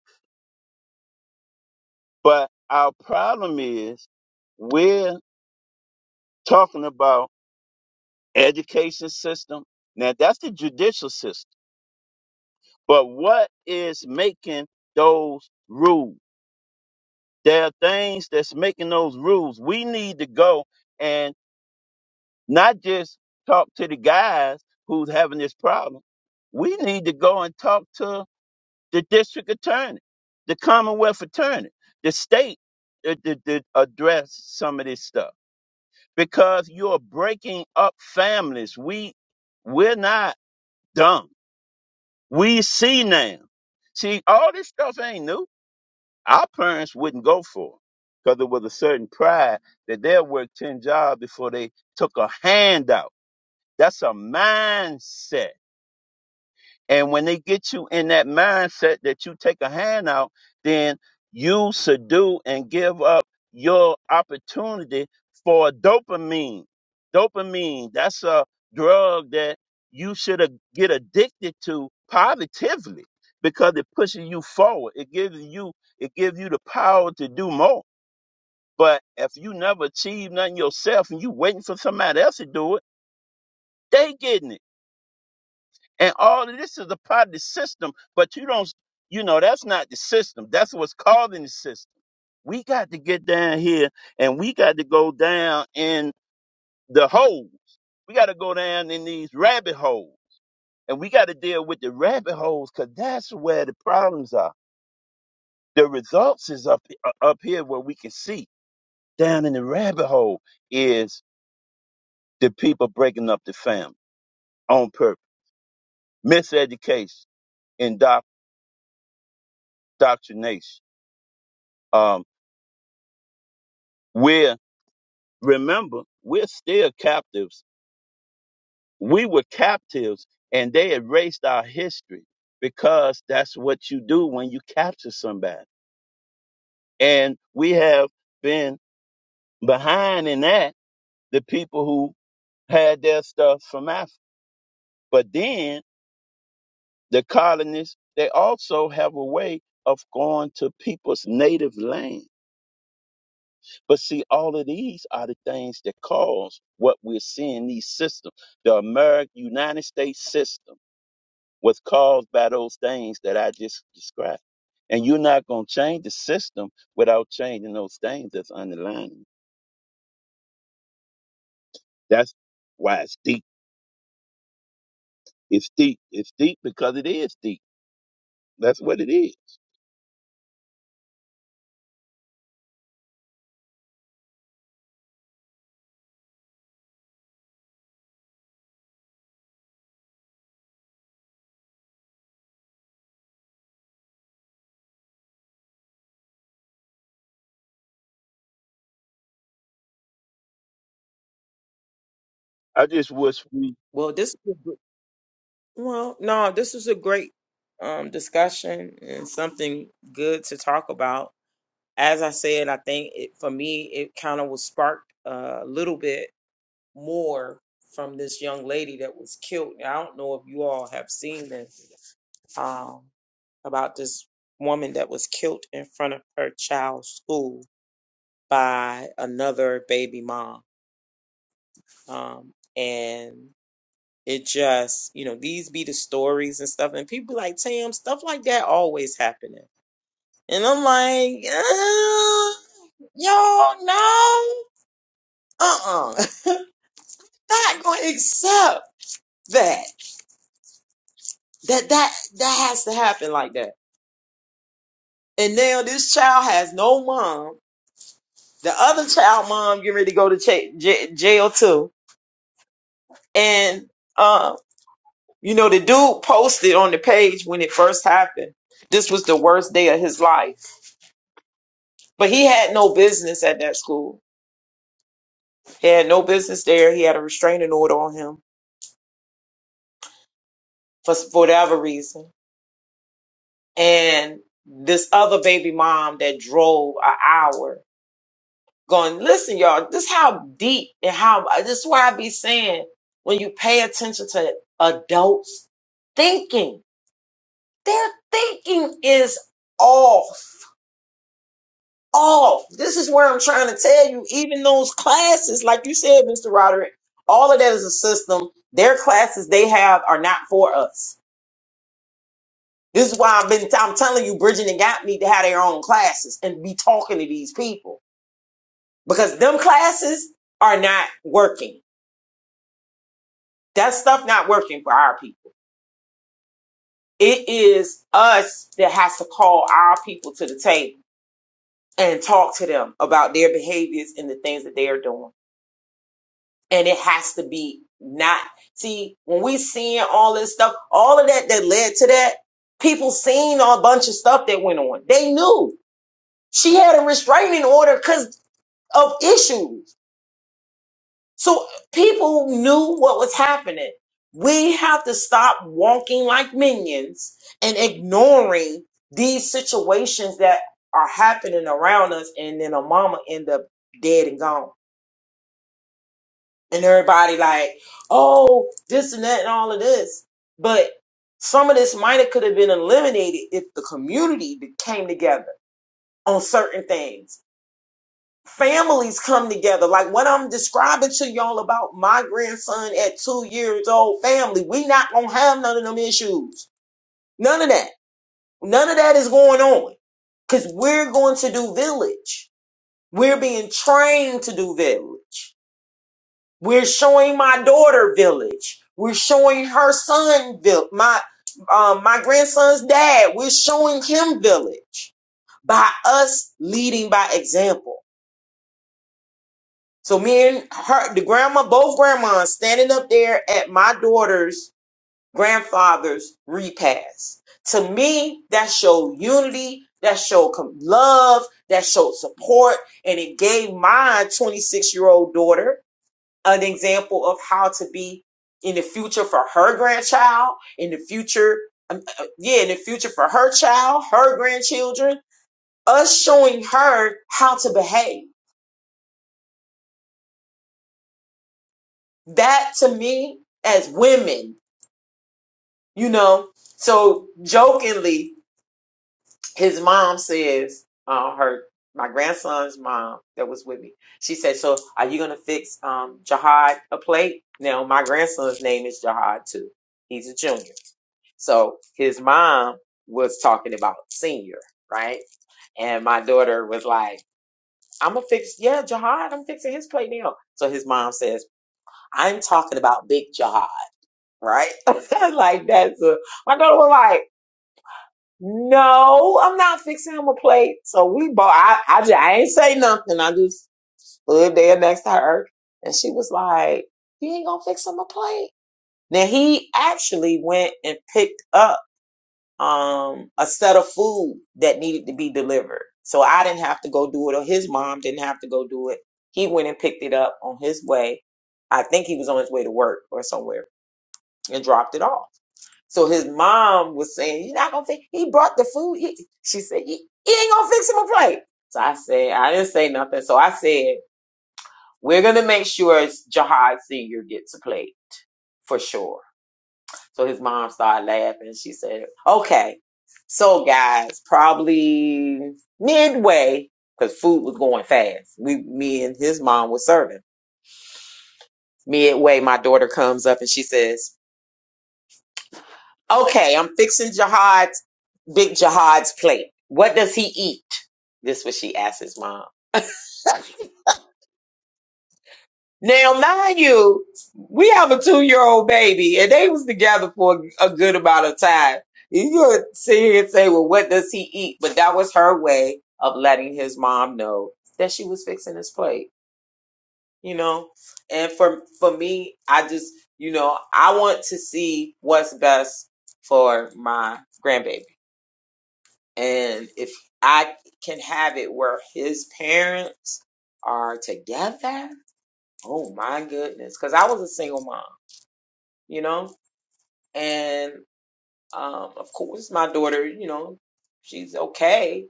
A: But our problem is we're talking about education system. Now that's the judicial system. But what is making those rules? There are things that's making those rules. We need to go and. not just talk to the guys who's having this problem. We need to go and talk to the district attorney, the Commonwealth attorney, the state uh, to, to address some of this stuff because you're breaking up families. We we're not dumb. We see now. See, all this stuff ain't new. Our parents wouldn't go for it because there was a certain pride that they'll work ten jobs before they took a handout That's a mindset. And when they get you in that mindset that you take a handout, then you subdue and give up your opportunity for dopamine. Dopamine, that's a drug that you should a- get addicted to positively because it pushes you forward. It gives you it gives you the power to do more. But if you never achieve nothing yourself and you waiting for somebody else to do it, they getting it. And all of this is a part of the system, but you don't, you know, that's not the system. That's what's causing the system. We got to get down here and we got to go down in the holes. We got to go down in these rabbit holes and we got to deal with the rabbit holes because that's where the problems are. The results is up, uh, up here where we can see down in the rabbit hole is the people breaking up the family on purpose, miseducation, indoctrination. Um, where Remember, we're still captives. We were captives and they erased our history because that's what you do when you capture somebody. And we have been behind in that the people who had their stuff from Africa. But then the colonists, they also have a way of going to people's native land. But see, all of these are the things that cause what we're seeing these systems, the American United States system was caused by those things that I just described. And you're not going to change the system without changing those things that's underlying. That's why it's deep. It's deep. It's deep because it is deep. That's what it is. I just wish we.
C: Well, this is a good, well, no, this is a great um discussion and something good to talk about. As I said, I think it for me it kind of was sparked a little bit more from this young lady that was killed. Now, I don't know if you all have seen this. um, about this woman that was killed in front of her child's school by another baby mom. Um, and it just, you know, these be the stories and stuff. And people be like, Tam, stuff like that always happening. And I'm like, uh, yo, no, uh-uh, not gonna accept that. That that that has to happen like that. And now this child has no mom The other child mom getting ready to go to cha- j- jail too. And, uh, you know, the dude posted on the page when it first happened. This was the worst day of his life. But he had no business at that school. He had no business there. He had a restraining order on him for, for whatever reason. And this other baby mom that drove an hour going, listen, y'all, this how deep and how, uh, this is why I be saying when you pay attention to adults thinking. Their thinking is off. Off. This is where I'm trying to tell you, even those classes, like you said, Mr. Roderick, all of that is a system. Their classes they have are not for us. This is why I've been I'm telling you, Bridget and Gap need to have their own classes and be talking to these people. Because them classes are not working. That stuff not working for our people. It is us that has to call our people to the table and talk to them about their behaviors and the things that they are doing. and it has to be not see when we seeing all this stuff all of that that led to that people seen a bunch of stuff that went on they knew she had a restraining order because of issues so people knew what was happening we have to stop walking like minions and ignoring these situations that are happening around us and then a mama end up dead and gone and everybody like, oh, this and that and all of this. But some of this might have could have been eliminated if the community be- came together on certain things. Families come together, like what I'm describing to y'all about my grandson at two years old. Family, we not gonna have none of them issues. None of that. None of that is going on because we're going to do village. We're being trained to do village. We're showing my daughter village. We're showing her son vil- my um, my grandson's dad. We're showing him village by us leading by example. So me and her, the grandma, both grandmas standing up there at my daughter's grandfather's repast. To me, that showed unity, that showed com- love, that showed support, and it gave my 26 year old daughter an example of how to be in the future for her grandchild, in the future, um, uh, yeah, in the future for her child, her grandchildren, us showing her how to behave. That to me, as women, you know, so jokingly, his mom says, uh, her my grandson's mom that was with me. She said, "So are you gonna fix um Jihad a plate?" Now my grandson's name is Jihad too. He's a junior, so his mom was talking about senior, right? And my daughter was like, "I'm gonna fix yeah Jihad. I'm fixing his plate now." So his mom says, "I'm talking about big Jihad." Right, like that's a, my daughter was like. No, I'm not fixing him a plate. So we bought. I, I just I ain't say nothing. I just stood there next to her, and she was like, "You ain't gonna fix him a plate." Now he actually went and picked up um a set of food that needed to be delivered. So I didn't have to go do it, or his mom didn't have to go do it. He went and picked it up on his way. I think he was on his way to work or somewhere and dropped it off. So his mom was saying, "You're not gonna fix." He brought the food. He, she said, he, "He ain't gonna fix him a plate." So I said, I didn't say nothing. So I said, "We're gonna make sure Jihad Senior gets a plate for sure." So his mom started laughing. She said, "Okay." So guys, probably midway, because food was going fast. We, me and his mom was serving. Midway, my daughter comes up and she says, Okay, I'm fixing Jihad's big Jihad's plate. What does he eat? This was she asked his mom. Now, mind you, we have a two year old baby, and they was together for a good amount of time. You could sit here and say, "Well, what does he eat?" But that was her way of letting his mom know that she was fixing his plate. You know, and for for me, I just you know I want to see what's best for my grandbaby And if I can have it where his parents are together, oh my goodness. Because I was a single mom, you know? And um, of course, my daughter, you know, she's okay.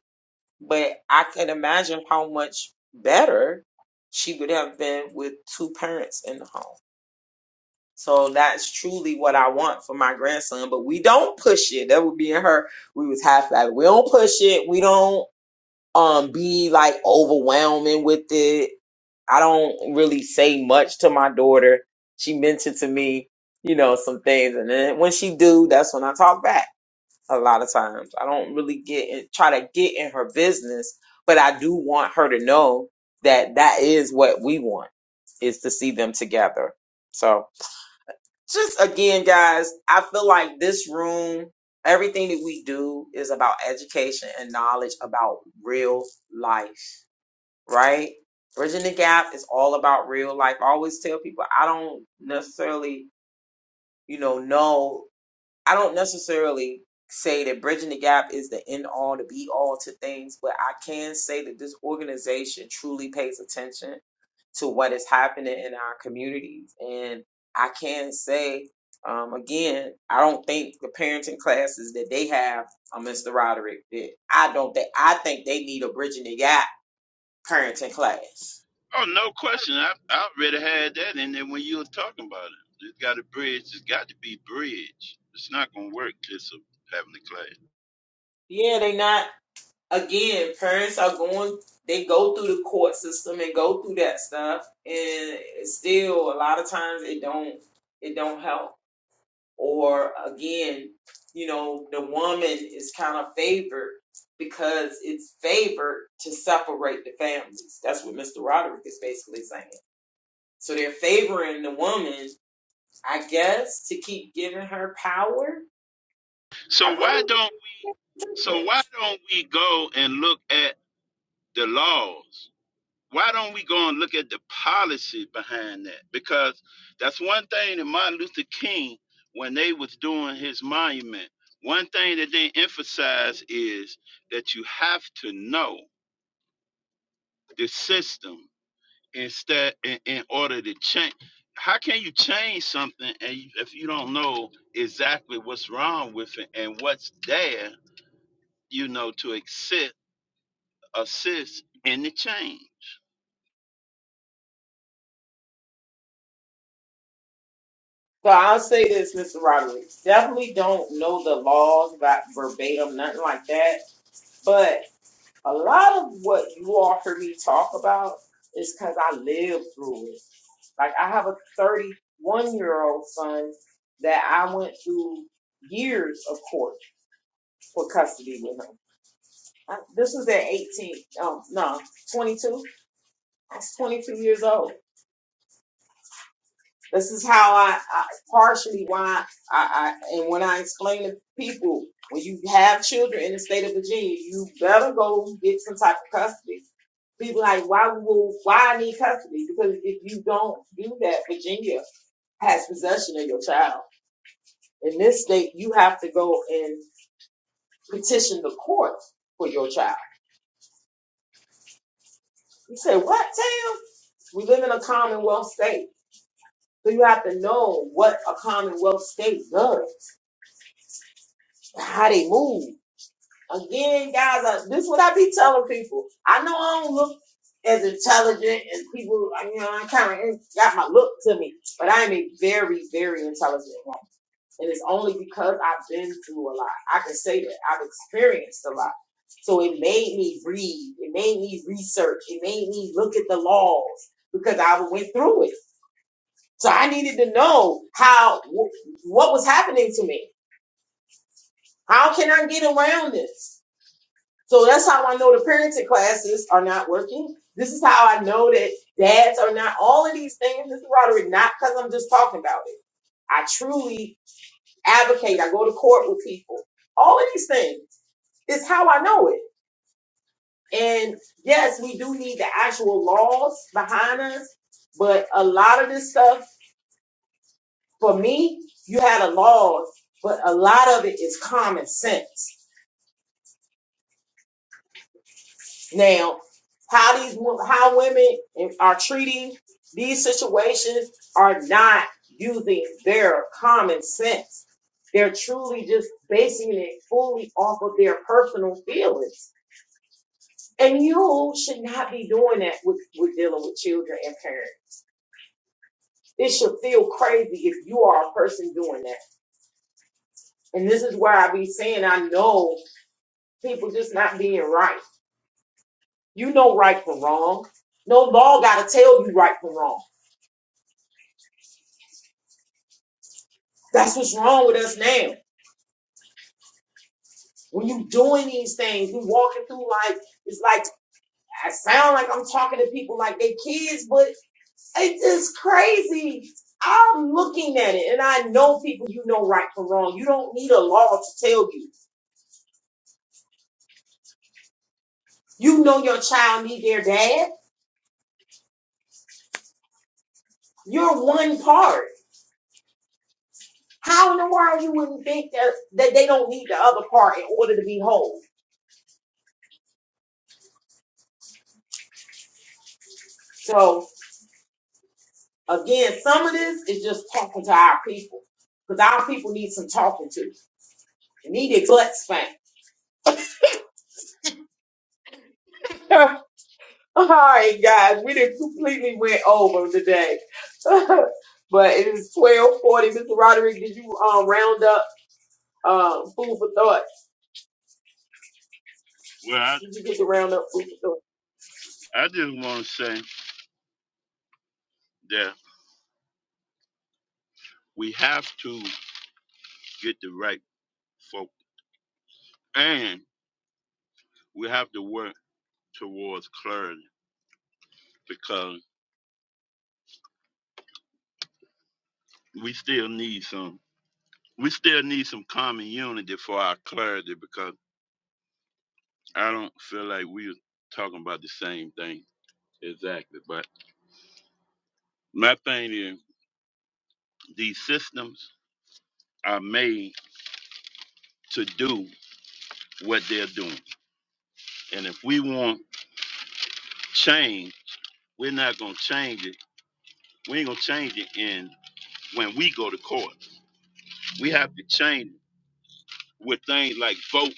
C: But I can imagine how much better she would have been with two parents in the home. So that's truly what I want for my grandson. But we don't push it. That would be in her. We was half at We don't push it. We don't. um be like overwhelming with it. I don't really say much to my daughter. She mentioned to me, you know, some things and then when she do, that's when I talk back a lot of times. I don't really get in, try to get in her business, but I do want her to know that that is what we want is to see them together. So, just again guys, I feel like this room Everything that we do is about education and knowledge about real life right? Bridging the gap is all about real life. I always tell people I don't necessarily, you know, know I don't necessarily say that bridging the gap is the end all, the be all to things, but I can say that this organization truly pays attention to what is happening in our communities. And I can say, um, again, I don't think the parenting classes that they have, uh, Mr. Roderick, that I don't think I think they need a bridging the gap parenting class
A: Oh, no question. I, I already had that in there when you were talking about it. There's got to bridge. There's got to be bridge. It's not going to work just of having the class.
C: Yeah, they not again, parents are going they go through the court system and go through that stuff and still a lot of times it don't it don't help. Or again, you know, the woman is kind of favored because it's favored to separate the families. That's what Mr. Roderick is basically saying. So they're favoring the woman, I guess, to keep giving her power. I
A: So why don't we? So
C: really
A: why don't we go and look at the laws? Why don't we go and look at the policy behind that? Because that's one thing that Martin Luther King, when they was doing his monument, one thing that they emphasize is that you have to know the system instead in, in order to change. How can you change something and you, if you don't know exactly what's wrong with it and what's there, you know, to assist assist in the change?
C: So I'll say this, Mr. Rodriguez. Definitely don't know the laws about verbatim, nothing like that. But a lot of what you all heard me talk about is because I lived through it. Like I have a 31 year old son that I went through years of court for custody with him. I- This was at 18, um, no, 22. I was 22 years old This is how I, I partially why I, I and when I explain to people when you have children in the state of Virginia, you better go get some type of custody. People like why will why I need custody? Because if you don't do that, Virginia has possession of your child. In this state, you have to go and petition the court for your child. You say what, Tam? We live in a commonwealth state, so you have to know what a commonwealth state does, how they move Again, guys, uh, this is what I be telling people. I know I don't look as intelligent as people, uh, you know, I kind of got my look to me, but I'm a very, very intelligent woman. And it's only because I've been through a lot. I can say that I've experienced a lot. So it made me read, it made me research, it made me look at the laws because I went through it. So I needed to know how, wh- what was happening to me. How can I get around this? So that's how I know the parenting classes are not working. This is how I know that dads are not all of these things, Mr. Roderick, not because I'm just talking about it. I truly advocate. I go to court with people. All of these things is how I know it. And yes, we do need the actual laws behind us, but a lot of this stuff, for me, you had a law, but a lot of it is common sense. Now, how these how women are treating these situations are not using their common sense. They're truly just basing it fully off of their personal feelings. And you should not be doing that with, with dealing with children and parents. It should feel crazy if you are a person doing that. And this is where I be saying I know people just not being right. You know right from wrong. No law gotta tell you right from wrong. That's what's wrong with us now. When you doing these things, you walking through life. It's like I sound like I'm talking to people like they kids, but it's just crazy. I'm looking at it, and I know people. You know right from wrong. You don't need a law to tell you. You know your child need their dad. You're one part. How in the world you wouldn't think that that they don't need the other part in order to be whole? So again, some of this is just talking to our people because our people need some talking to. Needed butt spank. All right, guys, we did completely went over today, but it is twelve forty. Mr. Roderick, did you um round up um food for thought?
A: Well, I,
C: Did you get to round up food for thought?
A: I just want to say that. we have to get the right folk and we have to work towards clarity because we still need some we still need some common unity for our clarity because I don't feel like we're talking about the same thing exactly. But my thing is these systems are made to do what they're doing. And if we want change, we're not gonna change it. We ain't gonna change it in when we go to court. We have to change it with things like voting,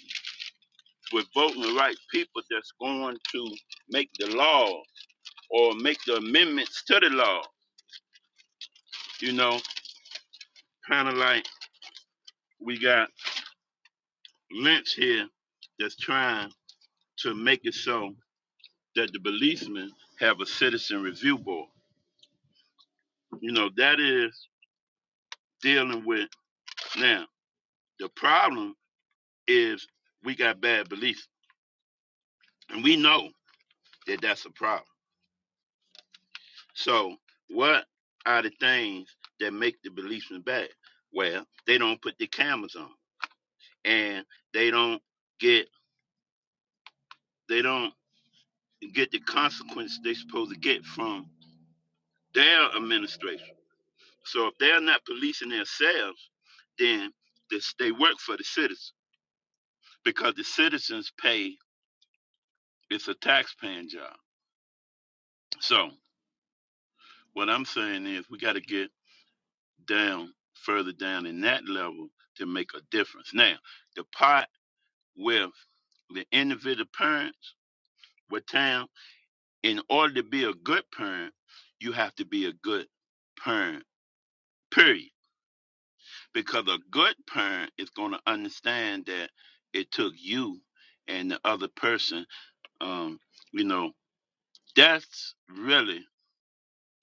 A: with voting the right people that's going to make the law or make the amendments to the law. You know, kind of like we got Lynch here that's trying to make it so that the policemen have a citizen review board. You know, that is dealing with now. The problem is we got bad beliefs, and we know that that's a problem So, what are the things that make the policemen bad? Well, they don't put the cameras on, and they don't get they don't get the consequence they're supposed to get from their administration. So, if they're not policing themselves, then this, they work for the citizens because the citizens pay. It's a taxpaying job. So, what I'm saying is we got to get down further down in that level to make a difference. Now, the pot with the individual parents with time. In order to be a good parent, you have to be a good parent, period. Because a good parent is going to understand that it took you and the other person. Um, you know, that's really,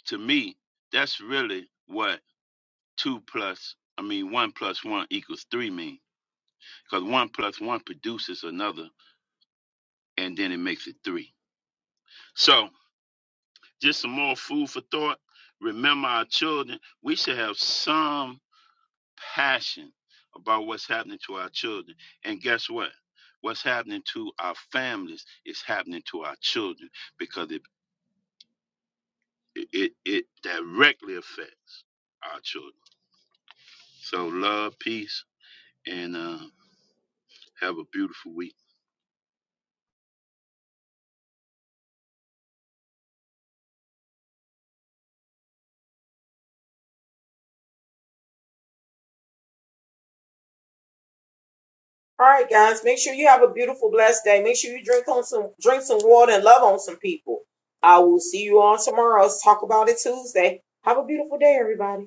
A: to me, that's really what two plus, I mean, one plus one equals three mean. Because one plus one produces another, and then it makes it three. So, just some more food for thought. Remember our children. We should have some passion about what's happening to our children. And guess what? What's happening to our families is happening to our children because it it, it directly affects our children. So love, peace, and uh, have a beautiful week.
C: All right, guys, make sure you have a beautiful, blessed day. Make sure you drink on some drink some water and love on some people. I will see you on tomorrow. Let's talk about it Tuesday. Have a beautiful day, everybody.